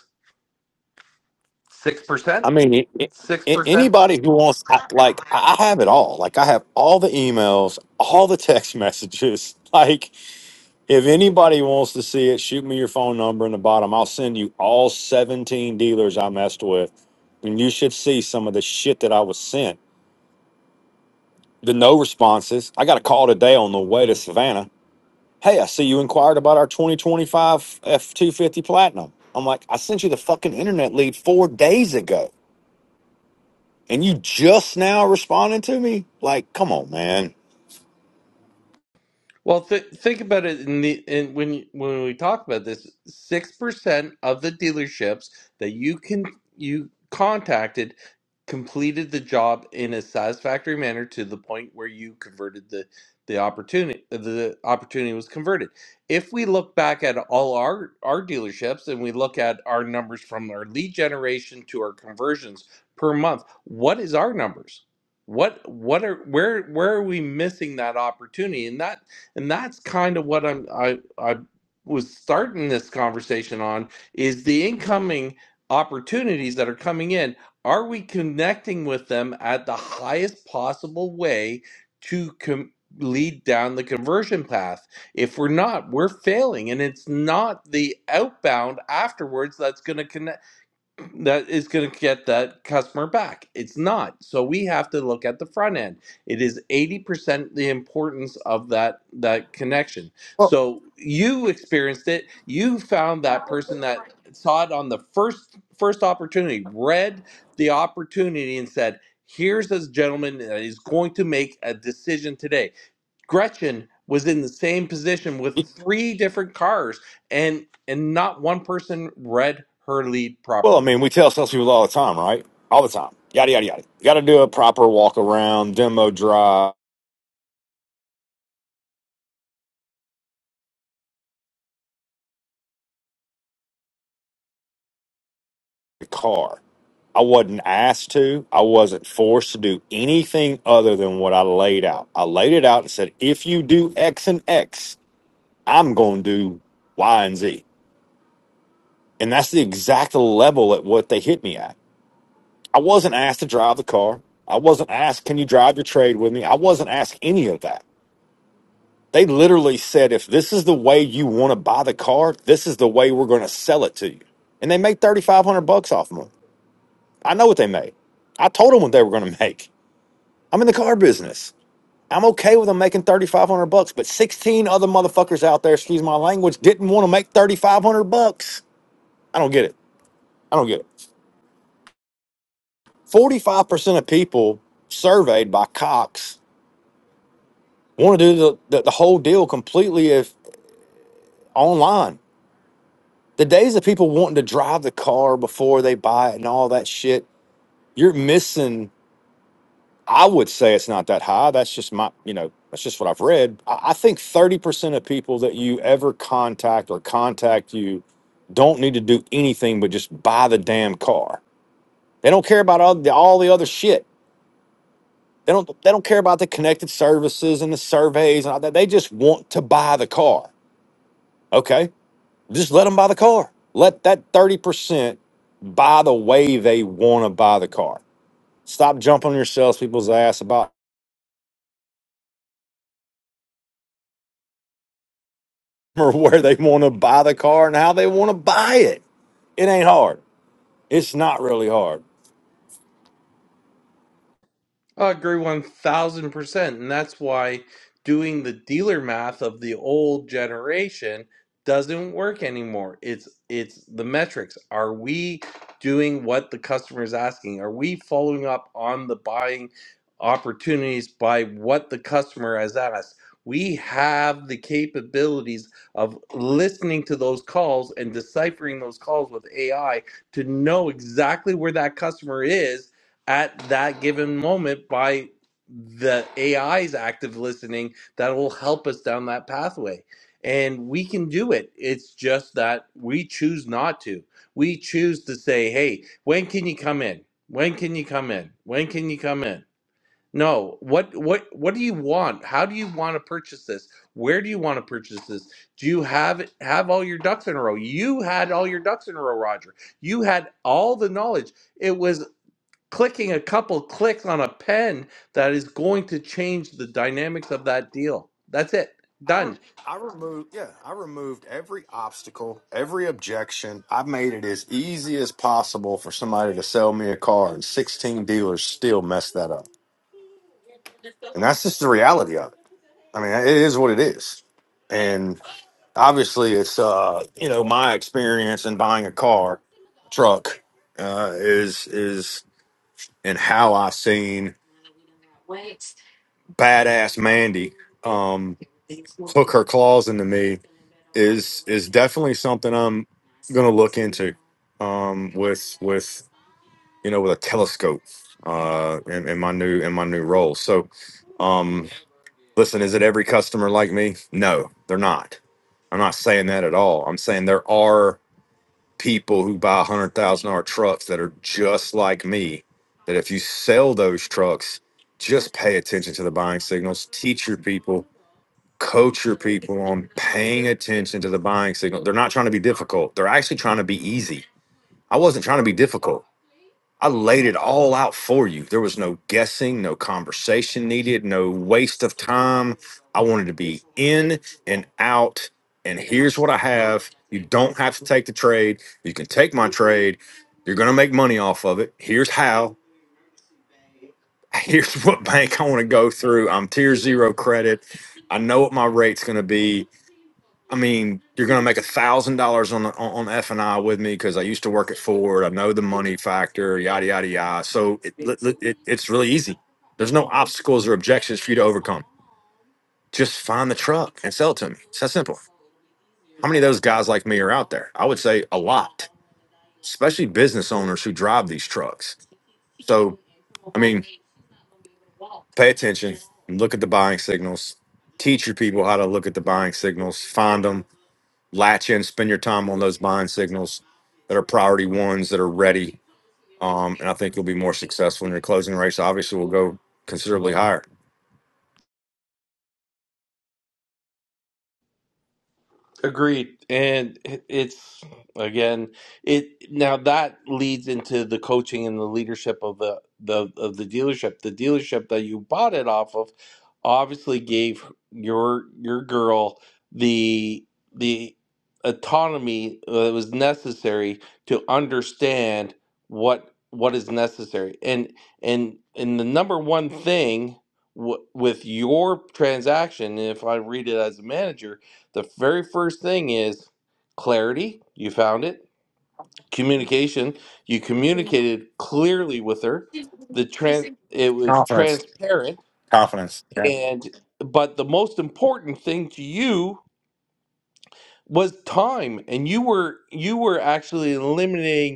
Speaker 2: six percent.
Speaker 14: I mean, it, it,
Speaker 2: Six
Speaker 14: a-
Speaker 2: percent.
Speaker 14: anybody who wants, I- like, I I have it all. Like, I have all the emails, all the text messages. Like, if anybody wants to see it, shoot me your phone number in the bottom. I'll send you all 17 dealers I messed with. And you should see some of the shit that I was sent. The no responses. I got a call today on the way to Savannah. Hey, I see you inquired about our 2025 F250 Platinum. I'm like, I sent you the fucking internet lead four days ago. and you just now responding to me? Like, come on, man.
Speaker 2: Well, th- think about it in the in when you- when we talk about this, six percent of the dealerships that you can you contacted completed the job in a satisfactory manner to the point where you converted the the opportunity the opportunity was converted. If we look back at all our our dealerships and we look at our numbers from our lead generation to our conversions per month, what is our numbers? what what are where where are we missing that opportunity and that and that's kind of what I'm I I was starting this conversation on is the incoming opportunities that are coming in. Are we connecting with them at the highest possible way to com- lead down the conversion path? If we're not, we're failing, and it's not the outbound afterwards that's going to connect that is going to get that customer back. It's not. So we have to look at the front end. It is 80% the importance of that that connection. So you experienced it. You found that person that saw it on the first first opportunity, read the opportunity and said, "Here's this gentleman that is going to make a decision today." Gretchen was in the same position with three different cars and and not one person read her lead
Speaker 14: Well, I
Speaker 2: properly
Speaker 14: mean, we tell salespeople all the time, right? All the time. Yada, yada, yada. You got to do a proper walk around, demo drive the car. I wasn't asked to. I wasn't forced to do anything other than what I laid out. I laid it out and said, if you do X and X, I'm going to do Y and Z. And that's the exact level at what they hit me at. I wasn't asked to drive the car. I wasn't asked, can you drive your trade with me? I wasn't asked any of that. They literally said, if this is the way you want to buy the car, this is the way we're going to sell it to you. And they made 3500 bucks off of them. I know what they made. I told them what they were going to make. I'm in the car business. I'm okay with them making 3500 bucks, but 16 other motherfuckers out there, excuse my language, didn't want to make 3500 bucks. I don't get it. I don't get it. 45% of people surveyed by Cox want to do the, the, the whole deal completely if online. The days of people wanting to drive the car before they buy it and all that shit, you're missing. I would say it's not that high. That's just my, you know, that's just what I've read. I, I think 30% of people that you ever contact or contact you don't need to do anything but just buy the damn car. They don't care about all the, all the other shit. They don't they don't care about the connected services and the surveys and all that. They just want to buy the car. Okay. Just let them buy the car. Let that 30% buy the way they want to buy the car. Stop jumping on your salespeople's ass about or where they want to buy the car and how they want to buy it. It ain't hard. It's not really hard.
Speaker 2: I agree 1000%. And that's why doing the dealer math of the old generation doesn't work anymore. It's it's the metrics. Are we doing what the customer is asking? Are we following up on the buying opportunities by what the customer has asked? We have the capabilities of listening to those calls and deciphering those calls with AI to know exactly where that customer is at that given moment by the AI's active listening that will help us down that pathway. And we can do it. It's just that we choose not to. We choose to say, hey, when can you come in? When can you come in? When can you come in? No, what what what do you want? How do you want to purchase this? Where do you want to purchase this? Do you have have all your ducks in a row? You had all your ducks in a row, Roger. You had all the knowledge. It was clicking a couple clicks on a pen that is going to change the dynamics of that deal. That's it.
Speaker 14: I re-
Speaker 2: Done.
Speaker 14: I removed yeah, I removed every obstacle, every objection. I made it as easy as possible for somebody to sell me a car and 16 dealers still mess that up. And that's just the reality of it. I mean, it is what it is. and. obviously it's uh you know my experience in buying a car truck uh is is and how i seen badass mandy um hook her claws into me is is definitely something i'm gonna look into um with with you know with a telescope uh in, in my new in my new role so um listen is it every customer like me no they're not i'm not saying that at all i'm saying there are people who buy one hundred thousand dollar trucks that are just like me. That if you sell those trucks, just pay attention to the buying signals. Teach your people, coach your people on paying attention to the buying signal. They're not trying to be difficult. They're actually trying to be easy. I wasn't trying to be difficult. I laid it all out for you. There was no guessing, no conversation needed, no waste of time. I wanted to be in and out. And here's what I have. You don't have to take the trade. You can take my trade. You're going to make money off of it. Here's how. Here's what bank I want to go through. I'm tier zero credit. I know what my rate's going to be I mean, you're going to make a thousand dollars on the on F and I with me because I used to work at Ford. I know the money factor, yada yada yada. So it, li- it it's really easy. There's no obstacles or objections for you to overcome. Just find the truck and sell it to me. It's that simple. How many of those guys like me are out there? I would say a lot, especially business owners who drive these trucks. So I mean, pay attention, look at the buying signals, teach your people how to look at the buying signals, find them, latch in, spend your time on those buying signals that are priority ones that are ready. Um, and I think you'll be more successful in your closing rates. Obviously, will go considerably higher.
Speaker 2: Agreed. And it- it's again it now that leads into the coaching and the leadership of the, the of the dealership. The dealership that you bought it off of obviously gave your your girl the the autonomy that was necessary to understand what what is necessary. And and and the number one thing w- with your transaction, if I read it as a manager, the very first thing is clarity. You found it. Communication. You communicated clearly with her. The tran it was
Speaker 14: Confidence,
Speaker 2: transparent
Speaker 14: confidence. Yeah,
Speaker 2: and but the most important thing to you was time and you were you were actually eliminating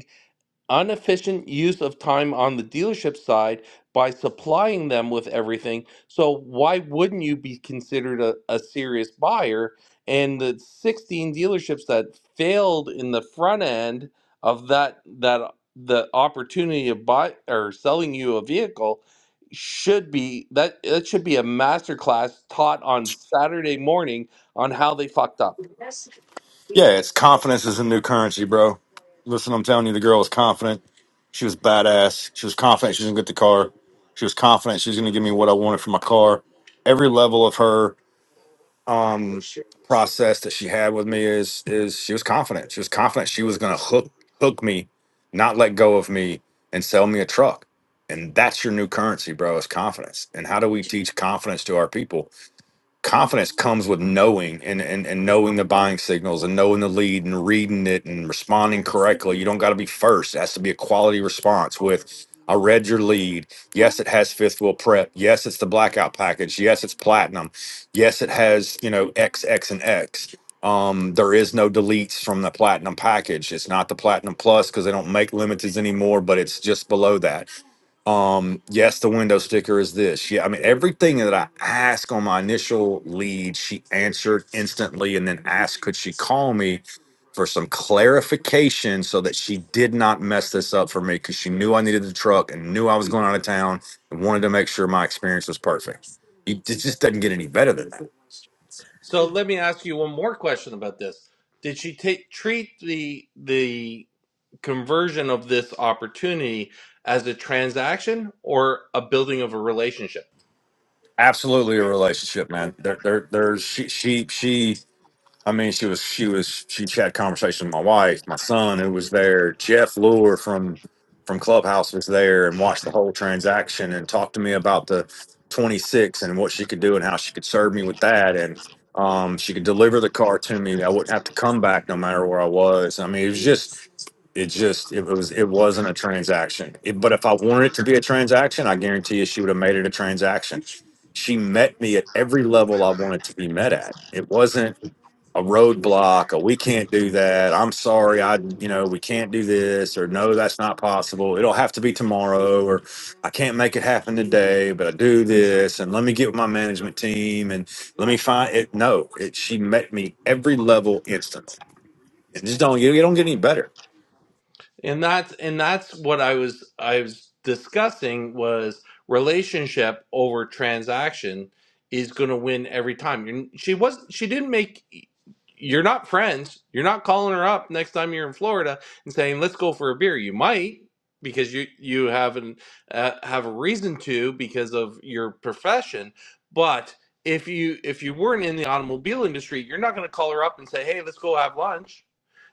Speaker 2: inefficient use of time on the dealership side by supplying them with everything. So why wouldn't you be considered a, a serious buyer? And the 16 dealerships that failed in the front end of that that the opportunity of buy or selling you a vehicle should be that that should be a masterclass taught on Saturday morning on how they fucked up.
Speaker 14: yeah. It's confidence is a new currency, bro. Listen, I'm telling you, the girl was confident. She was badass. She was confident she was gonna get the car. She was confident she was gonna give me what I wanted for my car. Every level of her um process that she had with me is is she was confident. She was confident she was gonna hook hook me, not let go of me, and sell me a truck. And that's your new currency, bro, is confidence. And how do we teach confidence to our people? confidence comes with knowing and, and and knowing the buying signals and knowing the lead and reading it and responding correctly. You don't got to be first. It has to be a quality response with I read your lead. Yes, it has fifth wheel prep. Yes, it's the blackout package. Yes, it's platinum. Yes, it has, you know, X, X, and X. Um, there is no deletes from the platinum package. It's not the platinum plus because they don't make limiteds anymore, but it's just below that um, yes, the window sticker is this. Yeah, I mean, everything that I asked on my initial lead, she answered instantly and then asked, could she call me for some clarification so that she did not mess this up for me because she knew I needed the truck and knew I was going out of town and wanted to make sure my experience was perfect. It it just doesn't get any better than that.
Speaker 2: So let me ask you one more question about this. Did she take treat the the conversion of this opportunity as a transaction or a building of a relationship?
Speaker 14: Absolutely a relationship, man. There, there, there's she, she, she. I mean, she was she was she had conversation with my wife, my son who was there, Jeff Lure from from Clubhouse was there and watched the whole transaction and talked to me about the 26 and what she could do and how she could serve me with that and um, she could deliver the car to me. I wouldn't have to come back no matter where I was. I mean, it was just it just it was it wasn't a transaction. It, but if I wanted it to be a transaction, I guarantee you she would have made it a transaction she met me at every level I wanted to be met at. It wasn't a roadblock, a we can't do that. I'm sorry, I you know we can't do this, or no, that's not possible. It'll have to be tomorrow, or I can't make it happen today, but I do this, and let me get with my management team, and let me find it. No, it, she met me every level instantly. It just don't you don't get any better.
Speaker 2: and that's and that's what i was i was discussing was relationship over transaction is going to win every time You're, she was she didn't make you're not friends you're not calling her up next time you're in florida and saying let's go for a beer you might because you you have an uh, have a reason to because of your profession but if you if you weren't in the automobile industry you're not going to call her up and say hey let's go have lunch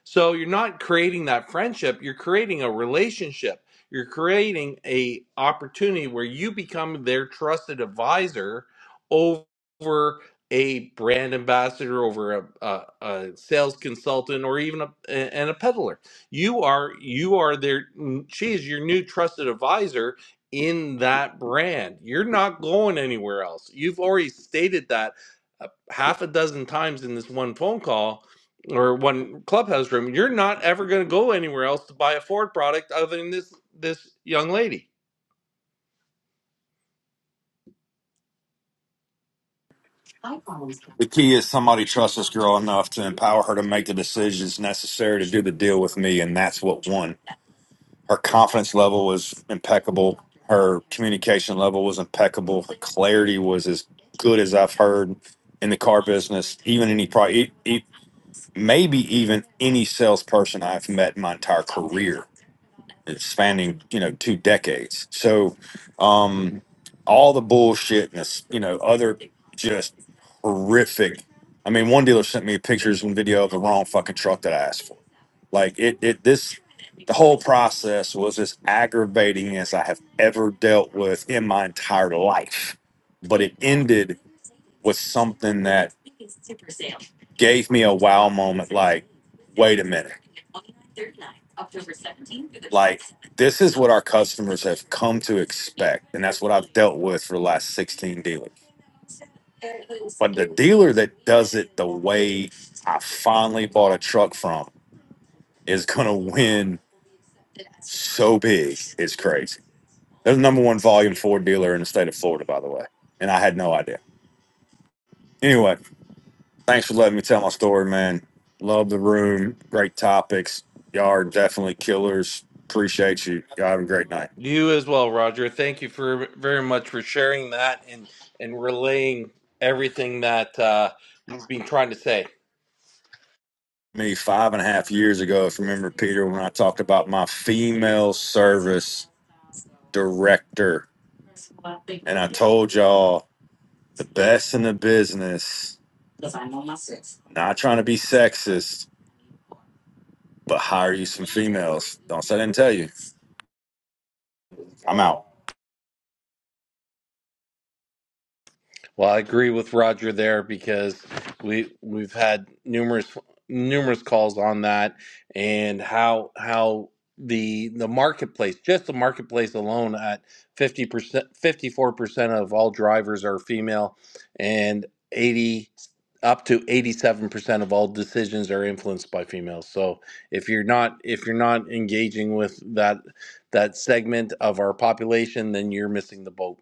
Speaker 2: so you're not creating that friendship, you're creating a relationship. You're creating a opportunity where you become their trusted advisor over a brand ambassador, over a, a, a sales consultant, or even a, and a peddler. You are you are their she is your new trusted advisor in that brand. You're not going anywhere else. You've already stated that uh, half a dozen times in this one phone call or one clubhouse room, you're not ever going to go anywhere else to buy a Ford product other than this this young lady.
Speaker 14: The key is somebody trusts this girl enough to empower her to make the decisions necessary to do the deal with me, and that's what won. her confidence level was impeccable. Her communication level was impeccable. Her clarity was as good as I've heard in the car business, even any probably maybe even any salesperson I've met in my entire career it's spanning you know two decades so um all the bullshit and this you know other just horrific i mean one dealer sent me pictures and video of the wrong fucking truck that i asked for like it it this the whole process was as aggravating as i have ever dealt with in my entire life but it ended with something that gave me a wow moment like a minute like This is what our customers have come to expect, and that's what I've dealt with for the last 16 dealers. But dealers they I finally bought a truck from is gonna win so big. It's crazy. They're the number one volume Ford dealer in the state of Florida, by the way. And I had no idea. Anyway, thanks for letting me tell my story, man. Love the room. Great topics. Y'all are definitely killers. Appreciate you. Y'all have a great night.
Speaker 2: You as well, Roger. Thank you for very much for sharing that and and relaying everything that uh, you've been trying to say.
Speaker 14: me five and a half years ago, if you remember, Peter, when I talked about my female service director, told y'all best in the business, not trying to be sexist, but hire you some females. Don't say I didn't tell you. I'm out.
Speaker 2: Well, I agree with Roger there because we we've had numerous numerous calls on that and how how the the marketplace just the marketplace alone at 50% 54% of all drivers are female and 80 up to 87% of all decisions are influenced by females. So if you're not if you're not engaging with that that segment of our population then you're missing the boat.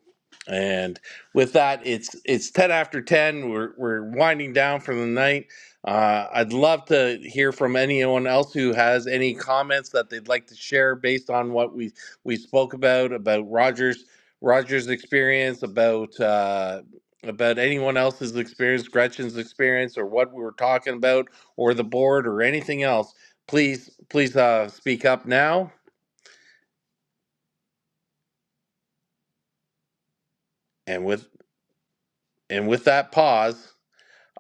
Speaker 2: And with that, it's it's ten after ten. We're we're winding down for the night. Uh, I'd love to hear from anyone else who has any comments that they'd like to share based on what we we spoke about about Rogers Rogers' experience, about uh, about anyone else's experience, Gretchen's experience, or what we were talking about, or the board, or anything else. Please please uh, speak up now. And with and with that pause.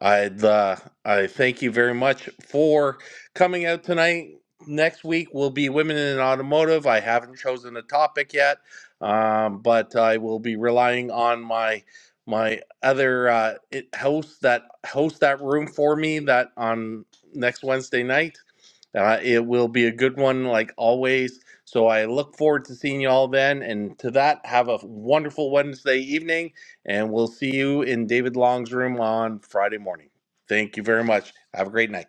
Speaker 2: I'd uh, I thank you very much for coming out tonight. Next week will be women in automotive. I haven't chosen a topic yet, um, but I will be relying on my my other uh, it- hosts that host that room for me that on next Wednesday night. Uh, it will be a good one, like always. So I look forward to seeing you all then. And to that, have a wonderful Wednesday evening and we'll see you in David Long's room on Friday morning. Thank you very much. Have a great night.